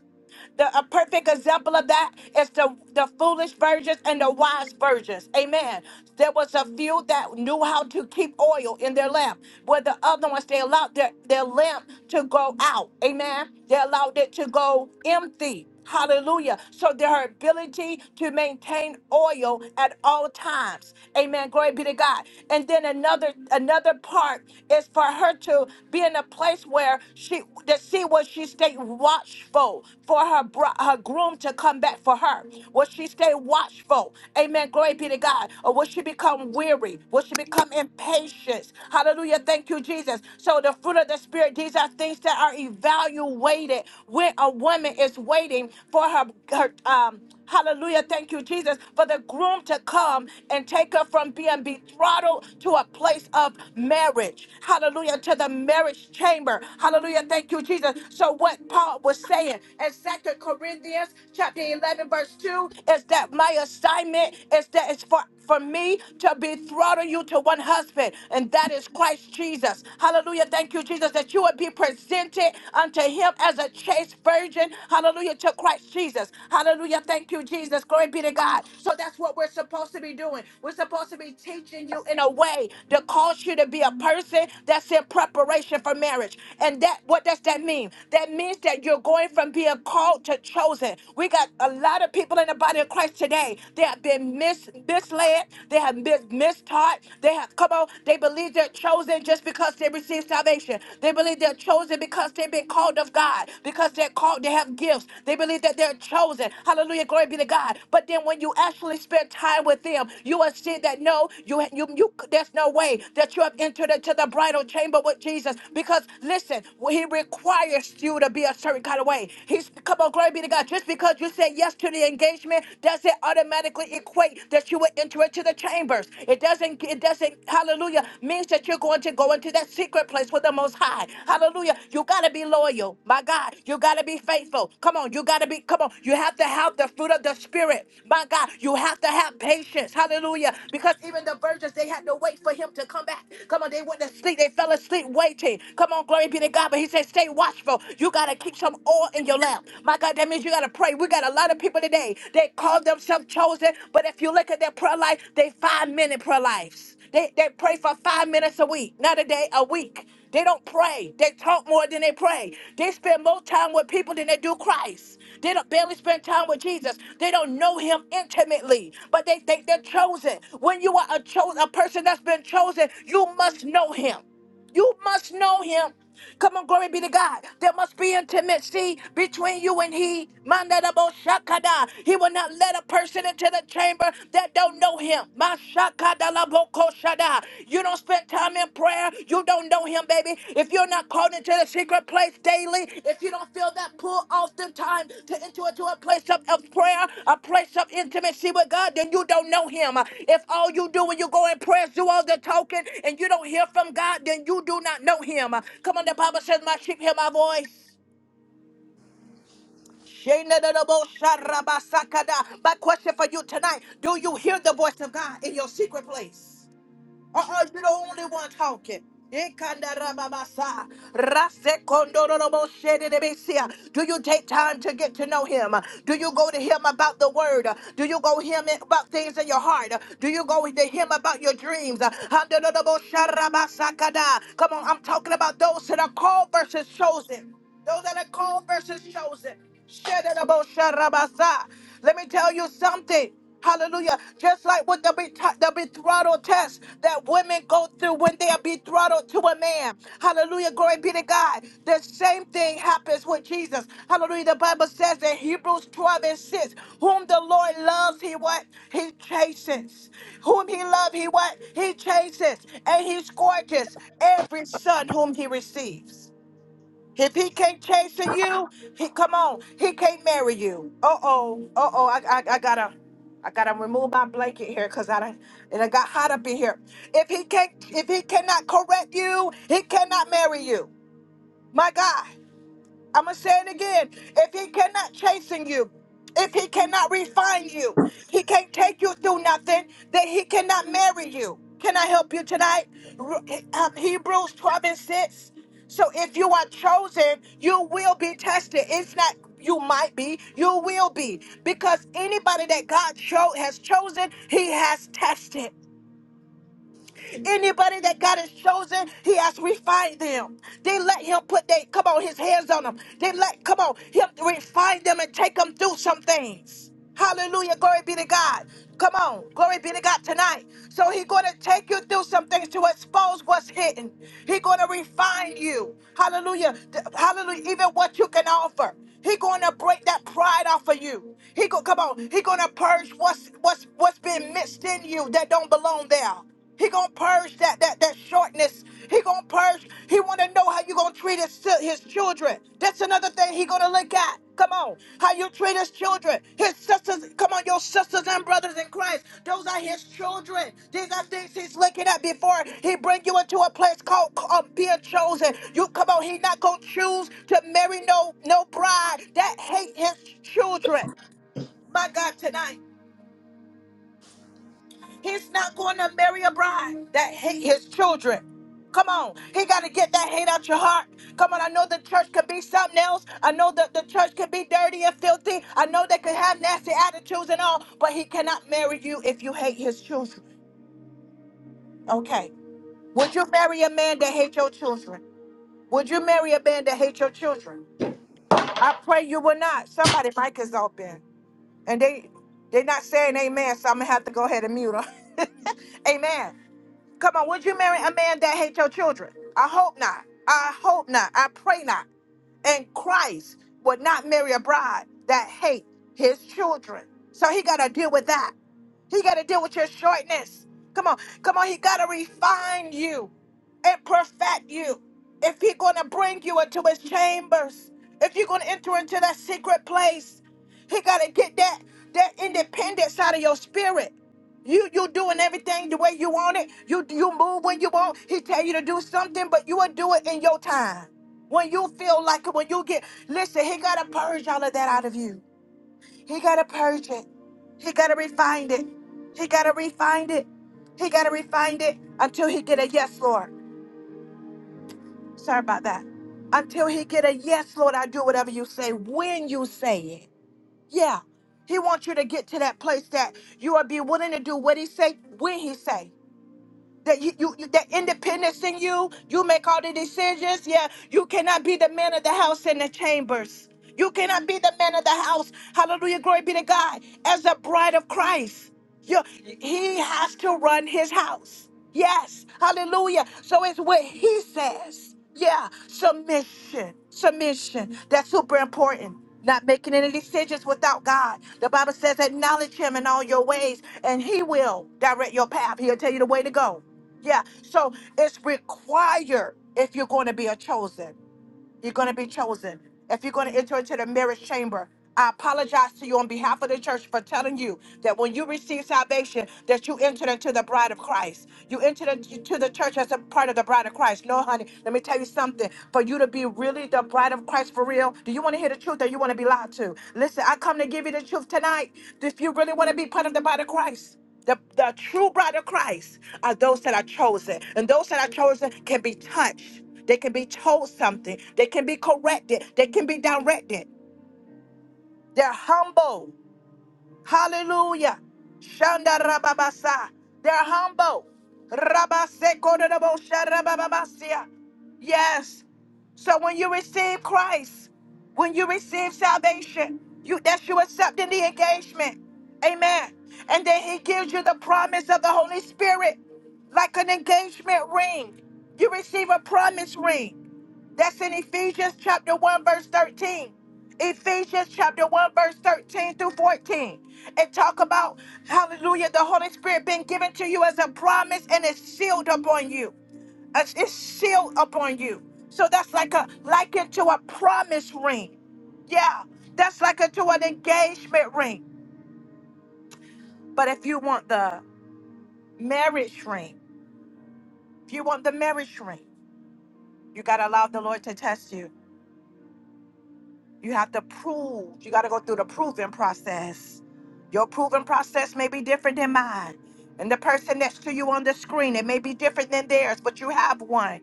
[SPEAKER 4] The, a perfect example of that is the, the foolish virgins and the wise virgins. Amen. There was a few that knew how to keep oil in their lamp, where the other ones, they allowed their, their lamp to go out. Amen. They allowed it to go empty. Hallelujah. So their ability to maintain oil at all times. Amen. Glory be to God. And then another another part is for her to be in a place where she to see will she stay watchful for her bro- her groom to come back for her. Will she stay watchful? Amen. Glory be to God. Or will she become weary? Will she become impatient? Hallelujah. Thank you, Jesus. So the fruit of the spirit, these are things that are evaluated you waited, when a woman is waiting for her, her um, hallelujah, thank you, Jesus, for the groom to come and take her from being betrothed to a place of marriage, hallelujah, to the marriage chamber, hallelujah, thank you, Jesus. So, what Paul was saying in Second Corinthians chapter 11, verse 2 is that my assignment is that it's for for me to betroth you to one husband, and that is Christ Jesus. Hallelujah. Thank Thank you, Jesus, that you would be presented unto him as a chaste virgin. Hallelujah to Christ Jesus. Hallelujah. Thank you, Jesus. Glory be to God. So that's what we're supposed to be doing. We're supposed to be teaching you in a way to cause you to be a person that's in preparation for marriage. And that what does that mean? That means that you're going from being called to chosen. We got a lot of people in the body of Christ today. They have been mis- misled. They have been mistaught. They have come on. They believe they're chosen just because they received salvation. They believe they're chosen because they've been called of God, because they're called, they have gifts. They believe that they're chosen. Hallelujah, glory be to God. But then when you actually spend time with them, you will see that no, you you, you there's no way that you have entered into the bridal chamber with Jesus. Because listen, he requires you to be a certain kind of way. He's come on, glory be to God. Just because you said yes to the engagement, does it automatically equate that you would enter into the the chambers. It doesn't, it doesn't, hallelujah, means that you're going to go into that secret place with the most high. Hallelujah. You gotta be loyal. My God, you gotta be faithful. Come on, you gotta be, come on. You have to have the fruit of the spirit. My God, you have to have patience. Hallelujah. Because even the virgins, they had to wait for him to come back. Come on, they went to sleep. They fell asleep waiting. Come on, glory be to God. But he said, stay watchful. You gotta keep some oil in your lamp. My God, that means you gotta pray. We got a lot of people today. They call themselves themselves chosen, but if you look at their prayer life, they five minute prayer lives. They, they pray for five minutes a week, not a day, a week. They don't pray. They talk more than they pray. They spend more time with people than they do Christ. They don't barely spend time with Jesus. They don't know him intimately, but they think they're chosen. When you are a, cho- a person that's been chosen, you must know him. You must know him. Come on, glory be to God. There must be intimacy between you and he. Mandarabo shakada. He will not let a person into the chamber that don't know him. Mashakadalaboko shada. You don't spend time in prayer. You don't know him, baby. If you're not Called into the secret place daily. If you don't feel that pull, oftentimes to enter into a place of, of prayer, a place of intimacy with God, then you don't know Him. If all you do when you go in prayer is do all the talking and you don't hear from God, then you do not know Him. Come on, the Bible says, My sheep hear my voice. My question for you tonight Do you hear the voice of God in your secret place? Uh-uh, you're the only one talking. Ekandarababasa, rasekondoroboshedebesia. Do you take time to get to know him? Do you go to him about the word? Do you go him about things in your heart? Do you go to him about your dreams? Handorobosharabasakada. Come on, I'm talking about those that are called versus chosen. Those that are called versus chosen. Shedda-da-bo-sha-ra-ba-sa. Let me tell you something. Hallelujah. Just like with the, bet- the betrothal test that women go through when they are betrothed to a man. Hallelujah. Glory be to God. The same thing happens with Jesus. Hallelujah. The Bible says in Hebrews 12 and 6, whom the Lord loves, he what? He chastens. Whom he loves, he what? He chastens. And he scourges every son whom he receives. If he can't chase you, he come on. He can't marry you. Uh oh. Uh oh. I, I I gotta I gotta remove my blanket here because I don't it done got hot up in here. If he can't if he cannot correct you, he cannot marry you. My God. I'm going to say it again. If he cannot chasten you, if he cannot refine you, he can't take you through nothing, then he cannot marry you. Can I help you tonight? Re- um, Hebrews 12 and 6. So if you are chosen, you will be tested. It's not you might be, you will be. Because anybody that God cho- has chosen, he has tested. Anybody that God has chosen, He has refined them. They let Him put they come on His hands on them. They let come on Him refine them and take them through some things. Hallelujah. Glory be to God. Come on. Glory be to God tonight. So He's going to take you through some things to expose what's hidden. He's going to refine you. Hallelujah. Th- Hallelujah. Even what you can offer. He's going to break that pride off of you. He go, come on. He's going to purge what's what's what's been mixed in you that don't belong there. He gonna purge that that that shortness. He gonna purge. He wanna know how you gonna treat his si- his children. That's another thing he gonna look at. Come on, how you treat his children, his sisters. Come on, your sisters and brothers in Christ. Those are his children. These are things he's looking at before he bring you into a place called um, being chosen. You come on, he not gonna choose to marry no no bride that hate his children. My God, tonight. He's not going to marry a bride that hate his children. Come on, he got to get that hate out your heart. Come on, I know the church could be something else. I know that the church could be dirty and filthy. I know they could have nasty attitudes and all, but he cannot marry you if you hate his children. Okay. Would you marry a man that hates your children? Would you marry a man that hates your children? I pray you will not. Somebody mic is open, and they they're not saying amen, so I'm gonna have to go ahead and mute them. amen. Come on, would you marry a man that hates your children? I hope not. I hope not. I pray not. And Christ would not marry a bride that hates his children. So he got to deal with that. He got to deal with your shortness. Come on, come on. He got to refine you and perfect you. If he's going to bring you into his chambers, if you're going to enter into that secret place, he got to get that that independence out of your spirit. You you doing everything the way you want it. You you move when you want. He tell you to do something, but you will do it in your time. When you feel like it, when you get listen, he gotta purge all of that out of you. He got to purge it. He got to refine it. He got to refine it. He got to refine it until he get a yes, Lord. Sorry about that. Until he get a yes, Lord, I do whatever you say when you say it. Yeah. He wants you to get to that place that you will be willing to do what he say when he say. That you, you, you that independence in you, you make all the decisions. Yeah, you cannot be the man of the house in the chambers. You cannot be the man of the house. Hallelujah, glory be to God. As a bride of Christ, you, he has to run his house. Yes, hallelujah. So it's what he says. Yeah, submission. Submission. That's super important. Not making any decisions without God. The Bible says, acknowledge Him in all your ways, and He will direct your path. He'll tell you the way to go. Yeah, so it's required if you're going to be a chosen. You're going to be chosen. If you're going to enter into the marriage chamber, I apologize to you on behalf of the church for telling you that when you receive salvation, that you entered into the bride of Christ. You entered into the church as a part of the bride of Christ. No, honey, let me tell you something. For you to be really the bride of Christ for real, do you want to hear the truth or you want to be lied to? Listen, I come to give you the truth tonight. If you really want to be part of the bride of Christ, the, the true bride of Christ are those that are chosen. And those that are chosen can be touched. They can be told something. They can be corrected. They can be directed. They're humble. Hallelujah. Shanda rababasa. They're humble. Rabasekododobosha rabababasia. Yes. So when you receive Christ, when you receive salvation, you that's you accepting the engagement. Amen. And then he gives you the promise of the Holy Spirit like an engagement ring. You receive a promise ring. That's in Ephesians chapter 1, verse 13. Ephesians chapter 1, verse 13 through 14. It talk about, hallelujah, the Holy Spirit being given to you as a promise and it's sealed upon you. It's it's sealed upon you. So that's like a likened to a promise ring. Yeah, that's like a, to an engagement ring. But if you want the marriage ring, if you want the marriage ring, you gotta allow the Lord to test you. You have to prove. You got to go through the proving process. Your proving process may be different than mine. And the person next to you on the screen, it may be different than theirs, but you have one.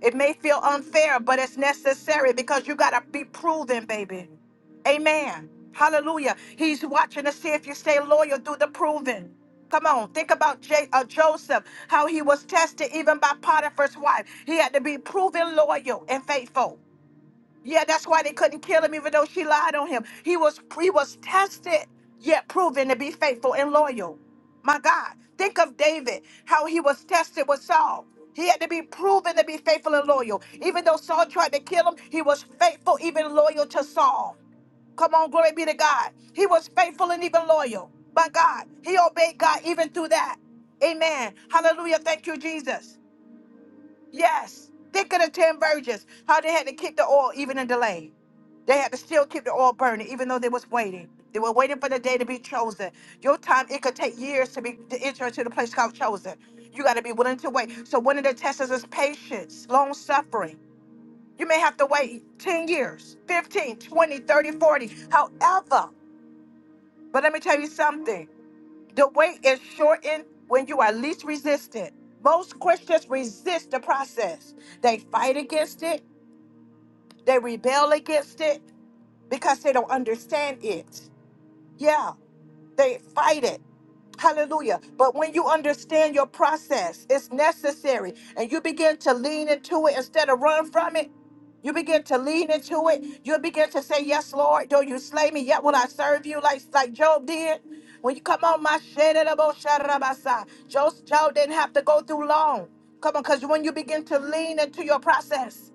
[SPEAKER 4] It may feel unfair, but it's necessary because you got to be proven, baby. Amen. Hallelujah. He's watching to see if you stay loyal through the proving. Come on, think about J- uh, Joseph, how he was tested even by Potiphar's wife. He had to be proven loyal and faithful. Yeah, that's why they couldn't kill him, even though she lied on him. He was he was tested, yet proven to be faithful and loyal. My God, think of David, how he was tested with Saul. He had to be proven to be faithful and loyal. Even though Saul tried to kill him, he was faithful, even loyal to Saul. Come on, glory be to God. He was faithful and even loyal. My God, he obeyed God even through that. Amen. Hallelujah. Thank you, Jesus. Yes, thicker than ten virgins. How they had to keep the oil even in delay. They had to still keep the oil burning, even though they was waiting. They were waiting for the day to be chosen. Your time, it could take years to be to enter into the place called chosen. You got to be willing to wait. So one of the tests is patience, long suffering. You may have to wait 10 years, 15, 20, 30, 40. however. But let me tell you something. The way is shortened when you are least resistant. Most Christians resist the process. They fight against it, they rebel against it because they don't understand it. Yeah, they fight it Hallelujah. But when you understand your process, it's necessary, and you begin to lean into it instead of run from it. You begin to lean into it. You begin to say, Yes, Lord, though you slay me, yet will I serve you, like, like Job did. When you come on, my shit, Job, Job didn't have to go through long. Come on, because when you begin to lean into your process,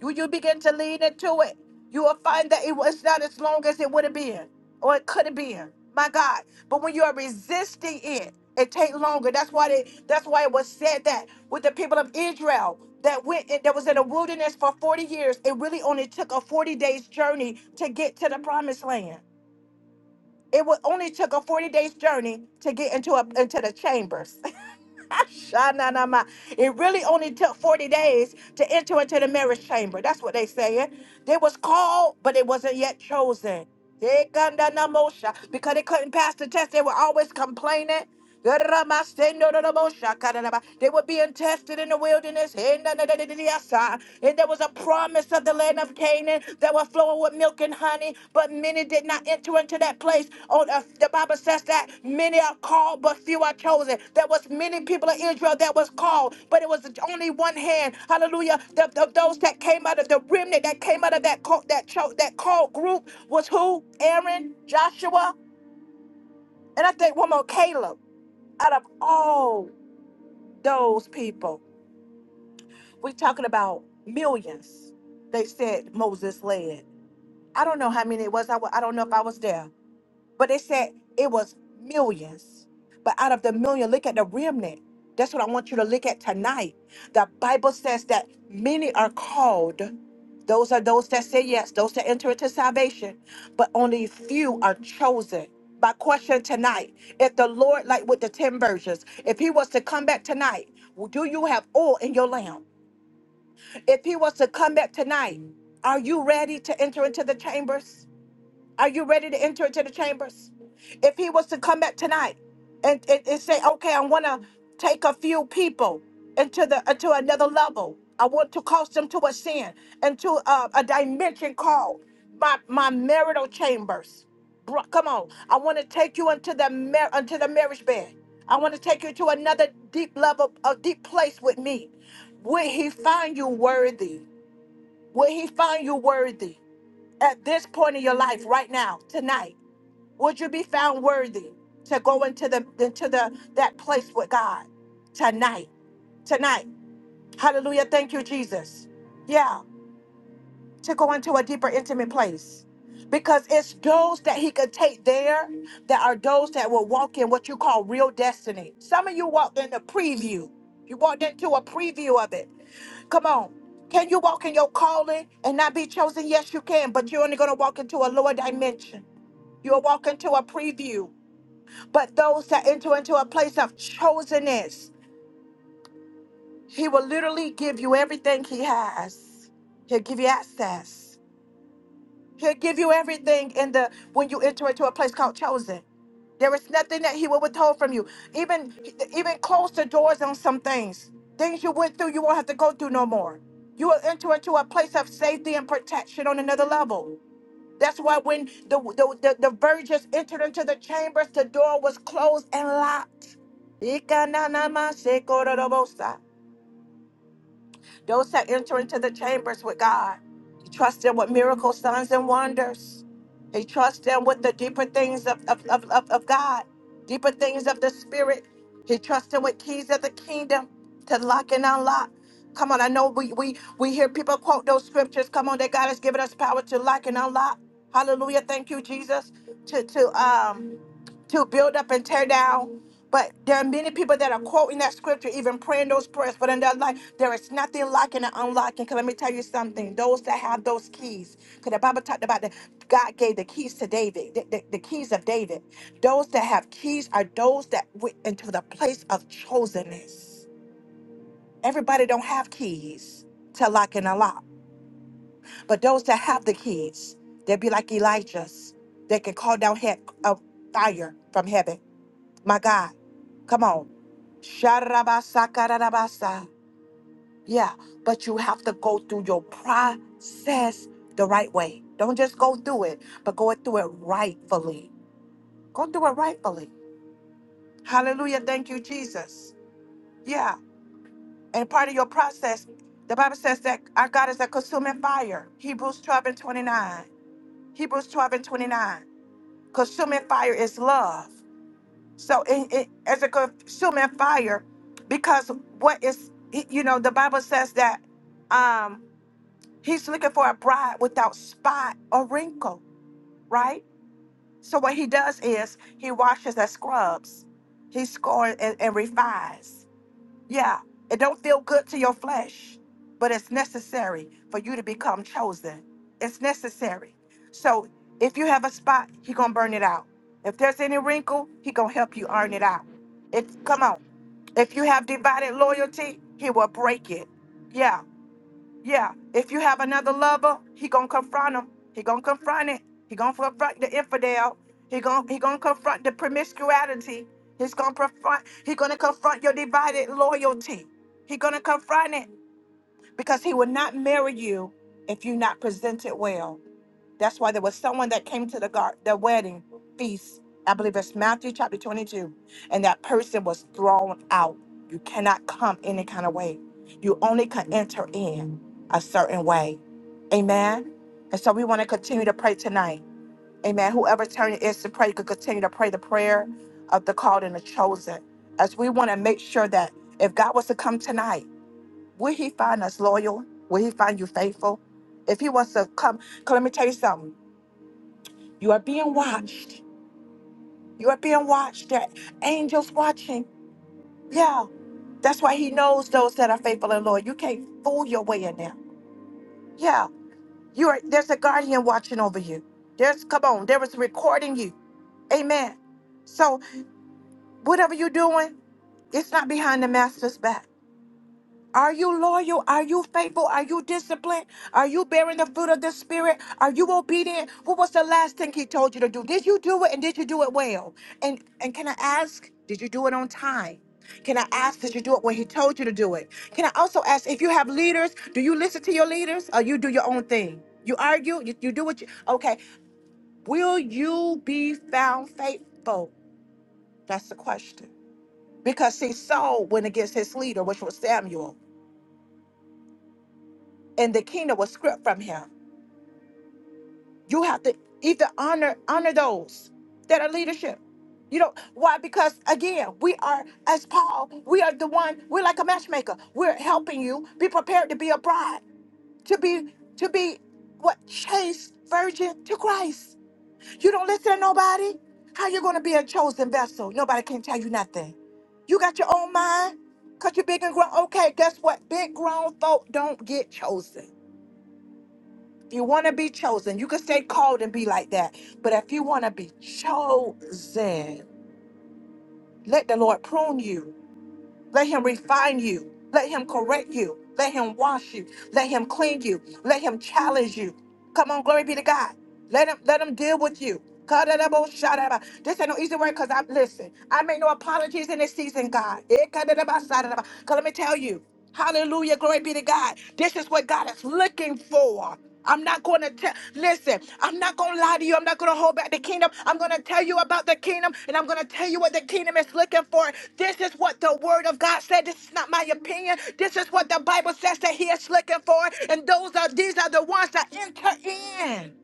[SPEAKER 4] you you begin to lean into it, you will find that it was not as long as it would have been or it could have been. My God. But when you are resisting it, it take longer. That's why they, that's why it was said that with the people of Israel that went that was in the wilderness for 40 years, it really only took a 40 days journey to get to the promised land. It wa- only took a 40 days journey to get into a, into the chambers. Shananama. It really only took 40 days to enter into the marriage chamber. That's what they saying. They was called, but it wasn't yet chosen. They no Because they couldn't pass the test, they were always complaining. Garama sendo no no They were being tested in the wilderness. Hey, And there was a promise of the land of Canaan that were flowing with milk and honey, but many did not enter into that place. Oh, uh, the Bible says that many are called, but few are chosen. There was many people of Israel that was called, but it was only one hand. Hallelujah! The, the- those that came out of the remnant, that came out of that co- that cho- that called group was who? Aaron, Joshua, and I think one more, Caleb. Out of all those people, we're talking about millions. They said Moses led. I don't know how many it was. I, wa- I don't know if I was there. But they said it was millions. But out of the million, look at the remnant. That's what I want you to look at tonight. The Bible says that many are called. Those are those that say yes, those that enter into salvation, but only few are chosen. My question tonight if the Lord, like with the 10 virgins, if he was to come back tonight, do you have oil in your lamp? If he was to come back tonight, are you ready to enter into the chambers? Are you ready to enter into the chambers? If he was to come back tonight and, and, and say, okay, I want to take a few people into the into another level. I want to cause them to ascend into a, a dimension called my, my marital chambers. Bro, come on. I want to take you into the mar- into the marriage bed. I want to take you to another deep level, a deep place with me. Will he find you worthy? Will he find you worthy? at this point in your life right now tonight would you be found worthy to go into the into the that place with god tonight tonight hallelujah thank you jesus yeah to go into a deeper, intimate place. Because it's those that he could take there that are those that will walk in what you call real destiny. Some of you walked in the preview. You walked into a preview of it. Come on. Can you walk in your calling and not be chosen? Yes, you can, but you're only going to walk into a lower dimension. You'll walk into a preview. But those that enter into a place of chosenness, he will literally give you everything he has. He'll give you access. He'll give you everything in the when you enter into a place called chosen. There is nothing that he will withhold from you. Even even close the doors on some things. Things you went through, you won't have to go through no more. You will enter into a place of safety and protection on another level. That's why when the the, the, the virgins entered into the chambers, the door was closed and locked. Ikananamashekororobosa. Those that enter into the chambers with God, He trusts them with miracles, signs, and wonders. He trusts them with the deeper things of, of, of, of, of God, deeper things of the Spirit. He trusts them with keys of the kingdom to lock and unlock. Come on, I know we, we, we hear people quote those scriptures. Come on, that God has given us power to lock and unlock. Hallelujah. Thank you, Jesus. To to um to build up and tear down. But there are many people that are quoting that scripture, even praying those prayers. But in their life, there is nothing locking and unlocking. Because let me tell you something those that have those keys, because the Bible talked about that God gave the keys to David, the, the- the keys of David. Those that have keys are those that went into the place of chosenness. Everybody don't have keys to lock and unlock. But those that have the keys, they'll be like Elijah's. They can call down heck, uh, fire from heaven my God, come on. Sharabasa Yeah, but you have to go through your process the right way. Don't just go through it, but go through it rightfully. Go through it rightfully. Hallelujah. Thank you, Jesus. Yeah. And part of your process, the Bible says that our God is a consuming fire. Hebrews 12 and 29. Hebrews 12 and 29. Consuming fire is love. So it, it as a consuming fire, because what is you know the Bible says that um he's looking for a bride without spot or wrinkle, right? So what he does is he washes and scrubs, he scores and, and refines. Yeah, it don't feel good to your flesh, but it's necessary for you to become chosen. It's necessary. So if you have a spot, he gonna burn it out. If there's any wrinkle, he gonna help you iron it out. If come on, if you have divided loyalty, he will break it. Yeah. Yeah, if you have another lover, he gonna confront him. He gonna confront it. He gonna confront the infidel. He gonna he gonna confront the promiscuity. He's gonna confront. He gonna confront your divided loyalty. He gonna confront it because he will not marry you if you're not presented well. That's why there was someone that came to the gar- the wedding feast. I believe it's Matthew chapter 22. And that person was thrown out. You cannot come any kind of way. You only can enter in a certain way. Amen. And so we want to continue to pray tonight. Amen. Whoever's turn it is to pray could continue to pray the prayer of the called and the chosen. As we want to make sure that if God was to come tonight, will he find us loyal? Will he find you faithful? If he was to come, 'cause let me tell you something. You are being watched. You are being watched. There are angels watching. Yeah. That's why he knows those that are faithful and loyal. You can't fool your way in there. Yeah. You are there's a guardian watching over you. There's come on, there is recording you. Amen. So whatever you're doing, it's not behind the master's back. Are you loyal? Are you faithful? Are you disciplined? Are you bearing the fruit of the Spirit? Are you obedient? What was the last thing He told you to do? Did you do it and did you do it well? And and can I ask, did you do it on time? Can I ask, did you do it when He told you to do it? Can I also ask if you have leaders, do you listen to your leaders or you do your own thing? You argue, you, you do what you okay. Will you be found faithful? That's the question. Because see, Saul went against his leader, which was Samuel. and the kingdom will script from him. You have to either honor honor those that are leadership. You know why? Because again, we are as Paul. We are the one. We're like a matchmaker. We're helping you be prepared to be a bride, to be to be what chaste virgin to Christ. You don't listen to nobody. How you gonna be a chosen vessel? Nobody can tell you nothing. You got your own mind. Cause you're big and grown. Okay, guess what? Big grown folk don't get chosen. If you want to be chosen, you can stay called and be like that. But if you want to be chosen, let the Lord prune you. Let him refine you. Let him correct you. Let him wash you. Let him clean you. Let him challenge you. Come on, glory be to God. Let him let him deal with you. Kadadabo-shadaba. This ain't no easy word because I'm listen. I make no apologies in this season, God. Eh, kadadaba-sadadaba. 'Cause let me tell you. Hallelujah. Glory be to God. This is what God is looking for. I'm not going to tell, listen, I'm not going to lie to you. I'm not going to hold back the kingdom. I'm going to tell you about the kingdom and I'm going to tell you what the kingdom is looking for. This is what the word of God said. This is not my opinion. This is what the Bible says that he is looking for. And those are, these are the ones that enter in.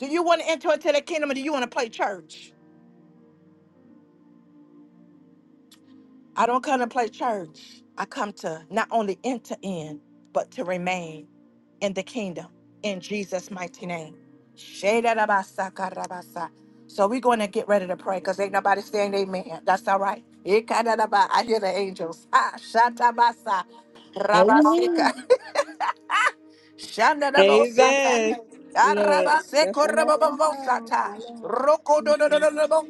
[SPEAKER 4] Do you want to enter into the kingdom or do you want to play church? I don't come to play church. I come to not only enter in, but to remain in the kingdom in Jesus' mighty name. Shedarabasakarabasa. So we're going to get ready to pray because ain't nobody saying amen. That's all right. Ikadaraba. I hear the angels. Ah, shatabasa. Rabasika. Shanda da bo
[SPEAKER 1] Amen.
[SPEAKER 4] sata.
[SPEAKER 1] Look,
[SPEAKER 4] Araba
[SPEAKER 1] stepping up some toes, my Lord.
[SPEAKER 4] Roko do do do
[SPEAKER 1] Jesus.
[SPEAKER 4] do do bo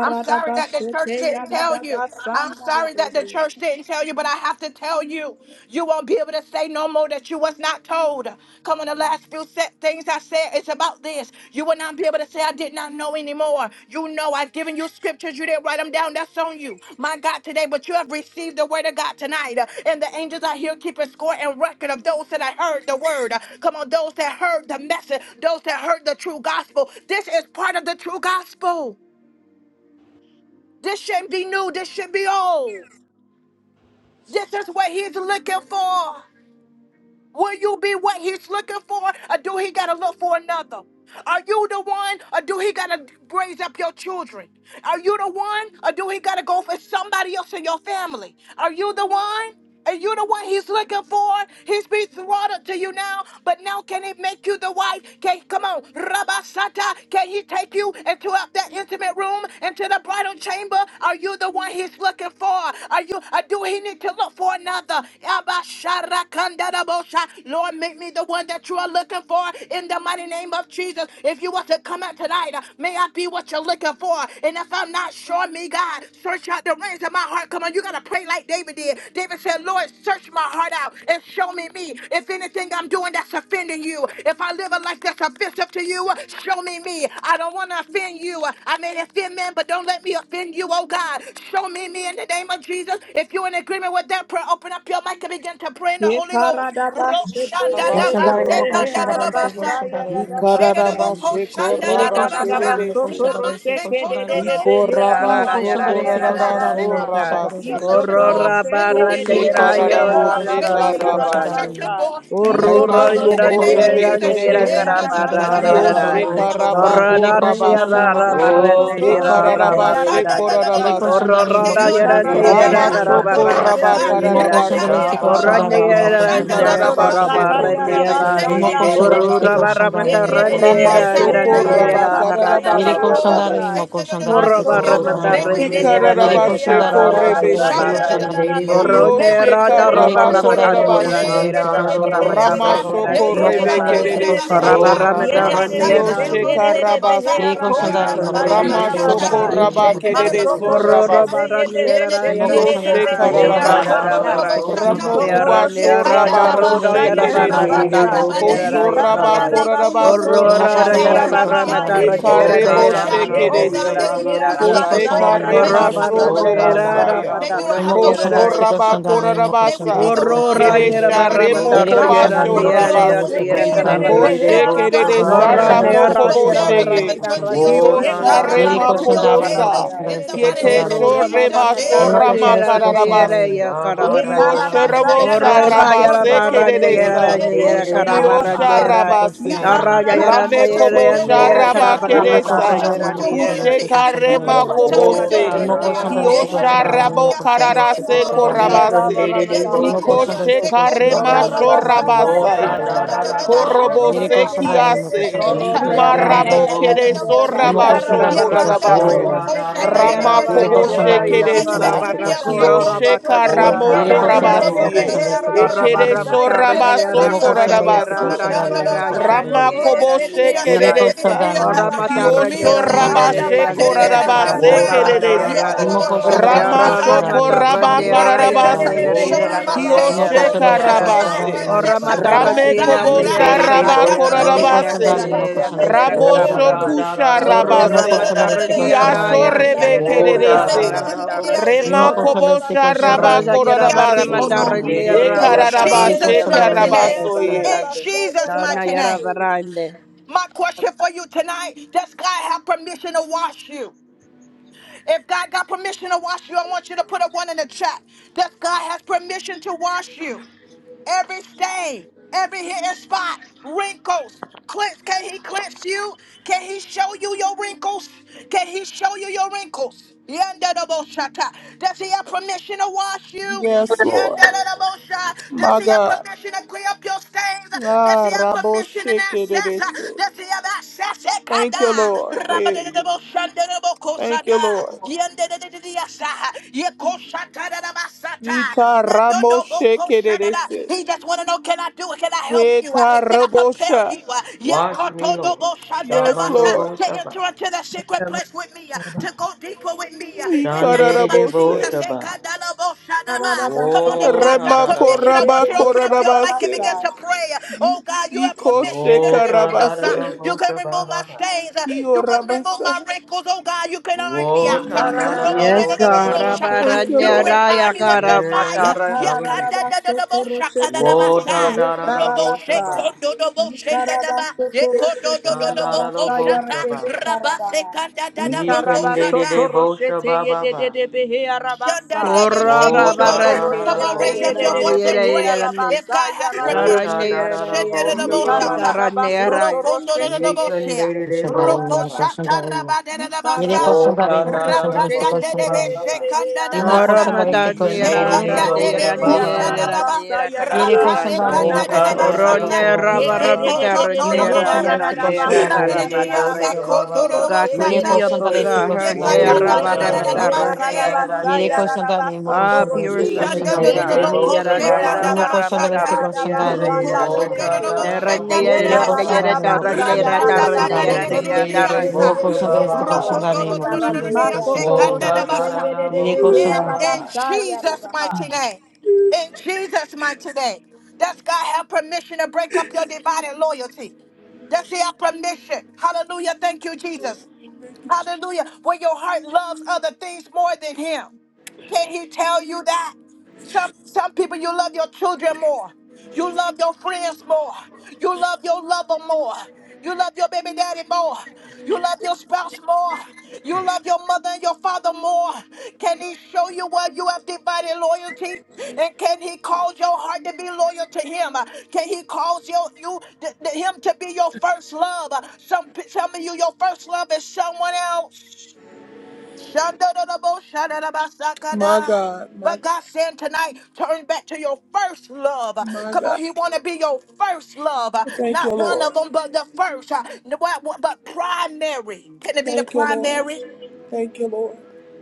[SPEAKER 4] I'm sorry that the church
[SPEAKER 1] bashete
[SPEAKER 4] didn't
[SPEAKER 1] yada
[SPEAKER 4] tell
[SPEAKER 1] da
[SPEAKER 4] you. I'm sorry that the
[SPEAKER 1] basanda
[SPEAKER 4] church didn't tell you, but I have to tell you. You won't be able to say no more that you was not told. Come on, the last few set things I said is about this. You will not be but to say I did not know anymore. You know, I've given you scriptures. You didn't write them down. That's on you, my God, today. But you have received the word of God tonight. Uh, And the angels are here keeping score and record of those that I heard the word. Uh, Come on, those that heard the message, those that heard the true gospel. This is part of the true gospel. This shouldn't be new. This should be old. This is what he's looking for. Will you be what he's looking for, or do he gotta look for another? Are you the one, or do he gotta raise up your children? Are you the one, or do he gotta go for somebody else in your family? Are you the one? Are you the one he's looking for? He's been brought to you now, but now can he make you the wife? Can come on, Rabasata? Can he take you into you out that intimate room into the bridal chamber? Are you the one he's looking for? Are you? Or do he need to look for another? Abasharakandarabosha. Lord, make me the one that you are looking for in the mighty name of Jesus. If you want to come out tonight, uh, may I be what you're looking for. And if I'm not sure, me God, search out the reins of my heart. Come on, you gotta pray like David did. David said, Lord, search my heart out and show me me. If anything I'm doing that's offending you, if I live a life that's offensive to you, show me me. I don't want to offend you. I may offend men, but don't let me offend you, oh God. Show me me in the name of Jesus. If you're in agreement with that prayer, open up your mic and begin to pray in the
[SPEAKER 1] Ye
[SPEAKER 4] Holy Ghost.
[SPEAKER 1] karada da
[SPEAKER 4] Ro-
[SPEAKER 1] shete
[SPEAKER 4] shanda
[SPEAKER 1] ye
[SPEAKER 4] da
[SPEAKER 1] de de de de he
[SPEAKER 6] Rabasorabase.
[SPEAKER 1] arabasa ya da da
[SPEAKER 4] May
[SPEAKER 1] bashe.
[SPEAKER 7] ایمکوشاندست،
[SPEAKER 6] Ikararabashe
[SPEAKER 1] Ye
[SPEAKER 7] یهی
[SPEAKER 6] koraba
[SPEAKER 1] karada da
[SPEAKER 7] کوشنداری،
[SPEAKER 1] baso
[SPEAKER 6] kererese.
[SPEAKER 1] toro
[SPEAKER 7] ایمکوشاندست
[SPEAKER 1] shete de de de
[SPEAKER 7] کوشنداری.
[SPEAKER 1] de
[SPEAKER 6] Iko
[SPEAKER 1] he
[SPEAKER 2] ra ra
[SPEAKER 7] Imo
[SPEAKER 2] ra ya
[SPEAKER 6] rabasho
[SPEAKER 2] ra
[SPEAKER 1] arabasa
[SPEAKER 7] koşanlara
[SPEAKER 1] ya
[SPEAKER 2] ya
[SPEAKER 7] se
[SPEAKER 2] ra
[SPEAKER 1] da da
[SPEAKER 2] ya ra
[SPEAKER 7] koşanlara
[SPEAKER 6] korarabaso
[SPEAKER 4] we
[SPEAKER 7] imo
[SPEAKER 2] de
[SPEAKER 1] basa.
[SPEAKER 4] be the
[SPEAKER 2] ra
[SPEAKER 7] koşanlara
[SPEAKER 4] what
[SPEAKER 6] rabase.
[SPEAKER 4] you're
[SPEAKER 7] se
[SPEAKER 1] Isho
[SPEAKER 4] looking
[SPEAKER 2] oro
[SPEAKER 1] toro
[SPEAKER 4] for.
[SPEAKER 7] koşanlara
[SPEAKER 2] ra
[SPEAKER 4] May
[SPEAKER 2] ba
[SPEAKER 4] we
[SPEAKER 1] shete
[SPEAKER 2] ra
[SPEAKER 4] be
[SPEAKER 1] de
[SPEAKER 4] who
[SPEAKER 1] de
[SPEAKER 6] Yoshe
[SPEAKER 2] de
[SPEAKER 7] yeri
[SPEAKER 1] de
[SPEAKER 4] you're
[SPEAKER 2] ra
[SPEAKER 1] de
[SPEAKER 4] looking
[SPEAKER 1] he
[SPEAKER 7] koşanlara
[SPEAKER 2] iro
[SPEAKER 6] kararabo
[SPEAKER 7] imo
[SPEAKER 2] da
[SPEAKER 4] for.
[SPEAKER 2] ra
[SPEAKER 4] May we
[SPEAKER 2] da
[SPEAKER 7] koşanlara
[SPEAKER 1] arabasa
[SPEAKER 4] be
[SPEAKER 7] se
[SPEAKER 2] iro
[SPEAKER 1] ya
[SPEAKER 4] who
[SPEAKER 1] da
[SPEAKER 4] you're
[SPEAKER 1] da
[SPEAKER 2] ra
[SPEAKER 7] koşanlara
[SPEAKER 6] shekarabasa.
[SPEAKER 2] de
[SPEAKER 4] searching
[SPEAKER 1] basa.
[SPEAKER 4] for. May we
[SPEAKER 1] Isho
[SPEAKER 7] yeri
[SPEAKER 4] be
[SPEAKER 2] oro
[SPEAKER 4] the
[SPEAKER 2] ra
[SPEAKER 7] koşanlara
[SPEAKER 1] toro
[SPEAKER 4] looking
[SPEAKER 6] Remasho
[SPEAKER 4] in
[SPEAKER 7] imo
[SPEAKER 2] iro
[SPEAKER 4] the
[SPEAKER 1] shete
[SPEAKER 4] name of
[SPEAKER 1] ye
[SPEAKER 2] de
[SPEAKER 7] koşanlara
[SPEAKER 6] korebe
[SPEAKER 7] se
[SPEAKER 2] ra
[SPEAKER 1] de de
[SPEAKER 2] de
[SPEAKER 1] de
[SPEAKER 2] ra
[SPEAKER 1] he
[SPEAKER 7] koşanlara imo
[SPEAKER 6] kererese.
[SPEAKER 2] kara ba
[SPEAKER 7] koşanlara
[SPEAKER 2] ra
[SPEAKER 7] se
[SPEAKER 1] arabasa
[SPEAKER 2] de
[SPEAKER 1] ya da
[SPEAKER 7] koşanlara
[SPEAKER 2] ra
[SPEAKER 6] Yoshe
[SPEAKER 1] baso toro
[SPEAKER 4] Jesus.
[SPEAKER 2] oro
[SPEAKER 3] Wotadarabosababa.
[SPEAKER 6] karabako
[SPEAKER 7] yeri
[SPEAKER 1] shete.
[SPEAKER 2] da de ya
[SPEAKER 7] koşanlara
[SPEAKER 2] ra
[SPEAKER 6] rabase.
[SPEAKER 7] imo
[SPEAKER 2] ra ba ra
[SPEAKER 7] koşanlara
[SPEAKER 3] Wo
[SPEAKER 7] se
[SPEAKER 2] de
[SPEAKER 3] ta
[SPEAKER 1] Masotoro
[SPEAKER 3] da
[SPEAKER 1] shekere
[SPEAKER 2] ra
[SPEAKER 3] da
[SPEAKER 1] de
[SPEAKER 2] ra
[SPEAKER 3] da
[SPEAKER 1] behe
[SPEAKER 7] koşanlara
[SPEAKER 2] ba
[SPEAKER 3] da.
[SPEAKER 1] ya ra
[SPEAKER 2] ve
[SPEAKER 6] Ekararabashe
[SPEAKER 2] ra de
[SPEAKER 7] yeri
[SPEAKER 6] korarabase.
[SPEAKER 2] oro
[SPEAKER 7] koşanlara
[SPEAKER 2] ra
[SPEAKER 7] imo
[SPEAKER 2] da
[SPEAKER 3] We
[SPEAKER 2] ya
[SPEAKER 3] can
[SPEAKER 7] koşanlara
[SPEAKER 2] ra
[SPEAKER 7] se
[SPEAKER 3] date it,
[SPEAKER 2] de
[SPEAKER 3] they
[SPEAKER 2] ra
[SPEAKER 7] koşanlara
[SPEAKER 3] both
[SPEAKER 2] kara
[SPEAKER 6] Ramasho
[SPEAKER 2] ba ra ma
[SPEAKER 3] shabba.
[SPEAKER 2] ta
[SPEAKER 6] koraba
[SPEAKER 2] ra de
[SPEAKER 7] imo
[SPEAKER 2] ra de
[SPEAKER 6] kararabase.
[SPEAKER 7] koşanlara
[SPEAKER 3] Sha
[SPEAKER 7] se
[SPEAKER 3] ba
[SPEAKER 2] oro
[SPEAKER 3] ba
[SPEAKER 2] de
[SPEAKER 7] koşanlara
[SPEAKER 3] ba
[SPEAKER 2] ya
[SPEAKER 7] imo
[SPEAKER 3] ba ba
[SPEAKER 2] ra
[SPEAKER 3] ba.
[SPEAKER 7] koşanlara se
[SPEAKER 3] ba.
[SPEAKER 2] de kara
[SPEAKER 6] Ikararabashe
[SPEAKER 2] ba
[SPEAKER 7] koşanlara
[SPEAKER 2] ra
[SPEAKER 3] We
[SPEAKER 2] de
[SPEAKER 6] korebese.
[SPEAKER 3] can
[SPEAKER 2] ra
[SPEAKER 3] date
[SPEAKER 7] imo
[SPEAKER 3] it, they
[SPEAKER 7] koşanlara
[SPEAKER 3] both
[SPEAKER 2] oro
[SPEAKER 7] se
[SPEAKER 2] ra ba
[SPEAKER 3] shabba.
[SPEAKER 2] ra ma
[SPEAKER 7] koşanlara
[SPEAKER 2] ta
[SPEAKER 7] imo
[SPEAKER 2] ra de
[SPEAKER 7] koşanlara
[SPEAKER 2] ra
[SPEAKER 7] se
[SPEAKER 2] ira
[SPEAKER 6] Ramashoko
[SPEAKER 4] May we
[SPEAKER 1] ra
[SPEAKER 2] de
[SPEAKER 7] koşanlara
[SPEAKER 4] be
[SPEAKER 1] ra
[SPEAKER 2] ra
[SPEAKER 4] who
[SPEAKER 1] basa
[SPEAKER 2] ra
[SPEAKER 4] you're
[SPEAKER 1] ya
[SPEAKER 2] ta ra
[SPEAKER 7] Yere
[SPEAKER 4] looking
[SPEAKER 6] Rabakararabaso
[SPEAKER 2] ma ta
[SPEAKER 4] for.
[SPEAKER 7] koşandarayım,
[SPEAKER 6] Rabas.
[SPEAKER 2] ra
[SPEAKER 4] May
[SPEAKER 7] mo koşandarayım,
[SPEAKER 2] Corro
[SPEAKER 7] este
[SPEAKER 2] barra
[SPEAKER 3] Whoa, ta
[SPEAKER 7] koşandarayım.
[SPEAKER 3] da
[SPEAKER 2] matarre
[SPEAKER 3] da da,
[SPEAKER 2] negra
[SPEAKER 3] both
[SPEAKER 2] la
[SPEAKER 7] Yere
[SPEAKER 3] shabba.
[SPEAKER 7] koşandarayım,
[SPEAKER 6] Ikararabasheko
[SPEAKER 2] etarra
[SPEAKER 7] mo
[SPEAKER 2] la
[SPEAKER 7] koşandarayım,
[SPEAKER 2] negra
[SPEAKER 7] este
[SPEAKER 6] Rebese.
[SPEAKER 3] We
[SPEAKER 1] ra
[SPEAKER 2] barra.
[SPEAKER 1] ra
[SPEAKER 3] can
[SPEAKER 1] ra
[SPEAKER 3] date
[SPEAKER 1] ra
[SPEAKER 7] koşandarayım,
[SPEAKER 3] it,
[SPEAKER 7] mo
[SPEAKER 3] they
[SPEAKER 1] she.
[SPEAKER 2] Corro
[SPEAKER 3] both
[SPEAKER 4] may,
[SPEAKER 7] koşandarayım.
[SPEAKER 3] shabba.
[SPEAKER 1] Ye
[SPEAKER 2] negra
[SPEAKER 6] Kiosheka
[SPEAKER 2] darra
[SPEAKER 7] Yere
[SPEAKER 2] barra matarre
[SPEAKER 7] koşandarayım, mo
[SPEAKER 2] negra
[SPEAKER 6] Rabakorarabaso.
[SPEAKER 7] koşandarayım,
[SPEAKER 3] Shan
[SPEAKER 2] negra
[SPEAKER 7] este
[SPEAKER 3] da da
[SPEAKER 2] cara
[SPEAKER 3] da,
[SPEAKER 2] barra
[SPEAKER 3] both
[SPEAKER 7] koşandarayım.
[SPEAKER 3] shabba
[SPEAKER 2] matarre
[SPEAKER 3] ba
[SPEAKER 2] negra
[SPEAKER 3] ba.
[SPEAKER 6] Ramashoko
[SPEAKER 7] Imo
[SPEAKER 2] negra la.
[SPEAKER 7] koşandarayım, este
[SPEAKER 6] Rebekeresa.
[SPEAKER 2] Corro
[SPEAKER 7] koşandarayım,
[SPEAKER 3] Whoa,
[SPEAKER 7] mo
[SPEAKER 2] barra
[SPEAKER 3] ta da
[SPEAKER 7] koşandarayım,
[SPEAKER 2] matarre
[SPEAKER 3] da
[SPEAKER 7] este
[SPEAKER 3] da, both.
[SPEAKER 2] negra negra
[SPEAKER 7] koşandarayım.
[SPEAKER 6] Kiosheka
[SPEAKER 2] negra cara
[SPEAKER 6] Rabaso.
[SPEAKER 7] Yere
[SPEAKER 2] barra
[SPEAKER 3] We
[SPEAKER 7] koşandarayım,
[SPEAKER 2] matarre
[SPEAKER 7] mo
[SPEAKER 3] can date it,
[SPEAKER 7] koşandarayım,
[SPEAKER 2] negra
[SPEAKER 3] they
[SPEAKER 7] este
[SPEAKER 3] both
[SPEAKER 2] negra
[SPEAKER 6] Ramashoko
[SPEAKER 3] shabba.
[SPEAKER 2] la.
[SPEAKER 7] koşandarayım,
[SPEAKER 5] you.
[SPEAKER 7] mo koşandarayım, este
[SPEAKER 6] Rabakereso
[SPEAKER 2] Corro
[SPEAKER 7] koşandarayım.
[SPEAKER 6] Rabase.
[SPEAKER 2] baranya yara
[SPEAKER 7] Imo
[SPEAKER 2] yara
[SPEAKER 7] koşandarayım,
[SPEAKER 6] Kiyoshe
[SPEAKER 7] este
[SPEAKER 2] yara
[SPEAKER 3] Whoa,
[SPEAKER 2] yara
[SPEAKER 3] ta
[SPEAKER 7] koşandarayım, mo
[SPEAKER 6] Kararabase,
[SPEAKER 3] da
[SPEAKER 2] yara
[SPEAKER 3] da
[SPEAKER 7] koşandarayım,
[SPEAKER 3] da,
[SPEAKER 7] este
[SPEAKER 2] baranya.
[SPEAKER 3] both
[SPEAKER 5] Thank
[SPEAKER 3] shabba ba ba.
[SPEAKER 7] koşandarayım.
[SPEAKER 3] ba.
[SPEAKER 2] Miranya
[SPEAKER 6] Ramokubasho
[SPEAKER 2] yara
[SPEAKER 7] Imo
[SPEAKER 6] Rabako
[SPEAKER 7] koşandarayım,
[SPEAKER 2] charoda
[SPEAKER 7] este
[SPEAKER 3] We
[SPEAKER 2] yara
[SPEAKER 3] can date
[SPEAKER 2] barama
[SPEAKER 3] it,
[SPEAKER 6] Shekeresa,
[SPEAKER 7] koşandarayım, mo
[SPEAKER 3] they
[SPEAKER 2] taranya
[SPEAKER 3] both
[SPEAKER 7] koşandarayım,
[SPEAKER 3] shabba.
[SPEAKER 7] este
[SPEAKER 2] yara
[SPEAKER 6] Kosho
[SPEAKER 7] koşandarayım.
[SPEAKER 2] yakaraya.
[SPEAKER 6] Rabako Rabaso
[SPEAKER 2] Corro
[SPEAKER 7] Imo
[SPEAKER 2] rara
[SPEAKER 7] koşandarayım,
[SPEAKER 2] yara
[SPEAKER 7] este
[SPEAKER 6] Rabasaya,
[SPEAKER 2] barama
[SPEAKER 7] koşandarayım, mo
[SPEAKER 2] taranya
[SPEAKER 3] Whoa,
[SPEAKER 2] yara
[SPEAKER 7] koşandarayım,
[SPEAKER 3] ta
[SPEAKER 6] Ekarebo
[SPEAKER 7] este
[SPEAKER 3] da
[SPEAKER 2] yara
[SPEAKER 3] da da,
[SPEAKER 2] yara
[SPEAKER 3] both
[SPEAKER 7] koşandarayım.
[SPEAKER 3] shabba
[SPEAKER 2] yara
[SPEAKER 6] Shekerese,
[SPEAKER 1] Yekerebe
[SPEAKER 3] ba
[SPEAKER 1] he
[SPEAKER 3] ba.
[SPEAKER 2] yara
[SPEAKER 3] ba.
[SPEAKER 7] Yere
[SPEAKER 1] arabasa
[SPEAKER 6] Koshe
[SPEAKER 2] karaya.
[SPEAKER 7] koşanlar imo
[SPEAKER 2] Corro
[SPEAKER 7] koşan
[SPEAKER 1] yararabase.
[SPEAKER 7] destek
[SPEAKER 6] Karemasho
[SPEAKER 2] baranya
[SPEAKER 7] koşanlar
[SPEAKER 3] Wota
[SPEAKER 7] imo.
[SPEAKER 3] da
[SPEAKER 2] yara
[SPEAKER 3] da
[SPEAKER 2] rama
[SPEAKER 6] Robosaya,
[SPEAKER 3] da
[SPEAKER 4] may,
[SPEAKER 2] taranya
[SPEAKER 3] bosha
[SPEAKER 7] İmo
[SPEAKER 3] ba
[SPEAKER 7] koşan
[SPEAKER 3] ba
[SPEAKER 6] Kosho
[SPEAKER 3] ba.
[SPEAKER 2] yara.
[SPEAKER 7] destek
[SPEAKER 6] Rabako
[SPEAKER 7] koşanlar imo
[SPEAKER 4] may,
[SPEAKER 7] koşan
[SPEAKER 6] Rabasa,
[SPEAKER 7] destek
[SPEAKER 2] Corro
[SPEAKER 3] Woti
[SPEAKER 7] koşanlar
[SPEAKER 2] rara
[SPEAKER 3] on
[SPEAKER 7] imo.
[SPEAKER 2] yara
[SPEAKER 3] de
[SPEAKER 6] Keresha
[SPEAKER 3] de
[SPEAKER 2] barama
[SPEAKER 1] Ye
[SPEAKER 7] Yere
[SPEAKER 3] bosha.
[SPEAKER 2] taranya
[SPEAKER 7] koşanlar
[SPEAKER 2] yara
[SPEAKER 6] Remokobasho
[SPEAKER 7] imo
[SPEAKER 1] karabaso
[SPEAKER 2] yara
[SPEAKER 7] koşan
[SPEAKER 1] toro
[SPEAKER 2] yara
[SPEAKER 7] destek
[SPEAKER 6] Rabase.
[SPEAKER 1] shete
[SPEAKER 2] yara
[SPEAKER 3] He
[SPEAKER 1] yere
[SPEAKER 3] can
[SPEAKER 7] koşanlar
[SPEAKER 1] de
[SPEAKER 7] imo.
[SPEAKER 3] de
[SPEAKER 2] karabaranya.
[SPEAKER 1] behe
[SPEAKER 3] de
[SPEAKER 6] Koshe
[SPEAKER 3] bosha
[SPEAKER 6] kerere
[SPEAKER 3] ba
[SPEAKER 1] arabasa
[SPEAKER 7] İmo
[SPEAKER 3] ba
[SPEAKER 1] yara
[SPEAKER 7] koşan
[SPEAKER 3] ba.
[SPEAKER 1] da
[SPEAKER 6] saramo
[SPEAKER 2] Corronya
[SPEAKER 7] destek
[SPEAKER 4] put
[SPEAKER 1] bashe.
[SPEAKER 2] radira
[SPEAKER 7] koşanlar imo
[SPEAKER 6] kobosheye.
[SPEAKER 2] baramata
[SPEAKER 7] koşan.
[SPEAKER 2] raja
[SPEAKER 1] Ye
[SPEAKER 3] Wota
[SPEAKER 2] ranya
[SPEAKER 6] Kiyosha
[SPEAKER 3] da da
[SPEAKER 4] it
[SPEAKER 7] Yere
[SPEAKER 3] da
[SPEAKER 6] rema
[SPEAKER 2] ranya
[SPEAKER 1] karabaso
[SPEAKER 4] into your
[SPEAKER 3] bosha
[SPEAKER 7] koşanlar
[SPEAKER 1] toro
[SPEAKER 3] ba
[SPEAKER 4] cave
[SPEAKER 7] imo
[SPEAKER 3] ba
[SPEAKER 1] shete
[SPEAKER 6] kobosa.
[SPEAKER 3] ba.
[SPEAKER 7] koşan
[SPEAKER 2] karabaramata.
[SPEAKER 4] in
[SPEAKER 1] yere
[SPEAKER 4] the
[SPEAKER 7] destek
[SPEAKER 1] de
[SPEAKER 4] mighty
[SPEAKER 1] behe
[SPEAKER 6] Kiete
[SPEAKER 4] name
[SPEAKER 7] koşanlar
[SPEAKER 4] of
[SPEAKER 2] Toru
[SPEAKER 7] imo.
[SPEAKER 1] karabaso
[SPEAKER 6] shorema
[SPEAKER 2] rabaramata
[SPEAKER 1] toro
[SPEAKER 7] İmo koşan
[SPEAKER 1] she.
[SPEAKER 6] shorama
[SPEAKER 2] ranya
[SPEAKER 7] destek
[SPEAKER 2] ranya
[SPEAKER 7] koşanlar
[SPEAKER 6] kararabasi.
[SPEAKER 7] imo.
[SPEAKER 2] ranya
[SPEAKER 3] Shaba
[SPEAKER 1] Ye
[SPEAKER 3] da da
[SPEAKER 2] karabarande.
[SPEAKER 3] da
[SPEAKER 6] Kiyosha
[SPEAKER 7] Yere
[SPEAKER 1] karabasa
[SPEAKER 3] bosha ba.
[SPEAKER 1] yara
[SPEAKER 6] rabosa
[SPEAKER 4] Jesus.
[SPEAKER 2] Oru
[SPEAKER 1] da
[SPEAKER 7] koşanlar imo
[SPEAKER 2] raya
[SPEAKER 1] baso
[SPEAKER 7] koşan
[SPEAKER 6] rabase
[SPEAKER 1] toro
[SPEAKER 7] destek
[SPEAKER 2] rabarande
[SPEAKER 7] koşanlar
[SPEAKER 1] shete
[SPEAKER 3] He
[SPEAKER 2] ranya
[SPEAKER 6] kereresa.
[SPEAKER 7] imo.
[SPEAKER 1] yere
[SPEAKER 3] can
[SPEAKER 1] de
[SPEAKER 3] de
[SPEAKER 2] ranya
[SPEAKER 3] de
[SPEAKER 1] behe
[SPEAKER 7] İmo
[SPEAKER 3] bosha.
[SPEAKER 2] karabarande
[SPEAKER 6] Kiyosha
[SPEAKER 7] koşan
[SPEAKER 1] arabaha.
[SPEAKER 7] destek
[SPEAKER 2] raya.
[SPEAKER 1] Ye
[SPEAKER 7] koşanlar
[SPEAKER 4] Yes,
[SPEAKER 6] rabase.
[SPEAKER 4] sir.
[SPEAKER 7] imo
[SPEAKER 2] Naraja
[SPEAKER 7] koşan
[SPEAKER 4] You can
[SPEAKER 2] ranya
[SPEAKER 6] Rame
[SPEAKER 4] trust
[SPEAKER 1] kararabaso
[SPEAKER 2] ranya
[SPEAKER 4] us with
[SPEAKER 1] toro
[SPEAKER 4] your
[SPEAKER 6] kobosha
[SPEAKER 2] ranya
[SPEAKER 1] shete
[SPEAKER 4] glory.
[SPEAKER 6] raba
[SPEAKER 3] Wota
[SPEAKER 1] yara da
[SPEAKER 3] da
[SPEAKER 4] You
[SPEAKER 1] da
[SPEAKER 3] da
[SPEAKER 4] can
[SPEAKER 2] karabaramata
[SPEAKER 3] da
[SPEAKER 4] trust
[SPEAKER 6] keresa.
[SPEAKER 2] ranya
[SPEAKER 4] us
[SPEAKER 3] bosha
[SPEAKER 4] with
[SPEAKER 1] basanda
[SPEAKER 3] ba.
[SPEAKER 4] your
[SPEAKER 2] ranya
[SPEAKER 6] Kushe
[SPEAKER 2] ranya.
[SPEAKER 1] rebese.
[SPEAKER 4] royalty. You can
[SPEAKER 1] Ye
[SPEAKER 6] karema
[SPEAKER 2] Oru
[SPEAKER 4] trust us
[SPEAKER 1] kere de
[SPEAKER 4] with
[SPEAKER 1] de
[SPEAKER 4] your
[SPEAKER 2] ramata
[SPEAKER 6] kobose.
[SPEAKER 3] Wota
[SPEAKER 1] behe
[SPEAKER 3] da
[SPEAKER 4] kingdom.
[SPEAKER 2] ranya
[SPEAKER 3] da da
[SPEAKER 2] ranya
[SPEAKER 1] arabasa
[SPEAKER 3] bosha
[SPEAKER 2] ranya.
[SPEAKER 6] Kiyosha
[SPEAKER 3] ba
[SPEAKER 1] yara
[SPEAKER 3] ba
[SPEAKER 1] da
[SPEAKER 3] ba.
[SPEAKER 6] rabo
[SPEAKER 1] da baso
[SPEAKER 7] destek
[SPEAKER 1] na
[SPEAKER 6] kararase
[SPEAKER 2] Torone
[SPEAKER 7] koşanlar
[SPEAKER 3] He
[SPEAKER 1] rebese
[SPEAKER 7] imo.
[SPEAKER 3] can
[SPEAKER 2] rava
[SPEAKER 1] kere
[SPEAKER 6] korabase.
[SPEAKER 1] de
[SPEAKER 3] de de
[SPEAKER 2] ramata
[SPEAKER 7] Uma
[SPEAKER 1] behe.
[SPEAKER 2] raja
[SPEAKER 3] bosha
[SPEAKER 7] porção
[SPEAKER 3] ba.
[SPEAKER 7] da
[SPEAKER 6] Ikoshe
[SPEAKER 2] yarande.
[SPEAKER 7] este colchão da areia,
[SPEAKER 6] karema
[SPEAKER 7] uma
[SPEAKER 2] Torone
[SPEAKER 7] porção da
[SPEAKER 1] Yekarabasa
[SPEAKER 2] rakara
[SPEAKER 1] ta
[SPEAKER 7] este colchão da
[SPEAKER 3] Wota
[SPEAKER 2] barande
[SPEAKER 6] shorabasaya.
[SPEAKER 3] da
[SPEAKER 7] areia.
[SPEAKER 2] rana
[SPEAKER 3] da
[SPEAKER 1] yadadadadaba
[SPEAKER 3] da
[SPEAKER 2] yarande
[SPEAKER 3] bosha
[SPEAKER 6] Korobo
[SPEAKER 1] sotoro
[SPEAKER 3] ba.
[SPEAKER 2] yarakara
[SPEAKER 7] Mire
[SPEAKER 1] sete
[SPEAKER 7] colchão da
[SPEAKER 2] baramata.
[SPEAKER 7] areia, uma
[SPEAKER 1] yedede
[SPEAKER 7] porção
[SPEAKER 6] sekiase.
[SPEAKER 7] da
[SPEAKER 1] behe
[SPEAKER 3] He
[SPEAKER 7] este
[SPEAKER 2] Torone
[SPEAKER 3] can
[SPEAKER 7] colchão da
[SPEAKER 3] de
[SPEAKER 2] rada
[SPEAKER 7] areia.
[SPEAKER 3] de
[SPEAKER 6] Kumarabo
[SPEAKER 1] karabasa.
[SPEAKER 2] yarande
[SPEAKER 3] bosha
[SPEAKER 6] kereso
[SPEAKER 3] ba.
[SPEAKER 2] yarara
[SPEAKER 7] Uma porção
[SPEAKER 6] rabasho
[SPEAKER 2] yarakara
[SPEAKER 7] da este colchão
[SPEAKER 2] baramata
[SPEAKER 7] da
[SPEAKER 2] re.
[SPEAKER 6] korarabaso.
[SPEAKER 7] areia.
[SPEAKER 3] Wota da da da
[SPEAKER 2] Ayarava
[SPEAKER 3] bosha
[SPEAKER 7] Mire
[SPEAKER 3] ba
[SPEAKER 6] Ramakobo
[SPEAKER 3] ba
[SPEAKER 7] colchão
[SPEAKER 2] yandira
[SPEAKER 7] da
[SPEAKER 3] ba.
[SPEAKER 7] areia, uma porção
[SPEAKER 2] yakara
[SPEAKER 7] da
[SPEAKER 6] shekeresa.
[SPEAKER 7] este colchão da
[SPEAKER 2] barakoro
[SPEAKER 7] areia.
[SPEAKER 6] Kiyoshe
[SPEAKER 2] ramata jira
[SPEAKER 6] karamo
[SPEAKER 3] Wota
[SPEAKER 7] Mire
[SPEAKER 2] tara
[SPEAKER 3] da da
[SPEAKER 7] colchão da
[SPEAKER 3] da
[SPEAKER 2] yarande
[SPEAKER 7] areia, uma
[SPEAKER 2] yare.
[SPEAKER 3] bosha
[SPEAKER 6] korabasie.
[SPEAKER 7] porção
[SPEAKER 3] ba.
[SPEAKER 7] da este colchão da
[SPEAKER 2] Taraba
[SPEAKER 7] areia.
[SPEAKER 6] Ekereso
[SPEAKER 2] ramata rane
[SPEAKER 4] It's
[SPEAKER 6] rabaso
[SPEAKER 7] Uma
[SPEAKER 2] yarakara
[SPEAKER 7] porção da este
[SPEAKER 6] korarabaso.
[SPEAKER 2] yarara
[SPEAKER 7] colchão da areia, uma
[SPEAKER 2] yarara
[SPEAKER 7] porção da
[SPEAKER 2] yarande
[SPEAKER 7] areia.
[SPEAKER 2] yarande
[SPEAKER 6] Ramakoboshe
[SPEAKER 7] Mire
[SPEAKER 2] yarakara.
[SPEAKER 7] colchão
[SPEAKER 2] Ramatarande,
[SPEAKER 7] da
[SPEAKER 6] kereresa.
[SPEAKER 7] areia, uma porção da este
[SPEAKER 4] me,
[SPEAKER 6] Kiyosho
[SPEAKER 4] oh
[SPEAKER 7] colchão da
[SPEAKER 4] God, uh,
[SPEAKER 7] areia, uma
[SPEAKER 1] Manda
[SPEAKER 6] rabashe
[SPEAKER 1] ba
[SPEAKER 7] porção da
[SPEAKER 4] standing
[SPEAKER 1] yebe
[SPEAKER 7] este
[SPEAKER 4] in the
[SPEAKER 1] ya
[SPEAKER 7] colchão
[SPEAKER 4] need
[SPEAKER 1] ra
[SPEAKER 7] da
[SPEAKER 1] ra
[SPEAKER 4] of
[SPEAKER 1] ra
[SPEAKER 6] korarabase
[SPEAKER 1] ra
[SPEAKER 7] areia.
[SPEAKER 4] prayer.
[SPEAKER 1] ba
[SPEAKER 4] uh,
[SPEAKER 3] Wota
[SPEAKER 1] sa
[SPEAKER 3] da da
[SPEAKER 4] yeah,
[SPEAKER 1] ya
[SPEAKER 3] da
[SPEAKER 4] da,
[SPEAKER 6] kereresa.
[SPEAKER 1] ra
[SPEAKER 4] da, da,
[SPEAKER 1] ra
[SPEAKER 7] Uma
[SPEAKER 4] da,
[SPEAKER 1] ra
[SPEAKER 3] bosha
[SPEAKER 1] ba
[SPEAKER 7] porção
[SPEAKER 3] ba
[SPEAKER 4] yeah,
[SPEAKER 7] da
[SPEAKER 3] ba
[SPEAKER 1] sa
[SPEAKER 4] Search
[SPEAKER 3] ba
[SPEAKER 7] este
[SPEAKER 4] my
[SPEAKER 1] nda
[SPEAKER 3] ba
[SPEAKER 1] re
[SPEAKER 7] colchão
[SPEAKER 3] ba.
[SPEAKER 1] re
[SPEAKER 4] heart.
[SPEAKER 7] da
[SPEAKER 4] uh,
[SPEAKER 7] areia,
[SPEAKER 6] Ramashoko
[SPEAKER 1] se.
[SPEAKER 7] uma porção
[SPEAKER 4] Show me
[SPEAKER 7] da
[SPEAKER 1] Ye
[SPEAKER 4] my
[SPEAKER 7] este
[SPEAKER 1] ke
[SPEAKER 7] colchão
[SPEAKER 1] re
[SPEAKER 7] da
[SPEAKER 4] wrinkles.
[SPEAKER 1] re
[SPEAKER 4] uh,
[SPEAKER 1] re
[SPEAKER 6] rabakararabasi.
[SPEAKER 1] re he
[SPEAKER 4] Show
[SPEAKER 1] ya
[SPEAKER 7] areia.
[SPEAKER 4] me
[SPEAKER 3] Wota
[SPEAKER 4] my
[SPEAKER 1] ra
[SPEAKER 3] da
[SPEAKER 1] ba
[SPEAKER 3] da da
[SPEAKER 7] Uma
[SPEAKER 1] so
[SPEAKER 4] stains. uh,
[SPEAKER 6] Kiyoshe
[SPEAKER 1] so
[SPEAKER 7] porção
[SPEAKER 3] bosha
[SPEAKER 1] ro
[SPEAKER 7] da
[SPEAKER 4] Show
[SPEAKER 3] ba
[SPEAKER 7] este
[SPEAKER 1] se
[SPEAKER 3] ba
[SPEAKER 4] me
[SPEAKER 1] te
[SPEAKER 7] colchão
[SPEAKER 3] ba
[SPEAKER 4] my
[SPEAKER 7] da
[SPEAKER 1] ya
[SPEAKER 3] ba
[SPEAKER 1] ra
[SPEAKER 7] areia,
[SPEAKER 3] ba.
[SPEAKER 6] karabase.
[SPEAKER 1] ra
[SPEAKER 7] uma
[SPEAKER 1] ra
[SPEAKER 4] offenses.
[SPEAKER 1] ba
[SPEAKER 4] uh,
[SPEAKER 7] porção da
[SPEAKER 4] Oh
[SPEAKER 7] este
[SPEAKER 1] sa.
[SPEAKER 7] colchão da
[SPEAKER 4] God,
[SPEAKER 3] Ekan
[SPEAKER 7] areia.
[SPEAKER 3] de
[SPEAKER 6] Ramekobosha
[SPEAKER 3] de de
[SPEAKER 4] Rasakanda da
[SPEAKER 3] bosha
[SPEAKER 4] da
[SPEAKER 7] Yere
[SPEAKER 3] ba.
[SPEAKER 4] da
[SPEAKER 1] Ikararabasonda
[SPEAKER 4] da da
[SPEAKER 7] koşanların
[SPEAKER 4] da
[SPEAKER 6] rabakorarabase.
[SPEAKER 4] da
[SPEAKER 7] imo
[SPEAKER 1] rebeshete
[SPEAKER 4] da.
[SPEAKER 7] koşanda destek
[SPEAKER 6] Rabosho
[SPEAKER 1] yededededebehe.
[SPEAKER 3] Wota
[SPEAKER 7] koşanların
[SPEAKER 3] da da
[SPEAKER 6] kusha
[SPEAKER 3] da
[SPEAKER 4] In the
[SPEAKER 7] imo
[SPEAKER 3] bosha
[SPEAKER 4] da da da
[SPEAKER 6] rabase.
[SPEAKER 3] ba
[SPEAKER 4] da da
[SPEAKER 7] koşanda
[SPEAKER 3] ba
[SPEAKER 4] da
[SPEAKER 3] ba.
[SPEAKER 4] da da
[SPEAKER 7] destek
[SPEAKER 1] Yekerededededebehe
[SPEAKER 7] koşanların
[SPEAKER 6] Kiasho
[SPEAKER 7] imo
[SPEAKER 1] yarabasa
[SPEAKER 6] rebe
[SPEAKER 7] koşanda destek
[SPEAKER 3] Wota da
[SPEAKER 6] kererese.
[SPEAKER 3] da
[SPEAKER 7] koşanların
[SPEAKER 4] da da da
[SPEAKER 3] da
[SPEAKER 1] yararabasanda
[SPEAKER 3] bosha ba.
[SPEAKER 7] imo
[SPEAKER 4] da da.
[SPEAKER 1] rebesona
[SPEAKER 7] koşanda destek
[SPEAKER 6] Remakobosha
[SPEAKER 1] rabasi.
[SPEAKER 7] koşanların imo koşanda destek
[SPEAKER 6] rabakorarabaso.
[SPEAKER 3] Ekan de
[SPEAKER 7] koşanların
[SPEAKER 3] de
[SPEAKER 6] E
[SPEAKER 3] de
[SPEAKER 4] In
[SPEAKER 3] bosha ba.
[SPEAKER 1] Isotoroshete
[SPEAKER 7] yere
[SPEAKER 6] kararabashe
[SPEAKER 4] Jesus'
[SPEAKER 7] koşanların
[SPEAKER 4] mighty
[SPEAKER 7] imo
[SPEAKER 1] yeredededebehe
[SPEAKER 7] koşanda
[SPEAKER 4] name.
[SPEAKER 6] karabaso
[SPEAKER 7] destek
[SPEAKER 6] ye.
[SPEAKER 4] In
[SPEAKER 1] yararabasa
[SPEAKER 4] Jesus' mighty name.
[SPEAKER 1] yararabashe.
[SPEAKER 4] My question for you tonight Does God have permission to wash you? If God got permission to wash you, I want you to put a one in the chat. Does God has permission to wash you? every stain, every hidden spot, wrinkles. Cleanse, can he cleanse you? Can he show you your wrinkles? Can he show you your wrinkles? Yandadabosha. Does he have permission to wash you?
[SPEAKER 6] Yes, Lord.
[SPEAKER 4] Yandadabosha. Does
[SPEAKER 6] My
[SPEAKER 4] he have
[SPEAKER 6] God.
[SPEAKER 4] permission to clean up your stains? Does
[SPEAKER 6] Ah,
[SPEAKER 4] he have
[SPEAKER 6] Rabo
[SPEAKER 4] permission and access?
[SPEAKER 6] Shekerese.
[SPEAKER 4] Does he have access?
[SPEAKER 6] Thank you,
[SPEAKER 4] Ekada.
[SPEAKER 6] Lord. Hey,
[SPEAKER 4] Rabadadabosha. Yamoko
[SPEAKER 6] thank
[SPEAKER 4] Sada,
[SPEAKER 6] you, Lord.
[SPEAKER 4] Yandediasa, Yeko Shakada Masata,
[SPEAKER 6] Ika Ramo
[SPEAKER 4] Yandodo Boko Shadada.
[SPEAKER 6] Shekerese.
[SPEAKER 4] He just want to know, can I do it? Can I help
[SPEAKER 6] Hey,
[SPEAKER 4] you? Uh, Can I prepare
[SPEAKER 6] Karabosha.
[SPEAKER 4] you? Uh,
[SPEAKER 3] Wash me,
[SPEAKER 4] Yakoto
[SPEAKER 3] Lord.
[SPEAKER 4] Dobo Shandada
[SPEAKER 6] Yes,
[SPEAKER 3] Shabando
[SPEAKER 6] Lord.
[SPEAKER 4] Masa, Take
[SPEAKER 3] bosha
[SPEAKER 4] him
[SPEAKER 3] ba.
[SPEAKER 4] To enter into the secret place with me, uh, to go deeper with me. uh, In
[SPEAKER 6] Ika
[SPEAKER 4] the name
[SPEAKER 3] Shandere
[SPEAKER 4] of
[SPEAKER 3] de
[SPEAKER 4] Jesus,
[SPEAKER 6] Rabose.
[SPEAKER 3] bosha ba.
[SPEAKER 4] Ekadala Bo Shadaba. Come on, if God
[SPEAKER 3] Wota
[SPEAKER 4] got
[SPEAKER 6] Rema
[SPEAKER 3] da da
[SPEAKER 1] Ararabasotoroshete
[SPEAKER 3] da
[SPEAKER 4] permission, I
[SPEAKER 6] Koraba
[SPEAKER 3] bosha
[SPEAKER 4] want you to
[SPEAKER 3] ba.
[SPEAKER 1] yedededehe
[SPEAKER 4] open up your mic and begin
[SPEAKER 1] karabasa.
[SPEAKER 6] Korabase.
[SPEAKER 4] begin to pray. Oh God, you have
[SPEAKER 6] Iko
[SPEAKER 4] permission.
[SPEAKER 3] Wota da da da
[SPEAKER 6] Shekarabase.
[SPEAKER 4] You can
[SPEAKER 3] vosha ba
[SPEAKER 4] remove my
[SPEAKER 3] ba ba.
[SPEAKER 4] stains.
[SPEAKER 6] Io
[SPEAKER 4] You can remove my
[SPEAKER 6] Rabasa.
[SPEAKER 4] wrinkles. Oh God, you can iron me out.
[SPEAKER 1] Isotoroshete
[SPEAKER 3] Wota da da da
[SPEAKER 2] Yes,
[SPEAKER 3] vosha
[SPEAKER 2] God.
[SPEAKER 3] ba ba ba.
[SPEAKER 6] Thank you,
[SPEAKER 4] You
[SPEAKER 2] Rabaranya
[SPEAKER 4] can
[SPEAKER 6] Lord.
[SPEAKER 4] refine
[SPEAKER 2] raya
[SPEAKER 4] me with your
[SPEAKER 2] kara
[SPEAKER 4] fire.
[SPEAKER 3] Yes,
[SPEAKER 2] matara.
[SPEAKER 3] hallelujah. Wota
[SPEAKER 4] Yakadadadadabosakadadabasa.
[SPEAKER 3] da da da vosha ba. Dun da da da vosha ba. Ye can day to day vosha ba ba ba.
[SPEAKER 1] yedede behe
[SPEAKER 4] Come
[SPEAKER 1] arabasa
[SPEAKER 2] Kora
[SPEAKER 3] Wota da da
[SPEAKER 2] rabaranya
[SPEAKER 3] da
[SPEAKER 4] on, raise
[SPEAKER 2] raya
[SPEAKER 4] up
[SPEAKER 3] vosha
[SPEAKER 4] your
[SPEAKER 3] ba ba
[SPEAKER 4] voice
[SPEAKER 2] ranya
[SPEAKER 4] and
[SPEAKER 3] ba.
[SPEAKER 2] ranya
[SPEAKER 4] pray.
[SPEAKER 2] ranya.
[SPEAKER 4] If God has
[SPEAKER 3] Wota
[SPEAKER 4] permission,
[SPEAKER 3] da
[SPEAKER 1] yarabashe.
[SPEAKER 2] Naranya
[SPEAKER 3] da da
[SPEAKER 2] ranya
[SPEAKER 3] vosha ba ba
[SPEAKER 2] ranya
[SPEAKER 4] Shendereboshata.
[SPEAKER 3] ba.
[SPEAKER 2] ranya
[SPEAKER 1] Ikaradadabasoto
[SPEAKER 2] ranya.
[SPEAKER 1] roshete
[SPEAKER 3] Ye can
[SPEAKER 4] Rokondoroboshe.
[SPEAKER 3] day to day
[SPEAKER 1] yedededebehe
[SPEAKER 7] koşanların
[SPEAKER 3] vosha
[SPEAKER 7] imo
[SPEAKER 3] ba.
[SPEAKER 1] karabaso.
[SPEAKER 7] koşanların yere
[SPEAKER 4] Rokoshatarabadebasa.
[SPEAKER 7] koşanların
[SPEAKER 3] Wota
[SPEAKER 7] imo
[SPEAKER 3] da
[SPEAKER 1] Ikaradadabasoto
[SPEAKER 3] da
[SPEAKER 7] koşanda
[SPEAKER 3] da
[SPEAKER 7] destek
[SPEAKER 1] roshete
[SPEAKER 3] vosha ba
[SPEAKER 7] koşanların
[SPEAKER 3] ba ba.
[SPEAKER 1] yedededebehe
[SPEAKER 7] imo
[SPEAKER 4] Rakandadebeshekandadabasa.
[SPEAKER 1] arabasa.
[SPEAKER 7] koşanda destek
[SPEAKER 3] Deacon Daddy
[SPEAKER 7] koşanların
[SPEAKER 2] Noromatanyira
[SPEAKER 1] Isoto
[SPEAKER 7] imo
[SPEAKER 3] Day
[SPEAKER 7] koşanda
[SPEAKER 3] Bosha
[SPEAKER 1] roshete
[SPEAKER 7] destek
[SPEAKER 3] Baba
[SPEAKER 7] koşanların
[SPEAKER 3] Bye.
[SPEAKER 4] Shekandadebekoshandadaba.
[SPEAKER 1] yaradadabasa
[SPEAKER 2] Rajayaranira
[SPEAKER 7] yere
[SPEAKER 1] yadadadabasa
[SPEAKER 2] Karabarande.
[SPEAKER 7] koşanların imo
[SPEAKER 3] Wota
[SPEAKER 7] koşanda
[SPEAKER 3] da da
[SPEAKER 7] destek koşanların imo koşanda destek koşanların yere koşanda destek
[SPEAKER 1] ndarededeshe.
[SPEAKER 3] da
[SPEAKER 4] Rakandekandadadabasata.
[SPEAKER 2] Orone
[SPEAKER 3] Bosha Baba Bye.
[SPEAKER 1] Yekedededebehe
[SPEAKER 2] Ravaramataranira
[SPEAKER 4] Shekototorobo.
[SPEAKER 2] Yaranira
[SPEAKER 3] Deacon
[SPEAKER 1] aradadabasa
[SPEAKER 3] Daddy Day Bosha
[SPEAKER 2] Karamatarade.
[SPEAKER 1] yadadadabasoto
[SPEAKER 3] Baba
[SPEAKER 2] Oh
[SPEAKER 3] Bye.
[SPEAKER 2] God,
[SPEAKER 1] roshete
[SPEAKER 2] clean me
[SPEAKER 4] Radadadidiasekondorobosata.
[SPEAKER 2] up, oh
[SPEAKER 1] dededebehe.
[SPEAKER 2] God.
[SPEAKER 7] koşanların
[SPEAKER 2] Herne
[SPEAKER 1] Ye
[SPEAKER 7] imo
[SPEAKER 3] Wota da da
[SPEAKER 7] koşanların
[SPEAKER 3] da
[SPEAKER 1] Yekererebehe
[SPEAKER 3] Bosha
[SPEAKER 4] Yekandadadadadadabase.
[SPEAKER 3] Baba
[SPEAKER 1] arabasa
[SPEAKER 7] Yere
[SPEAKER 3] Bye.
[SPEAKER 2] Ravaramataranira.
[SPEAKER 7] koşan da ne imo
[SPEAKER 1] yarabasa
[SPEAKER 2] Ah,
[SPEAKER 7] koşan da
[SPEAKER 1] toroshe.
[SPEAKER 7] reste
[SPEAKER 2] purify
[SPEAKER 3] Deacon
[SPEAKER 7] koşan
[SPEAKER 2] me,
[SPEAKER 4] Shanda
[SPEAKER 2] oh
[SPEAKER 7] da
[SPEAKER 4] da
[SPEAKER 7] ne
[SPEAKER 4] da
[SPEAKER 3] Daddy
[SPEAKER 4] da
[SPEAKER 3] Day
[SPEAKER 2] God.
[SPEAKER 4] bo ko
[SPEAKER 3] Bosha
[SPEAKER 1] Yekererebehe
[SPEAKER 3] Baba
[SPEAKER 2] Yaranira
[SPEAKER 4] shekanda
[SPEAKER 7] imo
[SPEAKER 4] da
[SPEAKER 3] Bye.
[SPEAKER 1] arabasa
[SPEAKER 7] koşan da reste
[SPEAKER 4] basata.
[SPEAKER 7] koşan da
[SPEAKER 2] Varamataranira.
[SPEAKER 7] ne
[SPEAKER 1] yarabasa
[SPEAKER 4] Roko
[SPEAKER 7] imo koşan
[SPEAKER 4] shanda
[SPEAKER 7] da
[SPEAKER 4] da
[SPEAKER 3] Wota
[SPEAKER 1] ndarebese.
[SPEAKER 4] da
[SPEAKER 3] da
[SPEAKER 4] bo
[SPEAKER 3] da da
[SPEAKER 4] shekanda
[SPEAKER 3] Bosha
[SPEAKER 4] da
[SPEAKER 7] yere koşan
[SPEAKER 4] basa.
[SPEAKER 3] Baba
[SPEAKER 7] da
[SPEAKER 2] Naranira
[SPEAKER 7] ne imo
[SPEAKER 3] Bye.
[SPEAKER 1] Mekaradadabasa
[SPEAKER 7] koşan da
[SPEAKER 2] Taranira Taranira
[SPEAKER 7] reste
[SPEAKER 4] Rakanda
[SPEAKER 7] koşan
[SPEAKER 4] da
[SPEAKER 7] da
[SPEAKER 4] da
[SPEAKER 1] yarabasa
[SPEAKER 7] ne
[SPEAKER 4] da da da da
[SPEAKER 3] Deacon
[SPEAKER 2] Taranira
[SPEAKER 4] da
[SPEAKER 1] toroshe
[SPEAKER 3] Daddy Day
[SPEAKER 2] Taranira.
[SPEAKER 7] imo
[SPEAKER 4] yasa.
[SPEAKER 1] kerere
[SPEAKER 3] Bosha
[SPEAKER 7] koşan da
[SPEAKER 1] behe
[SPEAKER 7] reste
[SPEAKER 3] Baba
[SPEAKER 7] koşan
[SPEAKER 4] Roko
[SPEAKER 7] da
[SPEAKER 3] Bye.
[SPEAKER 4] do
[SPEAKER 7] ne
[SPEAKER 1] arabasi.
[SPEAKER 4] do
[SPEAKER 7] imo
[SPEAKER 4] do do do
[SPEAKER 7] koşan
[SPEAKER 4] do
[SPEAKER 7] da
[SPEAKER 4] do do
[SPEAKER 7] reste
[SPEAKER 4] ya
[SPEAKER 7] koşan da ne
[SPEAKER 4] shekanda
[SPEAKER 1] Masotoroshe
[SPEAKER 4] da
[SPEAKER 3] Wota da
[SPEAKER 4] basa.
[SPEAKER 3] da da
[SPEAKER 7] yere
[SPEAKER 3] Bosha
[SPEAKER 1] kererebehe
[SPEAKER 7] koşan
[SPEAKER 4] In
[SPEAKER 7] da
[SPEAKER 3] Baba
[SPEAKER 4] in
[SPEAKER 3] Bye.
[SPEAKER 1] arabasa
[SPEAKER 4] Jesus'
[SPEAKER 1] yarabaha.
[SPEAKER 4] mighty name. In Jesus' mighty name. Does God have permission to break up your divided loyalty? Does he have permission? Hallelujah. Thank you, Jesus. Hallelujah. When your heart loves other things more than him. Can he tell you that? Some some people you love your children more. You love your friends more. You love your lover more. You love your baby daddy more. You love your spouse more. You love your mother and your father more. Can he show you where you have divided loyalty? And can he cause your heart to be loyal to him? Can he cause your, you th- th- him to be your first love? Some p- some of you your first love is someone else. Shandadadabo,
[SPEAKER 6] My
[SPEAKER 4] shadadabasakada.
[SPEAKER 6] God, my
[SPEAKER 4] But God
[SPEAKER 6] God,
[SPEAKER 4] saying tonight, turn back to your first love.
[SPEAKER 6] my
[SPEAKER 4] Come on,
[SPEAKER 6] God.
[SPEAKER 4] He want to be your first love,
[SPEAKER 6] Thank you,
[SPEAKER 4] not one of
[SPEAKER 6] Lord.
[SPEAKER 4] them, but the first. Uh, But, but primary. Can it be the
[SPEAKER 6] Thank you, Lord.
[SPEAKER 4] primary?
[SPEAKER 6] Thank you, Lord.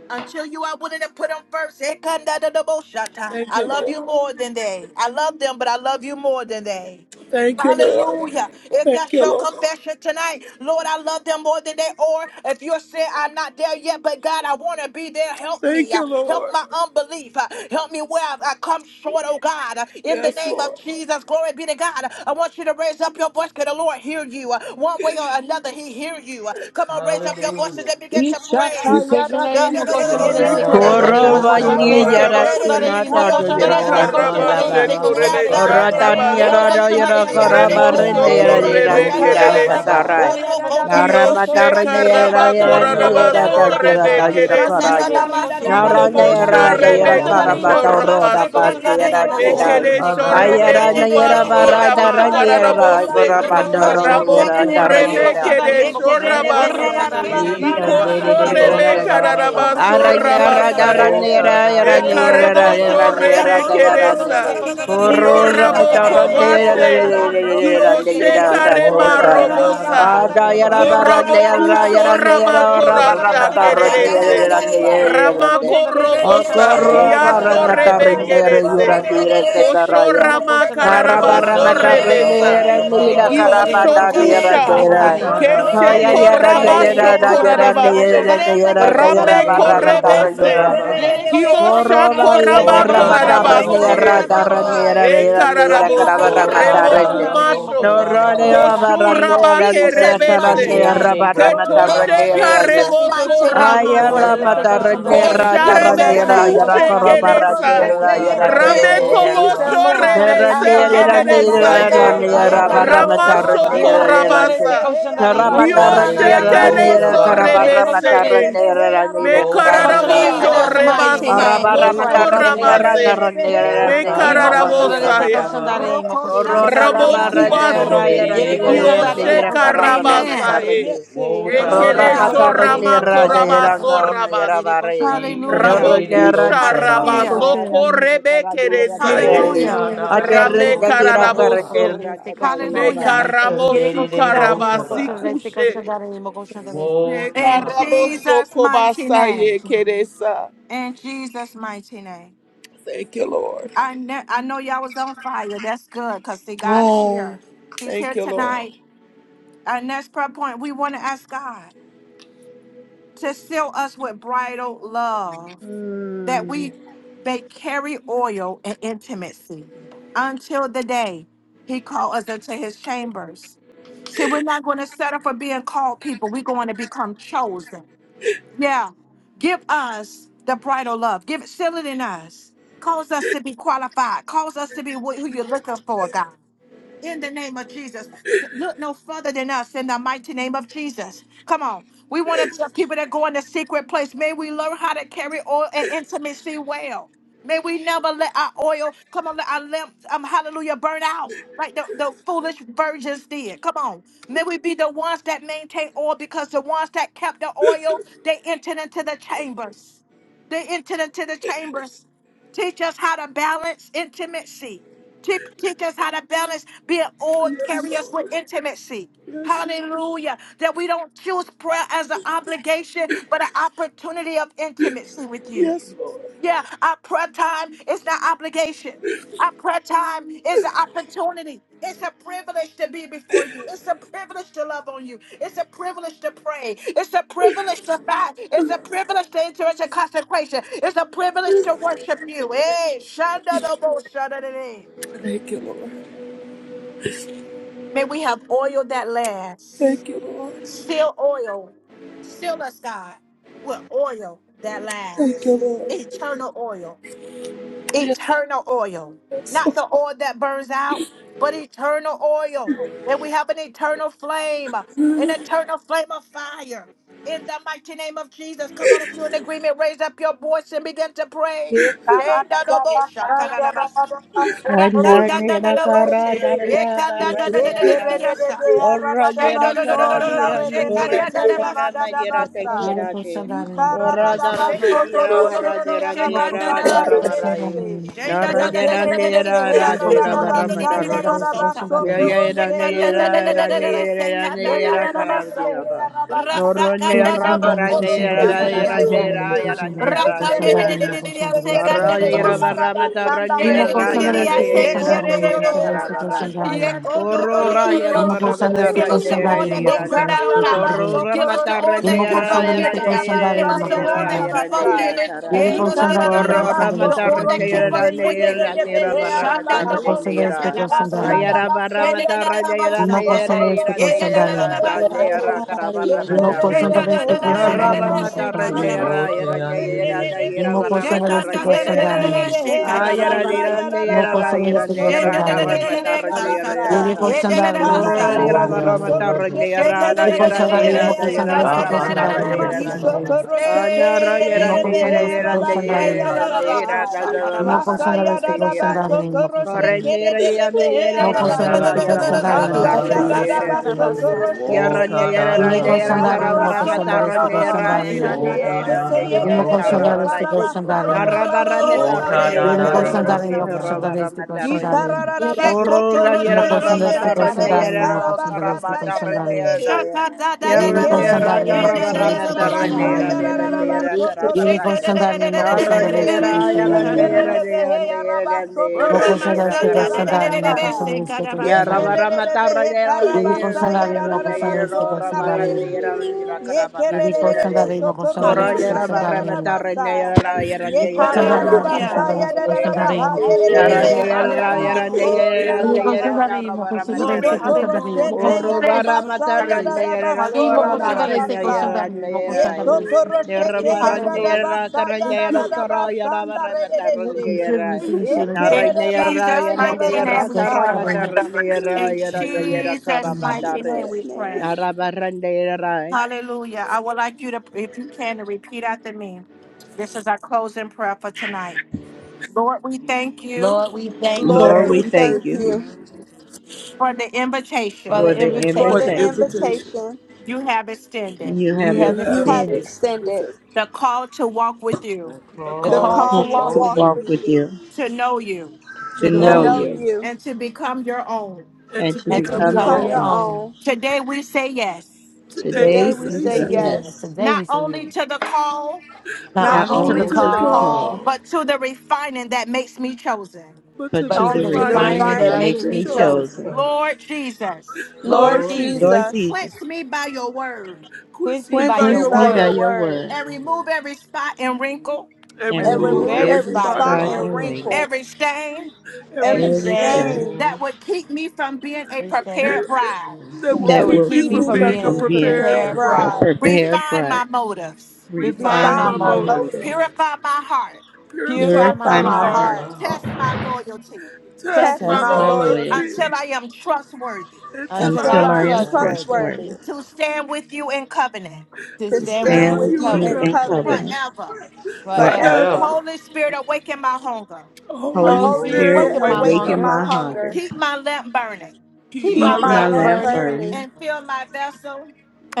[SPEAKER 4] until you are willing to put them first. Ekandadadaboshata.
[SPEAKER 6] Thank
[SPEAKER 4] I
[SPEAKER 6] you,
[SPEAKER 4] love
[SPEAKER 6] Lord.
[SPEAKER 4] you more than they. I love them, but I love you more than they.
[SPEAKER 6] Thank you, Lord.
[SPEAKER 4] Hallelujah. If
[SPEAKER 6] Thank
[SPEAKER 4] that's
[SPEAKER 6] you,
[SPEAKER 4] your
[SPEAKER 6] Lord.
[SPEAKER 4] confession tonight, Lord, I love them more than they are. If you're saying I'm not there yet, but God, I want to be there, help me.
[SPEAKER 6] Thank
[SPEAKER 4] Uh,
[SPEAKER 6] you,
[SPEAKER 4] Help
[SPEAKER 6] Lord.
[SPEAKER 4] my unbelief. Uh, Help me where I I come short, oh God. Uh, In the
[SPEAKER 6] Yes,
[SPEAKER 4] name
[SPEAKER 6] Lord.
[SPEAKER 4] of Jesus, glory be to God. Uh, I want you to raise up your voice. Can the Lord hear you? Uh, One way or another, He hear you. Uh, Come on, raise up your voices
[SPEAKER 3] Hallelujah.
[SPEAKER 4] and begin to
[SPEAKER 1] Ishata
[SPEAKER 4] pray.
[SPEAKER 1] yarada
[SPEAKER 4] Rakasha
[SPEAKER 7] imo
[SPEAKER 6] Yes,
[SPEAKER 7] koşan da imo koşan
[SPEAKER 3] Da
[SPEAKER 7] da
[SPEAKER 6] Lord.
[SPEAKER 1] shekere
[SPEAKER 3] da
[SPEAKER 7] reste
[SPEAKER 1] de
[SPEAKER 3] da da
[SPEAKER 7] koşan
[SPEAKER 1] behe
[SPEAKER 7] da
[SPEAKER 3] da
[SPEAKER 7] ne
[SPEAKER 6] Ikarabo
[SPEAKER 7] imo
[SPEAKER 3] Bosha
[SPEAKER 7] koşan da
[SPEAKER 2] Koravangi
[SPEAKER 1] karabasa.
[SPEAKER 3] Baba
[SPEAKER 7] reste
[SPEAKER 3] Bye.
[SPEAKER 7] koşan da
[SPEAKER 6] shokorabase.
[SPEAKER 7] ne imo
[SPEAKER 2] Yaratinata
[SPEAKER 1] Ikarada
[SPEAKER 7] koşan da
[SPEAKER 1] da
[SPEAKER 7] reste
[SPEAKER 1] baso
[SPEAKER 2] Yarakana
[SPEAKER 7] koşan
[SPEAKER 3] Wota
[SPEAKER 7] da
[SPEAKER 3] da
[SPEAKER 1] toro
[SPEAKER 7] ne
[SPEAKER 3] da
[SPEAKER 2] Yaraba.
[SPEAKER 6] Ikarabashe
[SPEAKER 7] reste
[SPEAKER 3] da
[SPEAKER 1] shete
[SPEAKER 7] koşan da
[SPEAKER 6] korede
[SPEAKER 7] ne
[SPEAKER 1] yede
[SPEAKER 3] bosha
[SPEAKER 1] de
[SPEAKER 3] ba ba
[SPEAKER 1] behe
[SPEAKER 2] Oratan
[SPEAKER 3] ba.
[SPEAKER 6] sharabaso.
[SPEAKER 7] yere
[SPEAKER 2] Yarada
[SPEAKER 7] koşan
[SPEAKER 1] arabasa
[SPEAKER 7] da ne imo
[SPEAKER 1] yarada
[SPEAKER 2] Yarakara
[SPEAKER 7] koşan da
[SPEAKER 6] Remo
[SPEAKER 1] basa.
[SPEAKER 3] Deacon
[SPEAKER 7] reste
[SPEAKER 2] Barinde
[SPEAKER 3] de de
[SPEAKER 7] koşan da
[SPEAKER 3] de
[SPEAKER 7] ne
[SPEAKER 6] shokorebe
[SPEAKER 7] imo
[SPEAKER 2] Yarirandi
[SPEAKER 3] bosha
[SPEAKER 7] koşan
[SPEAKER 3] ba
[SPEAKER 7] da
[SPEAKER 1] Ikarada da
[SPEAKER 3] ba
[SPEAKER 7] reste
[SPEAKER 6] kedese.
[SPEAKER 3] ba.
[SPEAKER 7] koşan
[SPEAKER 1] basa
[SPEAKER 7] da
[SPEAKER 2] Rasatarai.
[SPEAKER 7] ne imo
[SPEAKER 1] yarada
[SPEAKER 7] koşan da
[SPEAKER 1] baso
[SPEAKER 7] ne
[SPEAKER 6] Kioshe
[SPEAKER 1] toro
[SPEAKER 2] Naramatarin
[SPEAKER 1] shete
[SPEAKER 7] Yere
[SPEAKER 2] Yarada
[SPEAKER 6] karaba
[SPEAKER 1] yede de
[SPEAKER 3] Dun
[SPEAKER 7] koşanlarım, o
[SPEAKER 3] da
[SPEAKER 1] behe
[SPEAKER 3] da
[SPEAKER 2] Yarandi
[SPEAKER 6] koraraba
[SPEAKER 3] da
[SPEAKER 7] koşanları
[SPEAKER 6] so
[SPEAKER 2] Yarata
[SPEAKER 7] se
[SPEAKER 3] bosha
[SPEAKER 1] arabasa.
[SPEAKER 3] ba
[SPEAKER 6] rebe
[SPEAKER 2] Yarata
[SPEAKER 3] ba
[SPEAKER 7] koşanlarım,
[SPEAKER 3] ba.
[SPEAKER 7] o
[SPEAKER 2] Yarakara.
[SPEAKER 6] keresa.
[SPEAKER 7] koşanları se
[SPEAKER 1] Ikarada
[SPEAKER 7] koşanlarım.
[SPEAKER 2] Narana
[SPEAKER 1] basata
[SPEAKER 3] Deacon de
[SPEAKER 6] Mikobosha
[SPEAKER 3] de
[SPEAKER 2] Yarada
[SPEAKER 7] Yere
[SPEAKER 3] de
[SPEAKER 1] yarada
[SPEAKER 6] rebe
[SPEAKER 2] Yarakara
[SPEAKER 3] bosha
[SPEAKER 6] kushe
[SPEAKER 7] koşanlarım,
[SPEAKER 1] baso
[SPEAKER 7] o
[SPEAKER 3] ba.
[SPEAKER 7] koşanları
[SPEAKER 2] Matauroda
[SPEAKER 7] se
[SPEAKER 6] rabaso.
[SPEAKER 1] toroshete
[SPEAKER 2] Pati
[SPEAKER 7] koşanlarım, o
[SPEAKER 1] yedebe.
[SPEAKER 2] Yaratira.
[SPEAKER 7] koşanları se
[SPEAKER 3] Wota
[SPEAKER 6] Bekeresho
[SPEAKER 3] da da da
[SPEAKER 6] rebe
[SPEAKER 7] koşanlarım.
[SPEAKER 2] Ayarana
[SPEAKER 3] bosha
[SPEAKER 1] Yekeredebe
[SPEAKER 3] ba
[SPEAKER 6] kubasho
[SPEAKER 3] ba
[SPEAKER 1] yarada
[SPEAKER 7] Yere
[SPEAKER 3] ba.
[SPEAKER 2] Yarabarada
[SPEAKER 6] rama
[SPEAKER 1] basa
[SPEAKER 2] Rani
[SPEAKER 7] koşanlarım, o
[SPEAKER 1] yarada
[SPEAKER 2] Yarada
[SPEAKER 7] koşanları
[SPEAKER 6] kararabose.
[SPEAKER 1] baso
[SPEAKER 7] se
[SPEAKER 3] Deacon da da
[SPEAKER 2] Koramataron
[SPEAKER 3] da
[SPEAKER 7] koşanlarım.
[SPEAKER 1] toroshete
[SPEAKER 3] bosha
[SPEAKER 6] Raboku
[SPEAKER 2] Yarata
[SPEAKER 3] ba
[SPEAKER 1] yedebe.
[SPEAKER 3] ba
[SPEAKER 7] Yere
[SPEAKER 6] rebe
[SPEAKER 3] ba.
[SPEAKER 2] Ranira.
[SPEAKER 7] koşanlarım, o
[SPEAKER 6] keresho
[SPEAKER 7] koşanları
[SPEAKER 1] Yekeredebe
[SPEAKER 7] se
[SPEAKER 2] Narada
[SPEAKER 6] rabaso.
[SPEAKER 2] Yaranda
[SPEAKER 1] yarada
[SPEAKER 7] koşanlarım.
[SPEAKER 2] Yarada
[SPEAKER 1] basa
[SPEAKER 3] Deacon de
[SPEAKER 1] yarada
[SPEAKER 3] de
[SPEAKER 6] Ikosho
[SPEAKER 2] Yarabaranda
[SPEAKER 3] de
[SPEAKER 1] baso
[SPEAKER 7] Yere
[SPEAKER 6] rebe
[SPEAKER 3] bosha
[SPEAKER 2] Yarada.
[SPEAKER 3] ba ba
[SPEAKER 1] toroshe.
[SPEAKER 7] koşanlarım, o
[SPEAKER 3] ba.
[SPEAKER 6] kararabaso
[SPEAKER 7] koşanları
[SPEAKER 2] Narra
[SPEAKER 7] se
[SPEAKER 2] barra
[SPEAKER 7] koşanlarım.
[SPEAKER 6] rabasaya.
[SPEAKER 1] Yekeredebe
[SPEAKER 2] matarrande,
[SPEAKER 3] Wota da da
[SPEAKER 1] yarada
[SPEAKER 7] Yere
[SPEAKER 3] da
[SPEAKER 1] basa
[SPEAKER 3] bosha
[SPEAKER 7] koşanları se
[SPEAKER 3] ba
[SPEAKER 6] Ekarebosho
[SPEAKER 3] ba
[SPEAKER 1] yarada
[SPEAKER 3] ba
[SPEAKER 4] Rekondare,
[SPEAKER 6] rebe
[SPEAKER 3] ba
[SPEAKER 1] baso
[SPEAKER 7] koşanlarım,
[SPEAKER 3] ba.
[SPEAKER 7] o
[SPEAKER 1] Ikaradadabasaka
[SPEAKER 7] koşanları
[SPEAKER 1] yaradadabasokorosete yededebehe. Yekerededebehe radabasa yaradadabasokorosekeredebehe. Yekerededebehe yarabasa yaradadabasokorose. Yekerededebehe yaradadabasa yaradadabasokorose.
[SPEAKER 7] se
[SPEAKER 6] keresa.
[SPEAKER 7] koşanlarım.
[SPEAKER 6] Kio
[SPEAKER 3] Wota da
[SPEAKER 6] raboko
[SPEAKER 3] da
[SPEAKER 1] Yekerededebehe
[SPEAKER 3] da
[SPEAKER 7] Yere
[SPEAKER 3] bosha
[SPEAKER 6] bashe.
[SPEAKER 3] ba.
[SPEAKER 7] koşanlarım, o koşanları se
[SPEAKER 6] Kioshe
[SPEAKER 1] yaradadabasokorosete
[SPEAKER 7] koşanlarım.
[SPEAKER 6] karema
[SPEAKER 1] yededebehe
[SPEAKER 3] Wota da da
[SPEAKER 7] Yere
[SPEAKER 3] da
[SPEAKER 6] robosa.
[SPEAKER 1] yarabaha.
[SPEAKER 7] koşanları
[SPEAKER 3] bosha
[SPEAKER 7] mı
[SPEAKER 3] ba ba
[SPEAKER 7] koşanları
[SPEAKER 3] ba.
[SPEAKER 7] destek
[SPEAKER 6] Koraboku
[SPEAKER 1] Ikaradadaba
[SPEAKER 7] koşanları.
[SPEAKER 1] soto
[SPEAKER 6] shoraba
[SPEAKER 7] Yere
[SPEAKER 1] roshete
[SPEAKER 7] koşanları
[SPEAKER 6] korasha
[SPEAKER 3] Wota
[SPEAKER 7] destek
[SPEAKER 3] da
[SPEAKER 1] yarabasa
[SPEAKER 3] da da
[SPEAKER 7] koşanları.
[SPEAKER 6] kererese.
[SPEAKER 3] bosha
[SPEAKER 1] yarabasa.
[SPEAKER 3] ba ba ba.
[SPEAKER 7] Yere
[SPEAKER 6] Ramako
[SPEAKER 7] koşanları destek
[SPEAKER 6] robosa
[SPEAKER 1] Mekerededebehe
[SPEAKER 7] koşanları mı
[SPEAKER 3] Wota
[SPEAKER 7] koşanları
[SPEAKER 6] kiasho
[SPEAKER 3] da da
[SPEAKER 7] destek
[SPEAKER 3] da
[SPEAKER 1] yaradadabasa
[SPEAKER 6] rebe
[SPEAKER 7] koşanları.
[SPEAKER 3] bosha ba
[SPEAKER 1] yaradaba
[SPEAKER 3] ba
[SPEAKER 6] kerese.
[SPEAKER 3] ba
[SPEAKER 1] soto
[SPEAKER 3] ba ba.
[SPEAKER 1] roshete
[SPEAKER 7] Mı
[SPEAKER 6] Koshorama
[SPEAKER 7] koşanları destek
[SPEAKER 1] yededebehe.
[SPEAKER 6] kararaba
[SPEAKER 3] Wota da
[SPEAKER 7] koşanları.
[SPEAKER 3] da da
[SPEAKER 6] sorebesa.
[SPEAKER 3] bosha
[SPEAKER 2] rande,
[SPEAKER 3] ba
[SPEAKER 7] Yere
[SPEAKER 2] yera,
[SPEAKER 3] ba ba.
[SPEAKER 7] koşanları mı
[SPEAKER 6] Kiosho
[SPEAKER 2] carabata,
[SPEAKER 1] Yekeredededededebehe
[SPEAKER 7] koşanları
[SPEAKER 2] de,
[SPEAKER 7] destek
[SPEAKER 2] rande,
[SPEAKER 6] kusha.
[SPEAKER 1] yarabaha.
[SPEAKER 2] yera.
[SPEAKER 7] koşanları.
[SPEAKER 3] Wota da da
[SPEAKER 2] Oh
[SPEAKER 3] da
[SPEAKER 6] Keshe
[SPEAKER 2] yeah,
[SPEAKER 7] Yere
[SPEAKER 2] yeah,
[SPEAKER 3] bosha
[SPEAKER 2] done,
[SPEAKER 3] ba
[SPEAKER 2] yeah,
[SPEAKER 3] ba
[SPEAKER 2] yeah,
[SPEAKER 7] koşanları
[SPEAKER 1] Yekeredededebehe
[SPEAKER 7] mı
[SPEAKER 2] done,
[SPEAKER 6] korabasho
[SPEAKER 3] ba.
[SPEAKER 2] done,
[SPEAKER 7] koşanları destek
[SPEAKER 1] yarabasa
[SPEAKER 2] yeah,
[SPEAKER 6] korarabase.
[SPEAKER 7] koşanları
[SPEAKER 2] done, yeah,
[SPEAKER 1] yaradaba
[SPEAKER 2] yeah,
[SPEAKER 7] destek
[SPEAKER 2] done, yeah, yeah, done, yeah, yeah,
[SPEAKER 1] soto
[SPEAKER 3] Ekan
[SPEAKER 6] Rame
[SPEAKER 7] koşanları
[SPEAKER 3] de
[SPEAKER 7] mı
[SPEAKER 3] de
[SPEAKER 2] barra,
[SPEAKER 1] roshe.
[SPEAKER 3] de
[SPEAKER 4] in
[SPEAKER 2] mata,
[SPEAKER 7] koşanları.
[SPEAKER 2] run, yeah,
[SPEAKER 3] bosha
[SPEAKER 2] yeah,
[SPEAKER 3] ba
[SPEAKER 6] korebese.
[SPEAKER 3] ba
[SPEAKER 2] yeah.
[SPEAKER 7] Yere
[SPEAKER 3] ba.
[SPEAKER 7] koşanları
[SPEAKER 1] Yekerededebesete
[SPEAKER 6] Kiosha
[SPEAKER 7] mı
[SPEAKER 2] Corona,
[SPEAKER 7] koşanları
[SPEAKER 2] yeah,
[SPEAKER 6] koraba
[SPEAKER 7] destek
[SPEAKER 1] yededebehe
[SPEAKER 2] barra,
[SPEAKER 3] Wota da
[SPEAKER 2] mata,
[SPEAKER 7] koşanları
[SPEAKER 3] da
[SPEAKER 7] mı
[SPEAKER 2] run,
[SPEAKER 3] da
[SPEAKER 2] yeah,
[SPEAKER 1] yarabasa
[SPEAKER 2] yeah,
[SPEAKER 7] koşanları
[SPEAKER 3] bosha
[SPEAKER 6] korarabasi.
[SPEAKER 2] done,
[SPEAKER 7] destek
[SPEAKER 3] ba ba
[SPEAKER 2] done,
[SPEAKER 1] yarabasa.
[SPEAKER 2] yeah,
[SPEAKER 3] ba.
[SPEAKER 7] koşanları.
[SPEAKER 2] yeah, yeah, yeah, yeah,
[SPEAKER 7] İmo
[SPEAKER 6] Ekararaboso,
[SPEAKER 1] Ikaradadaba
[SPEAKER 7] koşanları destek
[SPEAKER 3] Wota
[SPEAKER 6] Remo
[SPEAKER 3] da
[SPEAKER 1] soto
[SPEAKER 3] da
[SPEAKER 2] yeah.
[SPEAKER 3] da
[SPEAKER 7] koşanları
[SPEAKER 1] roshete
[SPEAKER 7] mı
[SPEAKER 3] bosha
[SPEAKER 6] Kumasho,
[SPEAKER 2] No,
[SPEAKER 7] koşanları
[SPEAKER 3] ba
[SPEAKER 2] run,
[SPEAKER 3] ba
[SPEAKER 7] destek
[SPEAKER 3] ba
[SPEAKER 1] yededebehe
[SPEAKER 2] yeah,
[SPEAKER 3] ba ba.
[SPEAKER 2] barra,
[SPEAKER 7] koşanları.
[SPEAKER 2] run, yeah,
[SPEAKER 1] yarabaha.
[SPEAKER 2] done,
[SPEAKER 6] Koshurabake
[SPEAKER 2] yeah, yeah,
[SPEAKER 4] Jesus'
[SPEAKER 3] Ekan
[SPEAKER 4] mighty
[SPEAKER 6] Rebese,
[SPEAKER 3] de
[SPEAKER 2] yeah,
[SPEAKER 3] de
[SPEAKER 2] yeah,
[SPEAKER 4] name.
[SPEAKER 3] de
[SPEAKER 2] barra,
[SPEAKER 3] bosha
[SPEAKER 2] mata,
[SPEAKER 3] ba
[SPEAKER 4] In
[SPEAKER 2] run,
[SPEAKER 3] ba
[SPEAKER 2] yeah,
[SPEAKER 6] Ketoshe
[SPEAKER 2] yeah,
[SPEAKER 3] ba.
[SPEAKER 2] done, yeah.
[SPEAKER 4] Jesus'
[SPEAKER 7] Estoy
[SPEAKER 6] Kareboso
[SPEAKER 4] mighty
[SPEAKER 7] causando el
[SPEAKER 4] name
[SPEAKER 2] Ay,
[SPEAKER 4] we
[SPEAKER 7] mismo consciente
[SPEAKER 2] ra,
[SPEAKER 4] pray.
[SPEAKER 7] de
[SPEAKER 6] Ramaso,
[SPEAKER 7] este
[SPEAKER 3] Wota
[SPEAKER 2] mata,
[SPEAKER 3] da da
[SPEAKER 2] run, yeah,
[SPEAKER 3] da
[SPEAKER 4] In
[SPEAKER 7] causandarín.
[SPEAKER 2] yeah,
[SPEAKER 3] bosha
[SPEAKER 2] done,
[SPEAKER 7] Mismo
[SPEAKER 3] ba
[SPEAKER 2] run,
[SPEAKER 3] ba
[SPEAKER 4] Jesus'
[SPEAKER 7] consciente
[SPEAKER 2] yeah,
[SPEAKER 7] de
[SPEAKER 2] yeah,
[SPEAKER 3] ba.
[SPEAKER 2] yeah,
[SPEAKER 7] este
[SPEAKER 6] Kosharebeshu
[SPEAKER 4] name.
[SPEAKER 2] yeah,
[SPEAKER 7] causandarín. Mismo consciente
[SPEAKER 2] yeah,
[SPEAKER 7] de
[SPEAKER 6] Shekeresa,
[SPEAKER 7] este
[SPEAKER 2] yeah, yeah,
[SPEAKER 3] Wota da
[SPEAKER 2] yeah,
[SPEAKER 3] da da
[SPEAKER 4] In
[SPEAKER 2] yeah,
[SPEAKER 7] causandarín.
[SPEAKER 2] yeah,
[SPEAKER 3] bosha
[SPEAKER 2] yeah.
[SPEAKER 3] ba
[SPEAKER 6] Ramekobosho
[SPEAKER 4] Jesus'
[SPEAKER 3] ba
[SPEAKER 7] Mismo
[SPEAKER 3] ba.
[SPEAKER 4] name.
[SPEAKER 2] No,
[SPEAKER 7] consciente de este
[SPEAKER 6] Rebese
[SPEAKER 2] yeah,
[SPEAKER 4] Uh-huh.
[SPEAKER 2] yeah,
[SPEAKER 1] Manda
[SPEAKER 7] causandarín.
[SPEAKER 2] yeah,
[SPEAKER 1] ba
[SPEAKER 7] Mismo
[SPEAKER 6] Keresa
[SPEAKER 4] Yes,
[SPEAKER 2] yeah,
[SPEAKER 7] consciente de
[SPEAKER 6] ye,
[SPEAKER 1] yebehe
[SPEAKER 3] Wota
[SPEAKER 7] este
[SPEAKER 4] God.
[SPEAKER 3] da
[SPEAKER 2] yeah,
[SPEAKER 3] da
[SPEAKER 4] Yeah,
[SPEAKER 2] yeah,
[SPEAKER 3] da
[SPEAKER 4] da
[SPEAKER 1] karabaso
[SPEAKER 7] causandarín.
[SPEAKER 3] bosha ba
[SPEAKER 1] toro
[SPEAKER 6] Ramasho
[SPEAKER 3] ba
[SPEAKER 2] yeah,
[SPEAKER 3] ba
[SPEAKER 7] Mismo
[SPEAKER 1] sete
[SPEAKER 2] yeah,
[SPEAKER 3] ba
[SPEAKER 2] yeah,
[SPEAKER 3] ba.
[SPEAKER 7] consciente de
[SPEAKER 2] yeah.
[SPEAKER 7] este
[SPEAKER 6] Korabasa,
[SPEAKER 1] yedebehe
[SPEAKER 2] Terima
[SPEAKER 7] causandarín. Mismo
[SPEAKER 4] Yeah,
[SPEAKER 7] consciente
[SPEAKER 3] Eaton
[SPEAKER 7] de
[SPEAKER 1] yarabasai.
[SPEAKER 3] de
[SPEAKER 7] este
[SPEAKER 3] de
[SPEAKER 6] Kioshe
[SPEAKER 3] de
[SPEAKER 7] causandarín.
[SPEAKER 3] bosha
[SPEAKER 6] Kereso
[SPEAKER 3] ba
[SPEAKER 1] Isotoro
[SPEAKER 3] ba
[SPEAKER 7] Yere
[SPEAKER 1] sete
[SPEAKER 3] ba.
[SPEAKER 6] Rebese ye,
[SPEAKER 7] causandarín.
[SPEAKER 1] yedebehe yarabasai
[SPEAKER 4] In
[SPEAKER 3] Wota
[SPEAKER 7] Consciente
[SPEAKER 3] da da
[SPEAKER 6] Mekararaboso
[SPEAKER 3] da
[SPEAKER 4] Jesus'
[SPEAKER 1] yarabahai.
[SPEAKER 7] de
[SPEAKER 3] bosha
[SPEAKER 4] mighty
[SPEAKER 7] arena.
[SPEAKER 3] ba
[SPEAKER 6] Rebasa,
[SPEAKER 7] Colchón
[SPEAKER 3] ba
[SPEAKER 4] name we
[SPEAKER 7] de
[SPEAKER 3] ba ba
[SPEAKER 7] este
[SPEAKER 3] ba.
[SPEAKER 4] pray.
[SPEAKER 1] Ye
[SPEAKER 7] causandarín.
[SPEAKER 6] Koshorabase,
[SPEAKER 1] Yekererebehe
[SPEAKER 3] Wota da
[SPEAKER 7] Mismo
[SPEAKER 3] da
[SPEAKER 1] arabasaya
[SPEAKER 3] da
[SPEAKER 7] consciente de este
[SPEAKER 3] bosha
[SPEAKER 6] Mekararabosaya.
[SPEAKER 1] rabasonda
[SPEAKER 3] ba ba
[SPEAKER 7] causandarín.
[SPEAKER 3] ba.
[SPEAKER 7] Mismo
[SPEAKER 4] Roko
[SPEAKER 1] rebeshe.
[SPEAKER 7] consciente de este causandarín. Mismo consciente de este causandarín.
[SPEAKER 3] Eaton de
[SPEAKER 6] Rabokubasho.
[SPEAKER 3] de
[SPEAKER 1] Yekererebehe
[SPEAKER 3] de
[SPEAKER 7] Yere
[SPEAKER 3] bosha
[SPEAKER 7] causandarín.
[SPEAKER 6] Kiyoshe
[SPEAKER 7] Mismo
[SPEAKER 1] arabasonda
[SPEAKER 3] ba.
[SPEAKER 7] consciente de este
[SPEAKER 1] rebeshe.
[SPEAKER 4] Amen.
[SPEAKER 6] karabasaye.
[SPEAKER 7] causandarín.
[SPEAKER 1] Yes, in
[SPEAKER 3] Wota
[SPEAKER 7] Consciente de
[SPEAKER 3] da
[SPEAKER 1] Jesus'
[SPEAKER 7] este
[SPEAKER 3] da
[SPEAKER 4] Yeah.
[SPEAKER 6] Ekeresho
[SPEAKER 3] da
[SPEAKER 1] name.
[SPEAKER 7] causandarín. Mismo
[SPEAKER 3] bosha
[SPEAKER 7] consciente
[SPEAKER 3] ba
[SPEAKER 7] de este
[SPEAKER 3] ba ba.
[SPEAKER 6] ramakorabaso
[SPEAKER 7] causandarín. Yere
[SPEAKER 6] rabasa.
[SPEAKER 7] causandarín.
[SPEAKER 3] Eaton
[SPEAKER 4] Hallelujah.
[SPEAKER 3] de de de
[SPEAKER 6] Rabokusha
[SPEAKER 3] bosha ba
[SPEAKER 7] ये
[SPEAKER 3] ba ba.
[SPEAKER 4] Hallelujah.
[SPEAKER 6] rabaso
[SPEAKER 7] question है ये
[SPEAKER 6] korebekeresaye.
[SPEAKER 7] Question है
[SPEAKER 4] Hallelujah.
[SPEAKER 3] Wota
[SPEAKER 7] ये
[SPEAKER 3] da da
[SPEAKER 7] question है
[SPEAKER 3] da
[SPEAKER 7] ये
[SPEAKER 3] bosha
[SPEAKER 7] question जा
[SPEAKER 3] ba
[SPEAKER 7] रही
[SPEAKER 3] ba
[SPEAKER 7] है
[SPEAKER 3] ba.
[SPEAKER 7] Question
[SPEAKER 6] Ramekararaboso.
[SPEAKER 7] है इससे क्वेश्चन जा रही है
[SPEAKER 4] Hallelujah.
[SPEAKER 2] kasih.
[SPEAKER 7] ये
[SPEAKER 6] Mekaramoshu
[SPEAKER 3] Yikandere
[SPEAKER 7] क्वेश्चन
[SPEAKER 3] de
[SPEAKER 7] जा
[SPEAKER 3] bo
[SPEAKER 7] रही है
[SPEAKER 6] karabasi
[SPEAKER 7] क्वेश्चन है
[SPEAKER 3] shaba.
[SPEAKER 7] इससे क्वेश्चन
[SPEAKER 6] kushe.
[SPEAKER 7] जा रही है क्वेश्चन है इससे
[SPEAKER 3] Wo da
[SPEAKER 7] question
[SPEAKER 4] In
[SPEAKER 3] ba ba ba.
[SPEAKER 6] Mekaraboso
[SPEAKER 4] Jesus' mighty
[SPEAKER 6] kobasaye
[SPEAKER 4] name.
[SPEAKER 6] keresa.
[SPEAKER 4] In Jesus' mighty name.
[SPEAKER 6] Thank you, Lord.
[SPEAKER 4] I know I know y'all was on fire. That's good because see God is
[SPEAKER 6] Oh,
[SPEAKER 4] here. He's
[SPEAKER 6] thank
[SPEAKER 4] here
[SPEAKER 6] you, Lord.
[SPEAKER 4] tonight. Our next prayer point, we want to ask God to seal us with bridal love that we may carry oil and intimacy until the day he called us into his chambers. See, we're not going to settle for being called people. We're going to become chosen. Yeah. Give us the bridal love. Give it, seal it in us. Cause us to be qualified. Cause us to be wh- who you're looking for, God in the name of Jesus. Th- Look no further than us in the mighty name of Jesus. Come on. We want to be the people that go in the secret place. May we learn how to carry oil and intimacy well. May we never let our oil, come on, let our lamp, um, hallelujah, burn out like the, the foolish virgins did. Come on. May we be the ones that maintain oil because the ones that kept the oil, they entered into the chambers. They entered into the chambers. Teach us how to balance intimacy. Teach, teach us how to balance, be an oil carriers with intimacy.
[SPEAKER 6] Yes.
[SPEAKER 4] Hallelujah. That we don't choose prayer as an obligation, but an opportunity of intimacy with you.
[SPEAKER 6] Yes, Lord.
[SPEAKER 4] Yeah, our prayer time is not obligation. Our prayer time is an opportunity. It's a privilege to be before you. It's a privilege to love on you. It's a privilege to pray. It's a privilege to fight. It's a privilege to enter into consecration. It's a privilege to worship you. Hey, shanda do bo shanda de de.
[SPEAKER 6] Thank you, Lord.
[SPEAKER 4] May we have oil that lasts.
[SPEAKER 6] Thank you, Lord.
[SPEAKER 4] Seal oil. Seal us, God, with oil that
[SPEAKER 6] Thank you,
[SPEAKER 4] lasts.
[SPEAKER 6] Lord.
[SPEAKER 4] Eternal oil.
[SPEAKER 6] Yes.
[SPEAKER 4] eternal oil, not the oil that burns out, but eternal oil. That we have an eternal flame, an eternal flame of fire. In the mighty name of Jesus, come on, if you're in agreement, raise up your voice and begin to pray.
[SPEAKER 1] Yekarabasaya rabasonda
[SPEAKER 2] Rana nera kara
[SPEAKER 1] rebeshe.
[SPEAKER 2] darya
[SPEAKER 1] Ye
[SPEAKER 2] barandera rai. Orra nera kara
[SPEAKER 7] जा
[SPEAKER 2] dira
[SPEAKER 7] रही है
[SPEAKER 2] nira tatira madira
[SPEAKER 7] ये
[SPEAKER 2] tekira
[SPEAKER 7] question
[SPEAKER 2] te.
[SPEAKER 7] जा रही है question है
[SPEAKER 2] Kora
[SPEAKER 7] इससे
[SPEAKER 2] dara madira hara dira nera kara
[SPEAKER 7] question जा
[SPEAKER 2] barai.
[SPEAKER 7] रही है क्वेश्चन
[SPEAKER 4] Shenda
[SPEAKER 7] जा
[SPEAKER 2] Nara
[SPEAKER 4] da
[SPEAKER 7] रही
[SPEAKER 4] da da da
[SPEAKER 2] nera
[SPEAKER 4] da da da da da
[SPEAKER 2] nera
[SPEAKER 4] da
[SPEAKER 7] है क्वेश्चन ये
[SPEAKER 2] ra
[SPEAKER 4] se
[SPEAKER 2] dira
[SPEAKER 7] क्वेश्चन जा
[SPEAKER 4] kondo
[SPEAKER 7] रही
[SPEAKER 4] da
[SPEAKER 7] है
[SPEAKER 4] da. da
[SPEAKER 2] baramata
[SPEAKER 4] da
[SPEAKER 7] question
[SPEAKER 4] da
[SPEAKER 7] जा
[SPEAKER 4] da
[SPEAKER 7] रही है
[SPEAKER 2] ronne.
[SPEAKER 7] Question
[SPEAKER 4] sota.
[SPEAKER 7] जा रही
[SPEAKER 2] Yo
[SPEAKER 7] है
[SPEAKER 2] yo
[SPEAKER 7] question
[SPEAKER 2] era ne
[SPEAKER 4] Shenda da
[SPEAKER 2] era
[SPEAKER 4] da da da
[SPEAKER 2] era
[SPEAKER 4] da da
[SPEAKER 2] ne
[SPEAKER 4] da da.
[SPEAKER 2] era
[SPEAKER 4] se
[SPEAKER 2] era
[SPEAKER 4] ka
[SPEAKER 2] ne
[SPEAKER 4] da da
[SPEAKER 2] era
[SPEAKER 4] da da da sa.
[SPEAKER 2] carabina to. No
[SPEAKER 4] Rasa
[SPEAKER 2] ronne
[SPEAKER 4] kanda
[SPEAKER 2] era
[SPEAKER 4] da
[SPEAKER 2] cara
[SPEAKER 7] है
[SPEAKER 4] boko
[SPEAKER 2] ne
[SPEAKER 4] she
[SPEAKER 2] era
[SPEAKER 4] da
[SPEAKER 2] era
[SPEAKER 4] da da
[SPEAKER 2] era
[SPEAKER 4] da
[SPEAKER 7] question जा
[SPEAKER 2] ne
[SPEAKER 4] sa.
[SPEAKER 7] रही
[SPEAKER 2] era
[SPEAKER 7] है
[SPEAKER 2] era
[SPEAKER 7] question जा रही है question जा
[SPEAKER 2] ne
[SPEAKER 7] रही है
[SPEAKER 2] era
[SPEAKER 4] Raka
[SPEAKER 2] ya
[SPEAKER 7] question
[SPEAKER 4] da
[SPEAKER 7] जा
[SPEAKER 4] da.
[SPEAKER 2] era
[SPEAKER 4] da da
[SPEAKER 7] रही
[SPEAKER 2] ando.
[SPEAKER 4] da
[SPEAKER 7] है
[SPEAKER 4] da da se
[SPEAKER 2] Torro
[SPEAKER 4] kanda da
[SPEAKER 7] question
[SPEAKER 2] ya
[SPEAKER 4] da
[SPEAKER 7] जा
[SPEAKER 2] era
[SPEAKER 7] रही है
[SPEAKER 4] Rakanda
[SPEAKER 2] barra mata ronne
[SPEAKER 4] Give
[SPEAKER 7] Imoko
[SPEAKER 2] era era
[SPEAKER 7] sandare
[SPEAKER 2] ne
[SPEAKER 4] us
[SPEAKER 7] stiko
[SPEAKER 2] era
[SPEAKER 7] sandare
[SPEAKER 2] ne
[SPEAKER 7] imoko
[SPEAKER 2] era
[SPEAKER 7] sandare
[SPEAKER 2] cara
[SPEAKER 7] stiko
[SPEAKER 2] rane.
[SPEAKER 7] sandare
[SPEAKER 2] Koro raya la
[SPEAKER 7] imoko
[SPEAKER 2] barra
[SPEAKER 7] sandare
[SPEAKER 2] mata
[SPEAKER 7] stiko
[SPEAKER 2] rande
[SPEAKER 4] the
[SPEAKER 2] yara
[SPEAKER 7] sandare
[SPEAKER 4] all that
[SPEAKER 1] Ye
[SPEAKER 7] imoko
[SPEAKER 4] don't
[SPEAKER 2] yarande.
[SPEAKER 4] burn
[SPEAKER 7] sandare
[SPEAKER 4] out, oh
[SPEAKER 1] Ikarada da
[SPEAKER 7] stiko
[SPEAKER 4] God.
[SPEAKER 2] Koro
[SPEAKER 1] baso
[SPEAKER 7] sandare
[SPEAKER 4] Give us
[SPEAKER 2] ramata
[SPEAKER 4] the all
[SPEAKER 2] rande
[SPEAKER 4] that
[SPEAKER 7] imoko
[SPEAKER 4] keep
[SPEAKER 2] yara
[SPEAKER 4] on
[SPEAKER 7] sandare
[SPEAKER 4] giving.
[SPEAKER 2] yarande
[SPEAKER 7] stiko sandare
[SPEAKER 4] Give us
[SPEAKER 2] yarande
[SPEAKER 4] the
[SPEAKER 7] imoko
[SPEAKER 4] all
[SPEAKER 2] yara
[SPEAKER 4] that
[SPEAKER 7] sandare
[SPEAKER 4] keep
[SPEAKER 2] yarande
[SPEAKER 4] on
[SPEAKER 2] yara
[SPEAKER 4] giving.
[SPEAKER 2] taraba.
[SPEAKER 4] Yeah,
[SPEAKER 7] yeriko
[SPEAKER 4] no, no, no, no,
[SPEAKER 7] sandare
[SPEAKER 4] no, no,
[SPEAKER 7] imoko
[SPEAKER 2] Koro
[SPEAKER 4] no.
[SPEAKER 7] sandare
[SPEAKER 4] The
[SPEAKER 2] ramata
[SPEAKER 4] all
[SPEAKER 7] stiko
[SPEAKER 1] toro
[SPEAKER 4] that
[SPEAKER 2] rande yara
[SPEAKER 4] keep
[SPEAKER 1] shete
[SPEAKER 4] us
[SPEAKER 7] sandare
[SPEAKER 2] rande
[SPEAKER 1] ye de
[SPEAKER 4] quickened.
[SPEAKER 1] de
[SPEAKER 2] yara
[SPEAKER 1] de
[SPEAKER 2] yara
[SPEAKER 1] behe
[SPEAKER 2] barra mata
[SPEAKER 4] Shanda
[SPEAKER 7] imoko
[SPEAKER 1] arabaha.
[SPEAKER 4] da bo,
[SPEAKER 2] rande
[SPEAKER 7] sandare
[SPEAKER 2] yara.
[SPEAKER 4] shanda
[SPEAKER 1] Ye
[SPEAKER 4] da
[SPEAKER 7] stiko sandare
[SPEAKER 4] basa.
[SPEAKER 2] Ayara barra
[SPEAKER 4] Shanda da
[SPEAKER 2] mata
[SPEAKER 4] da da da
[SPEAKER 2] rande
[SPEAKER 4] bo,
[SPEAKER 2] yara rande
[SPEAKER 7] imoko
[SPEAKER 4] saka
[SPEAKER 2] yara
[SPEAKER 4] da.
[SPEAKER 7] sandare stiko
[SPEAKER 4] Yeah,
[SPEAKER 2] yarande
[SPEAKER 4] da da da
[SPEAKER 7] sandare
[SPEAKER 4] da da
[SPEAKER 2] yara rande
[SPEAKER 4] basa ta.
[SPEAKER 2] yara kara barra mata
[SPEAKER 7] imoko
[SPEAKER 2] rande.
[SPEAKER 4] Shanda
[SPEAKER 7] sandare
[SPEAKER 4] da
[SPEAKER 3] Da
[SPEAKER 4] da da
[SPEAKER 7] stiko
[SPEAKER 3] ba
[SPEAKER 4] da
[SPEAKER 3] ba
[SPEAKER 4] da
[SPEAKER 2] Corre
[SPEAKER 4] da da
[SPEAKER 3] ba.
[SPEAKER 7] sandare
[SPEAKER 4] da,
[SPEAKER 7] imoko
[SPEAKER 4] shaka da da
[SPEAKER 7] sandare
[SPEAKER 3] Wo
[SPEAKER 4] basa.
[SPEAKER 3] te yandere bo.
[SPEAKER 7] imoko sandare
[SPEAKER 4] Shaka da
[SPEAKER 7] stiko
[SPEAKER 4] da da da
[SPEAKER 7] sandare
[SPEAKER 4] da da, shaka da da da basa.
[SPEAKER 7] imoko sandare stiko
[SPEAKER 4] Shaka da
[SPEAKER 7] sandare yeriko sandare imoko
[SPEAKER 3] Wo te
[SPEAKER 7] sandare
[SPEAKER 3] yandere bo
[SPEAKER 1] Ikararabasotoroshete
[SPEAKER 4] da
[SPEAKER 3] shaba.
[SPEAKER 4] da
[SPEAKER 7] Imo
[SPEAKER 4] da
[SPEAKER 7] koşanlar,
[SPEAKER 4] da,
[SPEAKER 7] imo
[SPEAKER 4] say
[SPEAKER 7] koşanlar,
[SPEAKER 3] Da
[SPEAKER 7] este
[SPEAKER 1] yedededebeheyarabasi.
[SPEAKER 3] ba da
[SPEAKER 7] koşanlar,
[SPEAKER 3] da bo
[SPEAKER 7] imo
[SPEAKER 3] shaba
[SPEAKER 7] koşanlar,
[SPEAKER 3] ba ba.
[SPEAKER 1] Isotoroshete
[SPEAKER 7] imo
[SPEAKER 1] yededebehe
[SPEAKER 7] koşanlar, este koşanlar,
[SPEAKER 1] arabasa yararabaha.
[SPEAKER 7] imo
[SPEAKER 1] Masaya
[SPEAKER 7] este
[SPEAKER 1] dadaba
[SPEAKER 7] koşanlar, imo koşanlar,
[SPEAKER 1] sotoroshe
[SPEAKER 2] nere yere
[SPEAKER 1] kededebehe
[SPEAKER 2] yere
[SPEAKER 7] imo
[SPEAKER 3] Da
[SPEAKER 2] se
[SPEAKER 3] da
[SPEAKER 7] koşanlar,
[SPEAKER 3] da
[SPEAKER 1] arabasi.
[SPEAKER 2] tarra
[SPEAKER 7] este koşanlar, imo koşanlar, este
[SPEAKER 3] da
[SPEAKER 2] yara
[SPEAKER 3] bo
[SPEAKER 2] barra
[SPEAKER 7] koşanlar,
[SPEAKER 3] shaba
[SPEAKER 7] imo
[SPEAKER 3] ba
[SPEAKER 7] koşanlar,
[SPEAKER 2] matarre
[SPEAKER 1] Masaya
[SPEAKER 7] imo koşanlar,
[SPEAKER 3] ba.
[SPEAKER 7] este
[SPEAKER 2] nere
[SPEAKER 1] dadaba
[SPEAKER 2] nere.
[SPEAKER 7] koşanlar, imo
[SPEAKER 1] sotoroshete
[SPEAKER 3] Wo
[SPEAKER 2] Yaranya
[SPEAKER 3] ta da da
[SPEAKER 2] yaranya
[SPEAKER 3] da
[SPEAKER 1] yededebehe
[SPEAKER 3] bo
[SPEAKER 7] koşanlar, este koşanlar, imo koşanlar,
[SPEAKER 2] yarakara
[SPEAKER 3] shaba.
[SPEAKER 7] imo
[SPEAKER 1] karabaha
[SPEAKER 2] baramata
[SPEAKER 7] koşanlar, este
[SPEAKER 2] ranya
[SPEAKER 1] yarabaha.
[SPEAKER 2] yara
[SPEAKER 7] koşanlar, imo koşanlar,
[SPEAKER 2] yaranya
[SPEAKER 7] este koşanlar,
[SPEAKER 3] Wo ta da
[SPEAKER 1] Yeshete
[SPEAKER 2] yaranya
[SPEAKER 3] da da bo
[SPEAKER 2] yarakara
[SPEAKER 1] yededebehe
[SPEAKER 3] shaba.
[SPEAKER 7] este
[SPEAKER 2] baranya.
[SPEAKER 1] karabasa
[SPEAKER 7] koşanlar,
[SPEAKER 2] Nara
[SPEAKER 1] yarabaso
[SPEAKER 2] baranya
[SPEAKER 3] Wo ta
[SPEAKER 2] taranya
[SPEAKER 3] da da
[SPEAKER 2] yara
[SPEAKER 3] da
[SPEAKER 1] naredeshe.
[SPEAKER 3] bo
[SPEAKER 2] yaranya
[SPEAKER 7] imo
[SPEAKER 3] shaba
[SPEAKER 2] hara
[SPEAKER 3] ba ba.
[SPEAKER 2] baramata ranya.
[SPEAKER 1] Ikararaba
[SPEAKER 2] Koro
[SPEAKER 1] soto
[SPEAKER 7] koşanlar,
[SPEAKER 2] yara
[SPEAKER 1] roshete
[SPEAKER 2] baramata ranya
[SPEAKER 1] yererebehe
[SPEAKER 2] yara
[SPEAKER 1] karabasata
[SPEAKER 2] karambata ranya
[SPEAKER 1] yererebehe.
[SPEAKER 2] yara yaranya yara
[SPEAKER 7] imo
[SPEAKER 2] tara
[SPEAKER 4] da da da
[SPEAKER 1] Yekerererebehe
[SPEAKER 7] koşanlar, este
[SPEAKER 4] da
[SPEAKER 2] baramata ranya
[SPEAKER 4] da.
[SPEAKER 1] arabasa
[SPEAKER 2] yara
[SPEAKER 7] koşanlar,
[SPEAKER 2] yaranya
[SPEAKER 1] yarararaba
[SPEAKER 2] yarakara
[SPEAKER 1] soto
[SPEAKER 7] Yere
[SPEAKER 2] baranya.
[SPEAKER 1] roshete
[SPEAKER 7] koşanlar
[SPEAKER 2] Naranja,
[SPEAKER 7] mı
[SPEAKER 4] Hallelujah.
[SPEAKER 7] koşanlar este
[SPEAKER 1] yererebehe.
[SPEAKER 7] koşanlar mı?
[SPEAKER 1] Yekererebehe araba soto
[SPEAKER 7] Mo koşanlar
[SPEAKER 1] roshete
[SPEAKER 7] este koşanlar mı
[SPEAKER 1] yarararabaha.
[SPEAKER 7] koşanlar este koşanlar mı?
[SPEAKER 1] Yekerererebehe
[SPEAKER 7] Yere
[SPEAKER 1] karabasa
[SPEAKER 7] koşanlar mı
[SPEAKER 1] yarararaba
[SPEAKER 7] koşanlar
[SPEAKER 1] so
[SPEAKER 7] este koşanlar mı?
[SPEAKER 1] narereshe.
[SPEAKER 7] Yere koşanlar
[SPEAKER 1] Yekerererebehe
[SPEAKER 7] mı
[SPEAKER 1] soto
[SPEAKER 7] koşanlar este
[SPEAKER 1] roshata
[SPEAKER 7] koşanlar mı?
[SPEAKER 1] yarararabasa. Ye
[SPEAKER 7] Yere koşanlar
[SPEAKER 1] kararara
[SPEAKER 7] mı
[SPEAKER 4] Hallelujah.
[SPEAKER 7] koşanlar
[SPEAKER 1] basaya
[SPEAKER 7] este
[SPEAKER 1] darara
[SPEAKER 7] koşanlar mı?
[SPEAKER 1] bahaya
[SPEAKER 7] Koşanlar
[SPEAKER 1] derere
[SPEAKER 4] Yay.
[SPEAKER 7] mı?
[SPEAKER 1] beyararara sona
[SPEAKER 4] Hallelujah.
[SPEAKER 7] Yere
[SPEAKER 1] rabaha.
[SPEAKER 7] koşanlar mı koşanlar
[SPEAKER 4] Glory.
[SPEAKER 7] este koşanlar mı? Mo
[SPEAKER 1] Isotoroshete
[SPEAKER 4] Hallelujah.
[SPEAKER 2] Uru
[SPEAKER 7] koşanlar
[SPEAKER 1] yada
[SPEAKER 7] este
[SPEAKER 2] bara
[SPEAKER 7] koşanlar
[SPEAKER 1] basaya
[SPEAKER 7] mı?
[SPEAKER 2] mataranya
[SPEAKER 1] dada
[SPEAKER 2] yara
[SPEAKER 7] Y mo
[SPEAKER 2] kora
[SPEAKER 1] basona
[SPEAKER 7] koşanlar
[SPEAKER 4] Hallelujah.
[SPEAKER 7] este
[SPEAKER 2] bakunya
[SPEAKER 1] rabasa.
[SPEAKER 7] koşanlar
[SPEAKER 2] yara
[SPEAKER 7] mı? Mo
[SPEAKER 1] Ye
[SPEAKER 2] yara
[SPEAKER 7] koşanlar
[SPEAKER 2] yara.
[SPEAKER 7] este.
[SPEAKER 2] Nero
[SPEAKER 7] Yere
[SPEAKER 1] sotoroshete
[SPEAKER 2] baranya
[SPEAKER 1] yada
[SPEAKER 7] koşanlar.
[SPEAKER 1] dada
[SPEAKER 4] Hallelujah.
[SPEAKER 2] yara
[SPEAKER 1] basaya
[SPEAKER 2] karanya yara
[SPEAKER 1] dada
[SPEAKER 2] kora yara
[SPEAKER 1] basanda
[SPEAKER 2] bara mataranya
[SPEAKER 1] rerereshe.
[SPEAKER 2] yara.
[SPEAKER 7] Koşanlar este
[SPEAKER 1] Ye
[SPEAKER 7] koşanlar mı?
[SPEAKER 4] In
[SPEAKER 2] Naranya
[SPEAKER 1] kerere
[SPEAKER 2] yara
[SPEAKER 4] Jesus'
[SPEAKER 2] yara
[SPEAKER 1] basaya
[SPEAKER 7] Lord,
[SPEAKER 4] mighty
[SPEAKER 1] dada
[SPEAKER 4] name
[SPEAKER 2] yara
[SPEAKER 4] we
[SPEAKER 2] tara
[SPEAKER 4] pray.
[SPEAKER 1] basa.
[SPEAKER 2] mataranya yara
[SPEAKER 4] In
[SPEAKER 2] yara yara kora
[SPEAKER 4] Jesus'
[SPEAKER 1] In
[SPEAKER 4] mighty name
[SPEAKER 2] batare.
[SPEAKER 1] Jesus'
[SPEAKER 4] we
[SPEAKER 1] name.
[SPEAKER 4] pray.
[SPEAKER 2] Nara baranya yara.
[SPEAKER 4] Hallelujah. I would like you to, if you can, to repeat after me. This is our closing prayer for tonight. Lord, we thank you.
[SPEAKER 7] we thank
[SPEAKER 1] Lord,
[SPEAKER 2] Lord,
[SPEAKER 7] you
[SPEAKER 6] Lord,
[SPEAKER 1] we
[SPEAKER 2] we
[SPEAKER 6] we
[SPEAKER 2] thank
[SPEAKER 6] thank
[SPEAKER 1] thank
[SPEAKER 2] you
[SPEAKER 1] you
[SPEAKER 6] you
[SPEAKER 4] for the
[SPEAKER 7] for
[SPEAKER 4] invitation
[SPEAKER 3] For
[SPEAKER 2] for
[SPEAKER 7] the
[SPEAKER 3] the
[SPEAKER 2] the
[SPEAKER 1] for
[SPEAKER 6] for
[SPEAKER 1] the
[SPEAKER 6] the
[SPEAKER 7] invitation
[SPEAKER 3] invitation.
[SPEAKER 2] invitation
[SPEAKER 6] invitation
[SPEAKER 1] invitation
[SPEAKER 4] you have
[SPEAKER 3] The
[SPEAKER 4] extended,
[SPEAKER 2] you
[SPEAKER 7] you
[SPEAKER 2] have
[SPEAKER 6] you
[SPEAKER 7] have
[SPEAKER 1] you
[SPEAKER 6] have
[SPEAKER 3] invitation.
[SPEAKER 1] have
[SPEAKER 2] extended
[SPEAKER 7] extended,
[SPEAKER 6] this
[SPEAKER 1] extended,
[SPEAKER 6] presented,
[SPEAKER 4] the call to walk with you,
[SPEAKER 3] The
[SPEAKER 6] the
[SPEAKER 7] the
[SPEAKER 1] the
[SPEAKER 6] call
[SPEAKER 3] call
[SPEAKER 7] call to
[SPEAKER 2] to
[SPEAKER 1] call
[SPEAKER 6] to
[SPEAKER 3] to
[SPEAKER 1] to
[SPEAKER 6] walk
[SPEAKER 7] walk with
[SPEAKER 3] walk
[SPEAKER 1] walk
[SPEAKER 6] with
[SPEAKER 3] with
[SPEAKER 7] you,
[SPEAKER 1] with
[SPEAKER 2] walk
[SPEAKER 6] you,
[SPEAKER 3] you.
[SPEAKER 2] with
[SPEAKER 1] you.
[SPEAKER 2] you,
[SPEAKER 4] to know you,
[SPEAKER 3] To
[SPEAKER 6] to
[SPEAKER 2] to
[SPEAKER 7] to
[SPEAKER 6] know
[SPEAKER 1] to
[SPEAKER 7] know
[SPEAKER 2] know
[SPEAKER 3] know
[SPEAKER 6] you,
[SPEAKER 1] know
[SPEAKER 2] you,
[SPEAKER 3] you
[SPEAKER 7] you,
[SPEAKER 1] you
[SPEAKER 4] and to become your own.
[SPEAKER 6] and
[SPEAKER 2] and
[SPEAKER 6] to
[SPEAKER 2] to
[SPEAKER 1] and
[SPEAKER 7] and to
[SPEAKER 1] to
[SPEAKER 6] become
[SPEAKER 3] come
[SPEAKER 2] become
[SPEAKER 6] your
[SPEAKER 7] become
[SPEAKER 2] your
[SPEAKER 1] become
[SPEAKER 6] own.
[SPEAKER 7] your
[SPEAKER 1] your
[SPEAKER 2] own.
[SPEAKER 7] own.
[SPEAKER 1] own.
[SPEAKER 4] Today we say yes,
[SPEAKER 3] to
[SPEAKER 6] Today
[SPEAKER 1] Today
[SPEAKER 6] we
[SPEAKER 2] Today,
[SPEAKER 1] we
[SPEAKER 6] say
[SPEAKER 2] we
[SPEAKER 7] And we
[SPEAKER 1] say
[SPEAKER 2] say
[SPEAKER 3] everything
[SPEAKER 6] yes,
[SPEAKER 7] say
[SPEAKER 3] that's
[SPEAKER 2] yes,
[SPEAKER 7] yes.
[SPEAKER 1] yes,
[SPEAKER 7] Today we
[SPEAKER 4] not
[SPEAKER 7] say
[SPEAKER 4] only
[SPEAKER 7] yes.
[SPEAKER 4] to the call,
[SPEAKER 7] Not
[SPEAKER 3] not
[SPEAKER 6] not
[SPEAKER 1] not
[SPEAKER 2] not
[SPEAKER 7] only to
[SPEAKER 1] only
[SPEAKER 6] only
[SPEAKER 7] the
[SPEAKER 2] only
[SPEAKER 6] to
[SPEAKER 3] all
[SPEAKER 1] to
[SPEAKER 6] the
[SPEAKER 2] to
[SPEAKER 1] the
[SPEAKER 3] to
[SPEAKER 2] the
[SPEAKER 3] the
[SPEAKER 7] call,
[SPEAKER 6] call,
[SPEAKER 2] call,
[SPEAKER 1] call,
[SPEAKER 3] call.
[SPEAKER 4] but to the refining that makes me chosen.
[SPEAKER 6] but
[SPEAKER 2] but
[SPEAKER 6] to the
[SPEAKER 7] but
[SPEAKER 2] to
[SPEAKER 7] to
[SPEAKER 2] the
[SPEAKER 1] only
[SPEAKER 7] the
[SPEAKER 3] But
[SPEAKER 1] to
[SPEAKER 3] to
[SPEAKER 1] the
[SPEAKER 6] refining
[SPEAKER 3] the
[SPEAKER 7] refinery
[SPEAKER 2] refining
[SPEAKER 1] refine
[SPEAKER 6] that
[SPEAKER 7] that
[SPEAKER 2] that
[SPEAKER 1] that
[SPEAKER 6] makes
[SPEAKER 7] makes
[SPEAKER 1] makes
[SPEAKER 2] makes
[SPEAKER 6] me
[SPEAKER 7] me
[SPEAKER 1] me
[SPEAKER 3] fire
[SPEAKER 2] me
[SPEAKER 6] chosen.
[SPEAKER 1] chosen.
[SPEAKER 7] chosen.
[SPEAKER 2] chosen.
[SPEAKER 3] of
[SPEAKER 4] Lord Jesus,
[SPEAKER 7] Lord
[SPEAKER 1] Lord
[SPEAKER 6] Lord
[SPEAKER 3] Lord
[SPEAKER 7] Jesus,
[SPEAKER 2] Lord
[SPEAKER 6] Jesus,
[SPEAKER 3] Jesus,
[SPEAKER 1] Jesus,
[SPEAKER 2] Jesus,
[SPEAKER 4] cleanse me by your word
[SPEAKER 6] quench
[SPEAKER 7] cleanse me
[SPEAKER 6] me
[SPEAKER 7] by
[SPEAKER 6] by
[SPEAKER 1] cleanse
[SPEAKER 7] your
[SPEAKER 2] quench
[SPEAKER 1] me
[SPEAKER 6] your
[SPEAKER 2] me
[SPEAKER 1] by
[SPEAKER 2] by
[SPEAKER 1] your
[SPEAKER 6] word
[SPEAKER 7] word
[SPEAKER 2] your
[SPEAKER 3] by
[SPEAKER 1] word
[SPEAKER 2] word
[SPEAKER 4] and
[SPEAKER 3] your
[SPEAKER 4] remove
[SPEAKER 3] word,
[SPEAKER 4] every spot and wrinkle,
[SPEAKER 6] and
[SPEAKER 2] and
[SPEAKER 7] and
[SPEAKER 1] and
[SPEAKER 7] remove
[SPEAKER 6] remove
[SPEAKER 2] remove
[SPEAKER 1] remove
[SPEAKER 7] every
[SPEAKER 6] every
[SPEAKER 3] remove
[SPEAKER 1] every
[SPEAKER 2] every
[SPEAKER 7] spot
[SPEAKER 3] every
[SPEAKER 6] spot
[SPEAKER 7] and
[SPEAKER 1] spot
[SPEAKER 6] and
[SPEAKER 2] spot
[SPEAKER 7] wrinkle,
[SPEAKER 1] and
[SPEAKER 3] spot
[SPEAKER 2] and
[SPEAKER 6] wrinkle,
[SPEAKER 3] of wrinkle,
[SPEAKER 2] wrinkle,
[SPEAKER 1] wrinkle,
[SPEAKER 4] every stain
[SPEAKER 6] every
[SPEAKER 7] every
[SPEAKER 1] every
[SPEAKER 3] every
[SPEAKER 2] every
[SPEAKER 6] stain.
[SPEAKER 7] shame,
[SPEAKER 2] shame
[SPEAKER 1] stain
[SPEAKER 3] stain,
[SPEAKER 4] that would keep me from being a
[SPEAKER 7] every stain.
[SPEAKER 4] prepared bride.
[SPEAKER 6] that will
[SPEAKER 1] that
[SPEAKER 7] that
[SPEAKER 2] that
[SPEAKER 1] would
[SPEAKER 7] would
[SPEAKER 6] keep
[SPEAKER 2] will
[SPEAKER 6] me
[SPEAKER 7] keep
[SPEAKER 1] keep
[SPEAKER 7] me
[SPEAKER 1] me
[SPEAKER 6] from
[SPEAKER 2] keep
[SPEAKER 3] and
[SPEAKER 7] from
[SPEAKER 3] for
[SPEAKER 2] me
[SPEAKER 1] from
[SPEAKER 6] being
[SPEAKER 7] being
[SPEAKER 6] a
[SPEAKER 7] a
[SPEAKER 2] from
[SPEAKER 1] being
[SPEAKER 3] being as
[SPEAKER 2] being
[SPEAKER 6] prepared
[SPEAKER 1] prepared
[SPEAKER 7] prepared
[SPEAKER 6] bride.
[SPEAKER 3] perfect
[SPEAKER 2] a
[SPEAKER 7] bride.
[SPEAKER 3] by
[SPEAKER 1] bride.
[SPEAKER 2] prepared
[SPEAKER 4] Refine my
[SPEAKER 2] bride.
[SPEAKER 4] motives,
[SPEAKER 5] you.
[SPEAKER 7] Refine
[SPEAKER 6] Refine
[SPEAKER 7] my
[SPEAKER 1] Define
[SPEAKER 6] my
[SPEAKER 2] Refine my
[SPEAKER 1] my
[SPEAKER 7] motives,
[SPEAKER 3] design
[SPEAKER 6] motives,
[SPEAKER 3] of
[SPEAKER 2] motives,
[SPEAKER 1] motives,
[SPEAKER 3] mercy.
[SPEAKER 4] purify my heart,
[SPEAKER 6] purify
[SPEAKER 7] purify my
[SPEAKER 2] purify
[SPEAKER 1] purify
[SPEAKER 6] my
[SPEAKER 1] my
[SPEAKER 2] my
[SPEAKER 7] heart,
[SPEAKER 3] Purify
[SPEAKER 2] heart,
[SPEAKER 3] my
[SPEAKER 1] heart,
[SPEAKER 6] heart,
[SPEAKER 3] heart,
[SPEAKER 4] test my
[SPEAKER 3] so
[SPEAKER 4] loyalty
[SPEAKER 7] test
[SPEAKER 6] test
[SPEAKER 1] test
[SPEAKER 7] my
[SPEAKER 6] my
[SPEAKER 2] test
[SPEAKER 1] my
[SPEAKER 2] my
[SPEAKER 7] loyalty
[SPEAKER 6] loyalty
[SPEAKER 1] loyalty
[SPEAKER 2] loyalty
[SPEAKER 4] until I am trustworthy
[SPEAKER 6] until
[SPEAKER 7] until
[SPEAKER 6] I am
[SPEAKER 1] until
[SPEAKER 2] until
[SPEAKER 7] I'm
[SPEAKER 2] I
[SPEAKER 1] I am
[SPEAKER 2] am
[SPEAKER 3] that
[SPEAKER 6] trustworthy
[SPEAKER 3] I
[SPEAKER 7] trustworthy
[SPEAKER 3] trust
[SPEAKER 1] trustworthy
[SPEAKER 3] her
[SPEAKER 2] trustworthy
[SPEAKER 4] to
[SPEAKER 3] to
[SPEAKER 4] stand with you in covenant
[SPEAKER 7] to
[SPEAKER 1] to
[SPEAKER 6] to
[SPEAKER 2] to
[SPEAKER 7] stand with
[SPEAKER 6] stand
[SPEAKER 1] stand
[SPEAKER 2] stand
[SPEAKER 7] you
[SPEAKER 6] with
[SPEAKER 3] stand
[SPEAKER 7] in
[SPEAKER 1] with
[SPEAKER 2] with
[SPEAKER 3] with
[SPEAKER 6] you
[SPEAKER 1] you
[SPEAKER 6] in
[SPEAKER 2] you
[SPEAKER 3] you
[SPEAKER 1] in
[SPEAKER 7] covenant
[SPEAKER 3] in
[SPEAKER 2] in
[SPEAKER 6] covenant
[SPEAKER 3] covenant
[SPEAKER 1] covenant
[SPEAKER 2] covenant
[SPEAKER 4] forever.
[SPEAKER 7] forever.
[SPEAKER 2] forever
[SPEAKER 1] forever.
[SPEAKER 3] forever.
[SPEAKER 6] forever.
[SPEAKER 4] Holy Spirit, awaken my hunger.
[SPEAKER 1] O
[SPEAKER 6] Holy
[SPEAKER 7] Holy
[SPEAKER 2] Holy
[SPEAKER 1] Holy
[SPEAKER 3] Holy
[SPEAKER 7] Spirit,
[SPEAKER 6] Spirit,
[SPEAKER 1] Spirit,
[SPEAKER 2] Spirit,
[SPEAKER 7] waken
[SPEAKER 3] Spirit,
[SPEAKER 7] my
[SPEAKER 6] awaken my
[SPEAKER 1] awaken
[SPEAKER 2] awaken
[SPEAKER 3] awaken
[SPEAKER 7] hunger,
[SPEAKER 1] my
[SPEAKER 2] my
[SPEAKER 3] my
[SPEAKER 6] heart,
[SPEAKER 3] heart
[SPEAKER 1] hunger,
[SPEAKER 2] hunger,
[SPEAKER 4] Keep my lamp burning
[SPEAKER 6] keep
[SPEAKER 7] keep
[SPEAKER 6] my
[SPEAKER 7] my
[SPEAKER 1] keep
[SPEAKER 2] keep
[SPEAKER 3] Keep
[SPEAKER 1] my
[SPEAKER 2] my
[SPEAKER 3] my
[SPEAKER 6] lamp
[SPEAKER 7] lamp
[SPEAKER 1] lamp
[SPEAKER 6] burning,
[SPEAKER 2] lamp
[SPEAKER 3] left
[SPEAKER 7] burning
[SPEAKER 3] butt
[SPEAKER 1] burning,
[SPEAKER 2] burning,
[SPEAKER 4] and fill my vessel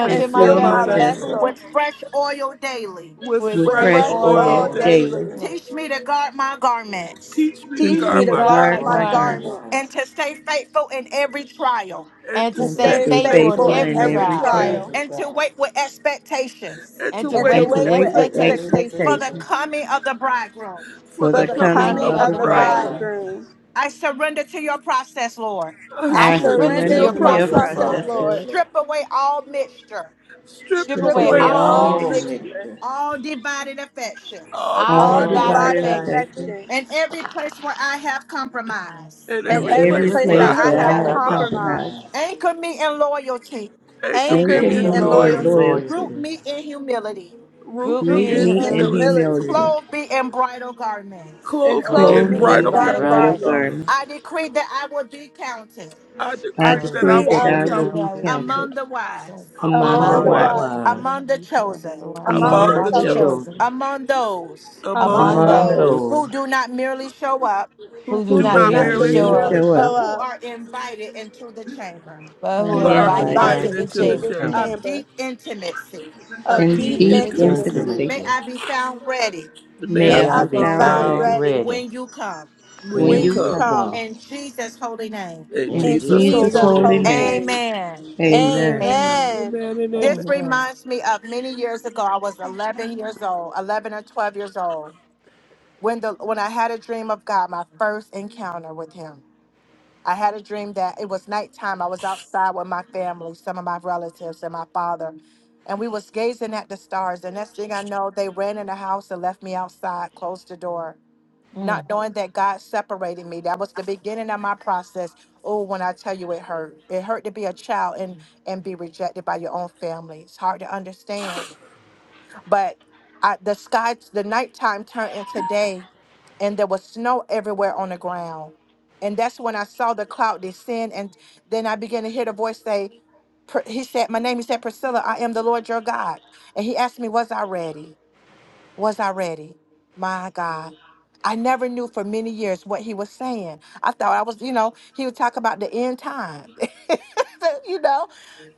[SPEAKER 6] and
[SPEAKER 2] and
[SPEAKER 1] and
[SPEAKER 3] and
[SPEAKER 7] my
[SPEAKER 6] fill
[SPEAKER 2] fill
[SPEAKER 1] fill
[SPEAKER 6] my
[SPEAKER 2] my
[SPEAKER 3] fill
[SPEAKER 1] my
[SPEAKER 7] vessel
[SPEAKER 3] my
[SPEAKER 6] vessel
[SPEAKER 2] vessel
[SPEAKER 3] left
[SPEAKER 1] vessel
[SPEAKER 4] with fresh oil daily.
[SPEAKER 6] with
[SPEAKER 7] with
[SPEAKER 2] with
[SPEAKER 1] with
[SPEAKER 3] with
[SPEAKER 7] fresh
[SPEAKER 6] fresh
[SPEAKER 2] fresh
[SPEAKER 1] fresh
[SPEAKER 3] grace
[SPEAKER 7] oil
[SPEAKER 6] oil
[SPEAKER 1] oil
[SPEAKER 2] oil
[SPEAKER 3] all
[SPEAKER 7] daily.
[SPEAKER 6] daily.
[SPEAKER 2] daily.
[SPEAKER 3] daily.
[SPEAKER 1] daily.
[SPEAKER 7] Right.
[SPEAKER 4] Teach me to guard my garments
[SPEAKER 6] Teach me to
[SPEAKER 1] Teach
[SPEAKER 7] Teach
[SPEAKER 2] Teach
[SPEAKER 7] me
[SPEAKER 2] me
[SPEAKER 1] me
[SPEAKER 6] guard
[SPEAKER 7] to
[SPEAKER 3] Keep
[SPEAKER 1] to
[SPEAKER 3] me
[SPEAKER 2] to
[SPEAKER 6] my
[SPEAKER 3] the
[SPEAKER 7] guard
[SPEAKER 6] garment
[SPEAKER 1] guard
[SPEAKER 7] my
[SPEAKER 2] guard
[SPEAKER 1] my
[SPEAKER 2] my
[SPEAKER 3] Lord my
[SPEAKER 2] garment
[SPEAKER 7] garments
[SPEAKER 3] life,
[SPEAKER 4] and
[SPEAKER 1] garments
[SPEAKER 4] to stay faithful in every trial
[SPEAKER 6] and
[SPEAKER 7] and
[SPEAKER 6] to
[SPEAKER 7] to
[SPEAKER 1] and
[SPEAKER 2] and to
[SPEAKER 3] and
[SPEAKER 6] stay
[SPEAKER 3] to
[SPEAKER 7] stay
[SPEAKER 1] stay
[SPEAKER 2] stay
[SPEAKER 3] be
[SPEAKER 7] faithful in
[SPEAKER 1] faithful
[SPEAKER 6] faithful in
[SPEAKER 2] faithful
[SPEAKER 1] in
[SPEAKER 7] every
[SPEAKER 2] in
[SPEAKER 3] faithful
[SPEAKER 6] every
[SPEAKER 1] every
[SPEAKER 3] and
[SPEAKER 2] every
[SPEAKER 7] trial
[SPEAKER 6] trial
[SPEAKER 2] trial,
[SPEAKER 1] trial,
[SPEAKER 4] and to
[SPEAKER 3] exercise,
[SPEAKER 4] wait with expectations
[SPEAKER 6] and
[SPEAKER 7] and
[SPEAKER 6] to
[SPEAKER 7] to
[SPEAKER 1] and to
[SPEAKER 3] and
[SPEAKER 6] wait
[SPEAKER 2] and
[SPEAKER 7] wait
[SPEAKER 3] to
[SPEAKER 2] to
[SPEAKER 7] with
[SPEAKER 6] with
[SPEAKER 1] wake with
[SPEAKER 2] wait
[SPEAKER 3] wait
[SPEAKER 2] with
[SPEAKER 3] in
[SPEAKER 6] expectations
[SPEAKER 7] expectation
[SPEAKER 4] for
[SPEAKER 1] expectation
[SPEAKER 4] the
[SPEAKER 2] expectation
[SPEAKER 3] expectation
[SPEAKER 4] coming of the bridegroom.
[SPEAKER 6] for
[SPEAKER 2] for
[SPEAKER 1] for
[SPEAKER 6] the
[SPEAKER 7] for
[SPEAKER 2] the
[SPEAKER 1] the
[SPEAKER 3] for
[SPEAKER 7] the
[SPEAKER 3] the
[SPEAKER 6] coming
[SPEAKER 2] coming
[SPEAKER 7] coming
[SPEAKER 1] coming
[SPEAKER 6] of
[SPEAKER 2] of
[SPEAKER 6] the
[SPEAKER 7] of
[SPEAKER 3] coming
[SPEAKER 2] the
[SPEAKER 1] of
[SPEAKER 7] the
[SPEAKER 1] the
[SPEAKER 3] of the
[SPEAKER 6] bridegroom.
[SPEAKER 2] bridegroom.
[SPEAKER 7] bridegroom.
[SPEAKER 3] bridegroom.
[SPEAKER 1] bridegroom.
[SPEAKER 4] I surrender to your process, Lord.
[SPEAKER 6] I
[SPEAKER 1] I
[SPEAKER 7] I
[SPEAKER 2] I
[SPEAKER 3] Now
[SPEAKER 6] surrender
[SPEAKER 7] surrender
[SPEAKER 6] to
[SPEAKER 7] to
[SPEAKER 1] surrender
[SPEAKER 2] surrender
[SPEAKER 6] your
[SPEAKER 7] your
[SPEAKER 1] to
[SPEAKER 3] surrender
[SPEAKER 2] to
[SPEAKER 1] your
[SPEAKER 3] to
[SPEAKER 2] your
[SPEAKER 3] your
[SPEAKER 7] process,
[SPEAKER 6] process, Lord.
[SPEAKER 1] process,
[SPEAKER 2] process,
[SPEAKER 7] Lord.
[SPEAKER 3] process,
[SPEAKER 1] Lord.
[SPEAKER 2] Lord.
[SPEAKER 3] Lord.
[SPEAKER 4] Strip away all mixture,
[SPEAKER 6] Strip
[SPEAKER 7] Strip
[SPEAKER 2] Strip
[SPEAKER 3] Strip
[SPEAKER 1] Strip
[SPEAKER 7] away
[SPEAKER 6] away
[SPEAKER 2] away
[SPEAKER 1] away
[SPEAKER 3] away
[SPEAKER 7] all
[SPEAKER 2] all
[SPEAKER 6] all
[SPEAKER 1] all
[SPEAKER 3] all
[SPEAKER 7] mixture,
[SPEAKER 2] mixture,
[SPEAKER 6] mixture,
[SPEAKER 1] mixture,
[SPEAKER 3] mixture,
[SPEAKER 4] all divided affections
[SPEAKER 6] all
[SPEAKER 7] all
[SPEAKER 2] all
[SPEAKER 1] all
[SPEAKER 6] divided
[SPEAKER 3] all
[SPEAKER 7] divided
[SPEAKER 1] divided
[SPEAKER 2] divided
[SPEAKER 6] affections,
[SPEAKER 3] divine
[SPEAKER 7] affection,
[SPEAKER 3] fiction,
[SPEAKER 2] affection,
[SPEAKER 1] affection,
[SPEAKER 4] and every place where I have compromised.
[SPEAKER 6] and
[SPEAKER 7] and
[SPEAKER 1] and
[SPEAKER 6] every
[SPEAKER 2] and
[SPEAKER 3] and
[SPEAKER 7] every
[SPEAKER 1] every
[SPEAKER 2] every
[SPEAKER 3] every
[SPEAKER 6] place
[SPEAKER 1] place
[SPEAKER 6] where
[SPEAKER 1] that
[SPEAKER 2] place
[SPEAKER 6] I
[SPEAKER 7] place
[SPEAKER 3] place
[SPEAKER 6] have
[SPEAKER 7] that
[SPEAKER 3] that
[SPEAKER 1] I
[SPEAKER 2] where
[SPEAKER 1] have
[SPEAKER 2] I
[SPEAKER 7] I
[SPEAKER 3] I
[SPEAKER 2] have
[SPEAKER 7] have
[SPEAKER 3] have
[SPEAKER 6] compromised.
[SPEAKER 1] compromised.
[SPEAKER 2] compromised.
[SPEAKER 3] compromised.
[SPEAKER 7] compromised.
[SPEAKER 4] Anchor me in loyalty,
[SPEAKER 6] Anchor
[SPEAKER 7] Anchor
[SPEAKER 1] Anchor
[SPEAKER 2] Anchor
[SPEAKER 6] me in
[SPEAKER 7] me
[SPEAKER 1] me
[SPEAKER 3] Anchor
[SPEAKER 7] in
[SPEAKER 2] me
[SPEAKER 1] in
[SPEAKER 3] me
[SPEAKER 2] in
[SPEAKER 3] in
[SPEAKER 7] loyalty,
[SPEAKER 6] loyalty,
[SPEAKER 1] loyalty,
[SPEAKER 2] loyalty
[SPEAKER 4] root
[SPEAKER 3] loyalty,
[SPEAKER 4] me in humility,
[SPEAKER 6] root
[SPEAKER 7] group
[SPEAKER 2] Root
[SPEAKER 1] root
[SPEAKER 6] me
[SPEAKER 7] me in
[SPEAKER 1] me
[SPEAKER 6] in
[SPEAKER 2] me
[SPEAKER 1] in
[SPEAKER 2] in
[SPEAKER 7] humility,
[SPEAKER 6] humility,
[SPEAKER 2] humility,
[SPEAKER 1] humility,
[SPEAKER 3] purity.
[SPEAKER 4] clothe me in bridal garments.
[SPEAKER 1] and
[SPEAKER 6] clothe
[SPEAKER 7] help
[SPEAKER 6] me
[SPEAKER 1] clothe
[SPEAKER 3] Clothe
[SPEAKER 6] in
[SPEAKER 1] me
[SPEAKER 2] clothe
[SPEAKER 7] me
[SPEAKER 3] me
[SPEAKER 7] in
[SPEAKER 1] in
[SPEAKER 3] in
[SPEAKER 2] me
[SPEAKER 6] bridal
[SPEAKER 3] the
[SPEAKER 2] in
[SPEAKER 6] garment.
[SPEAKER 1] bridal
[SPEAKER 7] brighter
[SPEAKER 3] bride
[SPEAKER 2] bridal
[SPEAKER 3] of
[SPEAKER 1] garments.
[SPEAKER 7] garden.
[SPEAKER 3] God.
[SPEAKER 2] garment.
[SPEAKER 4] I decree that I will be counted
[SPEAKER 6] I
[SPEAKER 3] I
[SPEAKER 2] I
[SPEAKER 1] I
[SPEAKER 6] decree
[SPEAKER 3] will
[SPEAKER 6] that I
[SPEAKER 2] decree
[SPEAKER 3] be
[SPEAKER 1] decree
[SPEAKER 6] will
[SPEAKER 2] that
[SPEAKER 6] be
[SPEAKER 1] I'll
[SPEAKER 7] I
[SPEAKER 2] I
[SPEAKER 3] free,
[SPEAKER 1] be
[SPEAKER 7] do
[SPEAKER 2] will
[SPEAKER 3] I will
[SPEAKER 2] be
[SPEAKER 6] counted
[SPEAKER 7] that
[SPEAKER 3] be
[SPEAKER 7] with
[SPEAKER 3] king.
[SPEAKER 2] counted
[SPEAKER 4] among the wise,
[SPEAKER 7] so
[SPEAKER 2] among
[SPEAKER 6] among
[SPEAKER 2] the
[SPEAKER 6] the
[SPEAKER 1] among
[SPEAKER 7] among the
[SPEAKER 1] the
[SPEAKER 3] Among the
[SPEAKER 2] wise,
[SPEAKER 6] wise,
[SPEAKER 7] wise
[SPEAKER 1] wise,
[SPEAKER 7] to give
[SPEAKER 3] wise,
[SPEAKER 7] them
[SPEAKER 4] among the
[SPEAKER 7] each other the
[SPEAKER 4] chosen,
[SPEAKER 7] wise,
[SPEAKER 2] among
[SPEAKER 1] among the
[SPEAKER 6] among
[SPEAKER 3] among
[SPEAKER 2] the
[SPEAKER 6] the
[SPEAKER 7] among the
[SPEAKER 3] the
[SPEAKER 1] chosen,
[SPEAKER 2] chosen,
[SPEAKER 6] chosen,
[SPEAKER 3] chosen,
[SPEAKER 7] chosen,
[SPEAKER 4] among those
[SPEAKER 6] among
[SPEAKER 7] among
[SPEAKER 1] among
[SPEAKER 2] among
[SPEAKER 3] among
[SPEAKER 6] those
[SPEAKER 2] those
[SPEAKER 7] those
[SPEAKER 1] those
[SPEAKER 3] those
[SPEAKER 4] who do not merely show up,
[SPEAKER 7] who
[SPEAKER 6] whom
[SPEAKER 7] do
[SPEAKER 2] who
[SPEAKER 1] who
[SPEAKER 6] do
[SPEAKER 7] not
[SPEAKER 3] who
[SPEAKER 2] do
[SPEAKER 1] do
[SPEAKER 6] not
[SPEAKER 3] do
[SPEAKER 2] not
[SPEAKER 1] not
[SPEAKER 7] merely
[SPEAKER 6] merely
[SPEAKER 1] just
[SPEAKER 7] show
[SPEAKER 6] show
[SPEAKER 2] merely
[SPEAKER 3] not
[SPEAKER 7] up,
[SPEAKER 1] merely
[SPEAKER 3] raise
[SPEAKER 2] show
[SPEAKER 6] up,
[SPEAKER 4] but
[SPEAKER 2] up
[SPEAKER 1] show
[SPEAKER 3] your
[SPEAKER 4] who
[SPEAKER 1] up,
[SPEAKER 4] are invited into the chamber
[SPEAKER 7] but who
[SPEAKER 1] who
[SPEAKER 7] are
[SPEAKER 6] but
[SPEAKER 1] are
[SPEAKER 6] are
[SPEAKER 3] by
[SPEAKER 7] invited
[SPEAKER 2] uninvited
[SPEAKER 7] into
[SPEAKER 6] invited
[SPEAKER 3] inviting
[SPEAKER 1] invited
[SPEAKER 7] the
[SPEAKER 6] into
[SPEAKER 3] to
[SPEAKER 2] to
[SPEAKER 1] into
[SPEAKER 6] the
[SPEAKER 3] the
[SPEAKER 7] chamber
[SPEAKER 1] this
[SPEAKER 6] ship.
[SPEAKER 4] of
[SPEAKER 3] kingdom.
[SPEAKER 4] deep
[SPEAKER 1] chamber
[SPEAKER 4] intimacy.
[SPEAKER 6] a
[SPEAKER 1] of
[SPEAKER 7] of
[SPEAKER 2] in
[SPEAKER 3] In
[SPEAKER 1] deep
[SPEAKER 6] deep
[SPEAKER 7] deep
[SPEAKER 2] deep
[SPEAKER 3] Deep
[SPEAKER 7] intimacy.
[SPEAKER 6] intimacy.
[SPEAKER 1] intimacy.
[SPEAKER 2] intimacy.
[SPEAKER 4] May
[SPEAKER 3] intimacy.
[SPEAKER 4] I be found ready
[SPEAKER 6] that May I
[SPEAKER 2] May
[SPEAKER 1] May
[SPEAKER 2] I
[SPEAKER 3] May
[SPEAKER 6] be
[SPEAKER 1] I
[SPEAKER 3] I
[SPEAKER 2] be
[SPEAKER 1] be
[SPEAKER 3] be
[SPEAKER 6] found
[SPEAKER 2] found
[SPEAKER 1] found
[SPEAKER 6] ready
[SPEAKER 3] found
[SPEAKER 2] ready
[SPEAKER 1] ready
[SPEAKER 3] ready
[SPEAKER 4] when you come.
[SPEAKER 6] when
[SPEAKER 2] when
[SPEAKER 6] you
[SPEAKER 1] when
[SPEAKER 3] when
[SPEAKER 2] you
[SPEAKER 1] you
[SPEAKER 3] you
[SPEAKER 2] come.
[SPEAKER 6] come.
[SPEAKER 3] come.
[SPEAKER 1] come.
[SPEAKER 4] In Jesus' holy name,
[SPEAKER 6] In
[SPEAKER 3] In
[SPEAKER 2] In
[SPEAKER 1] In
[SPEAKER 6] Jesus'
[SPEAKER 3] Jesus'
[SPEAKER 2] Jesus'
[SPEAKER 6] holy
[SPEAKER 1] Jesus'
[SPEAKER 3] holy
[SPEAKER 2] holy
[SPEAKER 6] name.
[SPEAKER 1] holy
[SPEAKER 3] name.
[SPEAKER 2] name,
[SPEAKER 1] name.
[SPEAKER 4] amen.
[SPEAKER 2] amen.
[SPEAKER 6] Amen.
[SPEAKER 3] Amen.
[SPEAKER 7] Amen.
[SPEAKER 1] Amen.
[SPEAKER 6] Amen and amen.
[SPEAKER 4] This
[SPEAKER 7] Amen.
[SPEAKER 4] reminds me of many years ago. I was 11 years old, 11 or 12 years old, when the when I had a dream of God, my first encounter with Him. I had a dream that it was nighttime. I was outside with my family, some of my relatives, and my father, and we was gazing at the stars. The next thing I know, they ran in the house and left me outside, closed the door
[SPEAKER 7] Mm.
[SPEAKER 4] not knowing that God separated me. That was the beginning of my process. Oh, when I tell you it hurt. It hurt to be a child and and be rejected by your own family. It's hard to understand. But I, the sky, the nighttime turned into day, and there was snow everywhere on the ground. And that's when I saw the cloud descend, and then I began to hear the voice say, Pr- "He said, my name." He said, "Priscilla, I am the Lord your God." And he asked me, "Was I ready?" Was I ready? My God. I never knew for many years what he was saying. I thought I was, you know, he would talk about the end time. you know,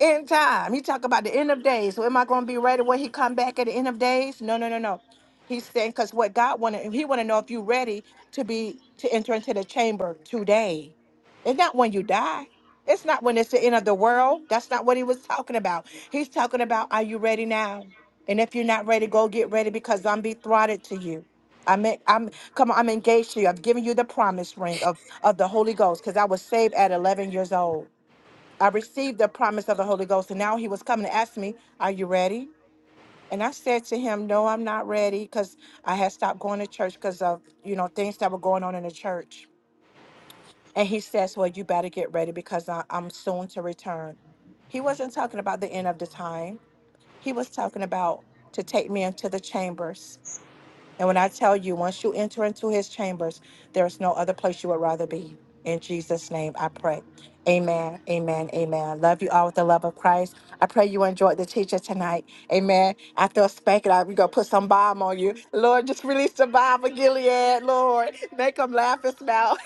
[SPEAKER 4] end time. He talk about the end of days. So am I going to be ready when he come back at the end of days? No, no, no, no. He's saying because what God wanted, he want to know if you ready to be to enter into the chamber today. It's not when you die. It's not when it's the end of the world. That's not what he was talking about. He's talking about, are you ready now? And if you're not ready, go get ready because I'm betrothed to you. I'm en- I'm come on, I'm engaged to you. I've given you the promise ring of, of the Holy Ghost because I was saved at 11 years old. I received the promise of the Holy Ghost, and now he was coming to ask me, Are you ready? And I said to him, No, I'm not ready because I had stopped going to church because of you know things that were going on in the church. And he says, Well, you better get ready because I, I'm soon to return. He wasn't talking about the end of the time. He was talking about to take me into the chambers and when I tell you, once you enter into his chambers, there is no other place you would rather be. In Jesus' name, I pray. Amen. Amen. Amen. Love you all with the love of Christ. I pray you enjoyed the teacher tonight. Amen. After a spanking, I- we going to put some bomb on you. Lord, just release the bomb of Gilead. Lord, make them laugh and smile.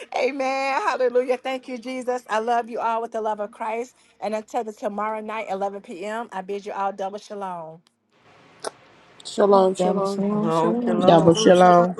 [SPEAKER 4] Amen. Hallelujah. Thank you, Jesus. I love you all with the love of Christ. And until the tomorrow night, 11 p.m., I bid you all double shalom.
[SPEAKER 6] Shalom,
[SPEAKER 7] Double
[SPEAKER 6] shalom.
[SPEAKER 7] shalom,
[SPEAKER 3] Shalom,
[SPEAKER 7] shalom.
[SPEAKER 2] Double
[SPEAKER 3] shalom.
[SPEAKER 1] Shalom, shalom.
[SPEAKER 2] shalom.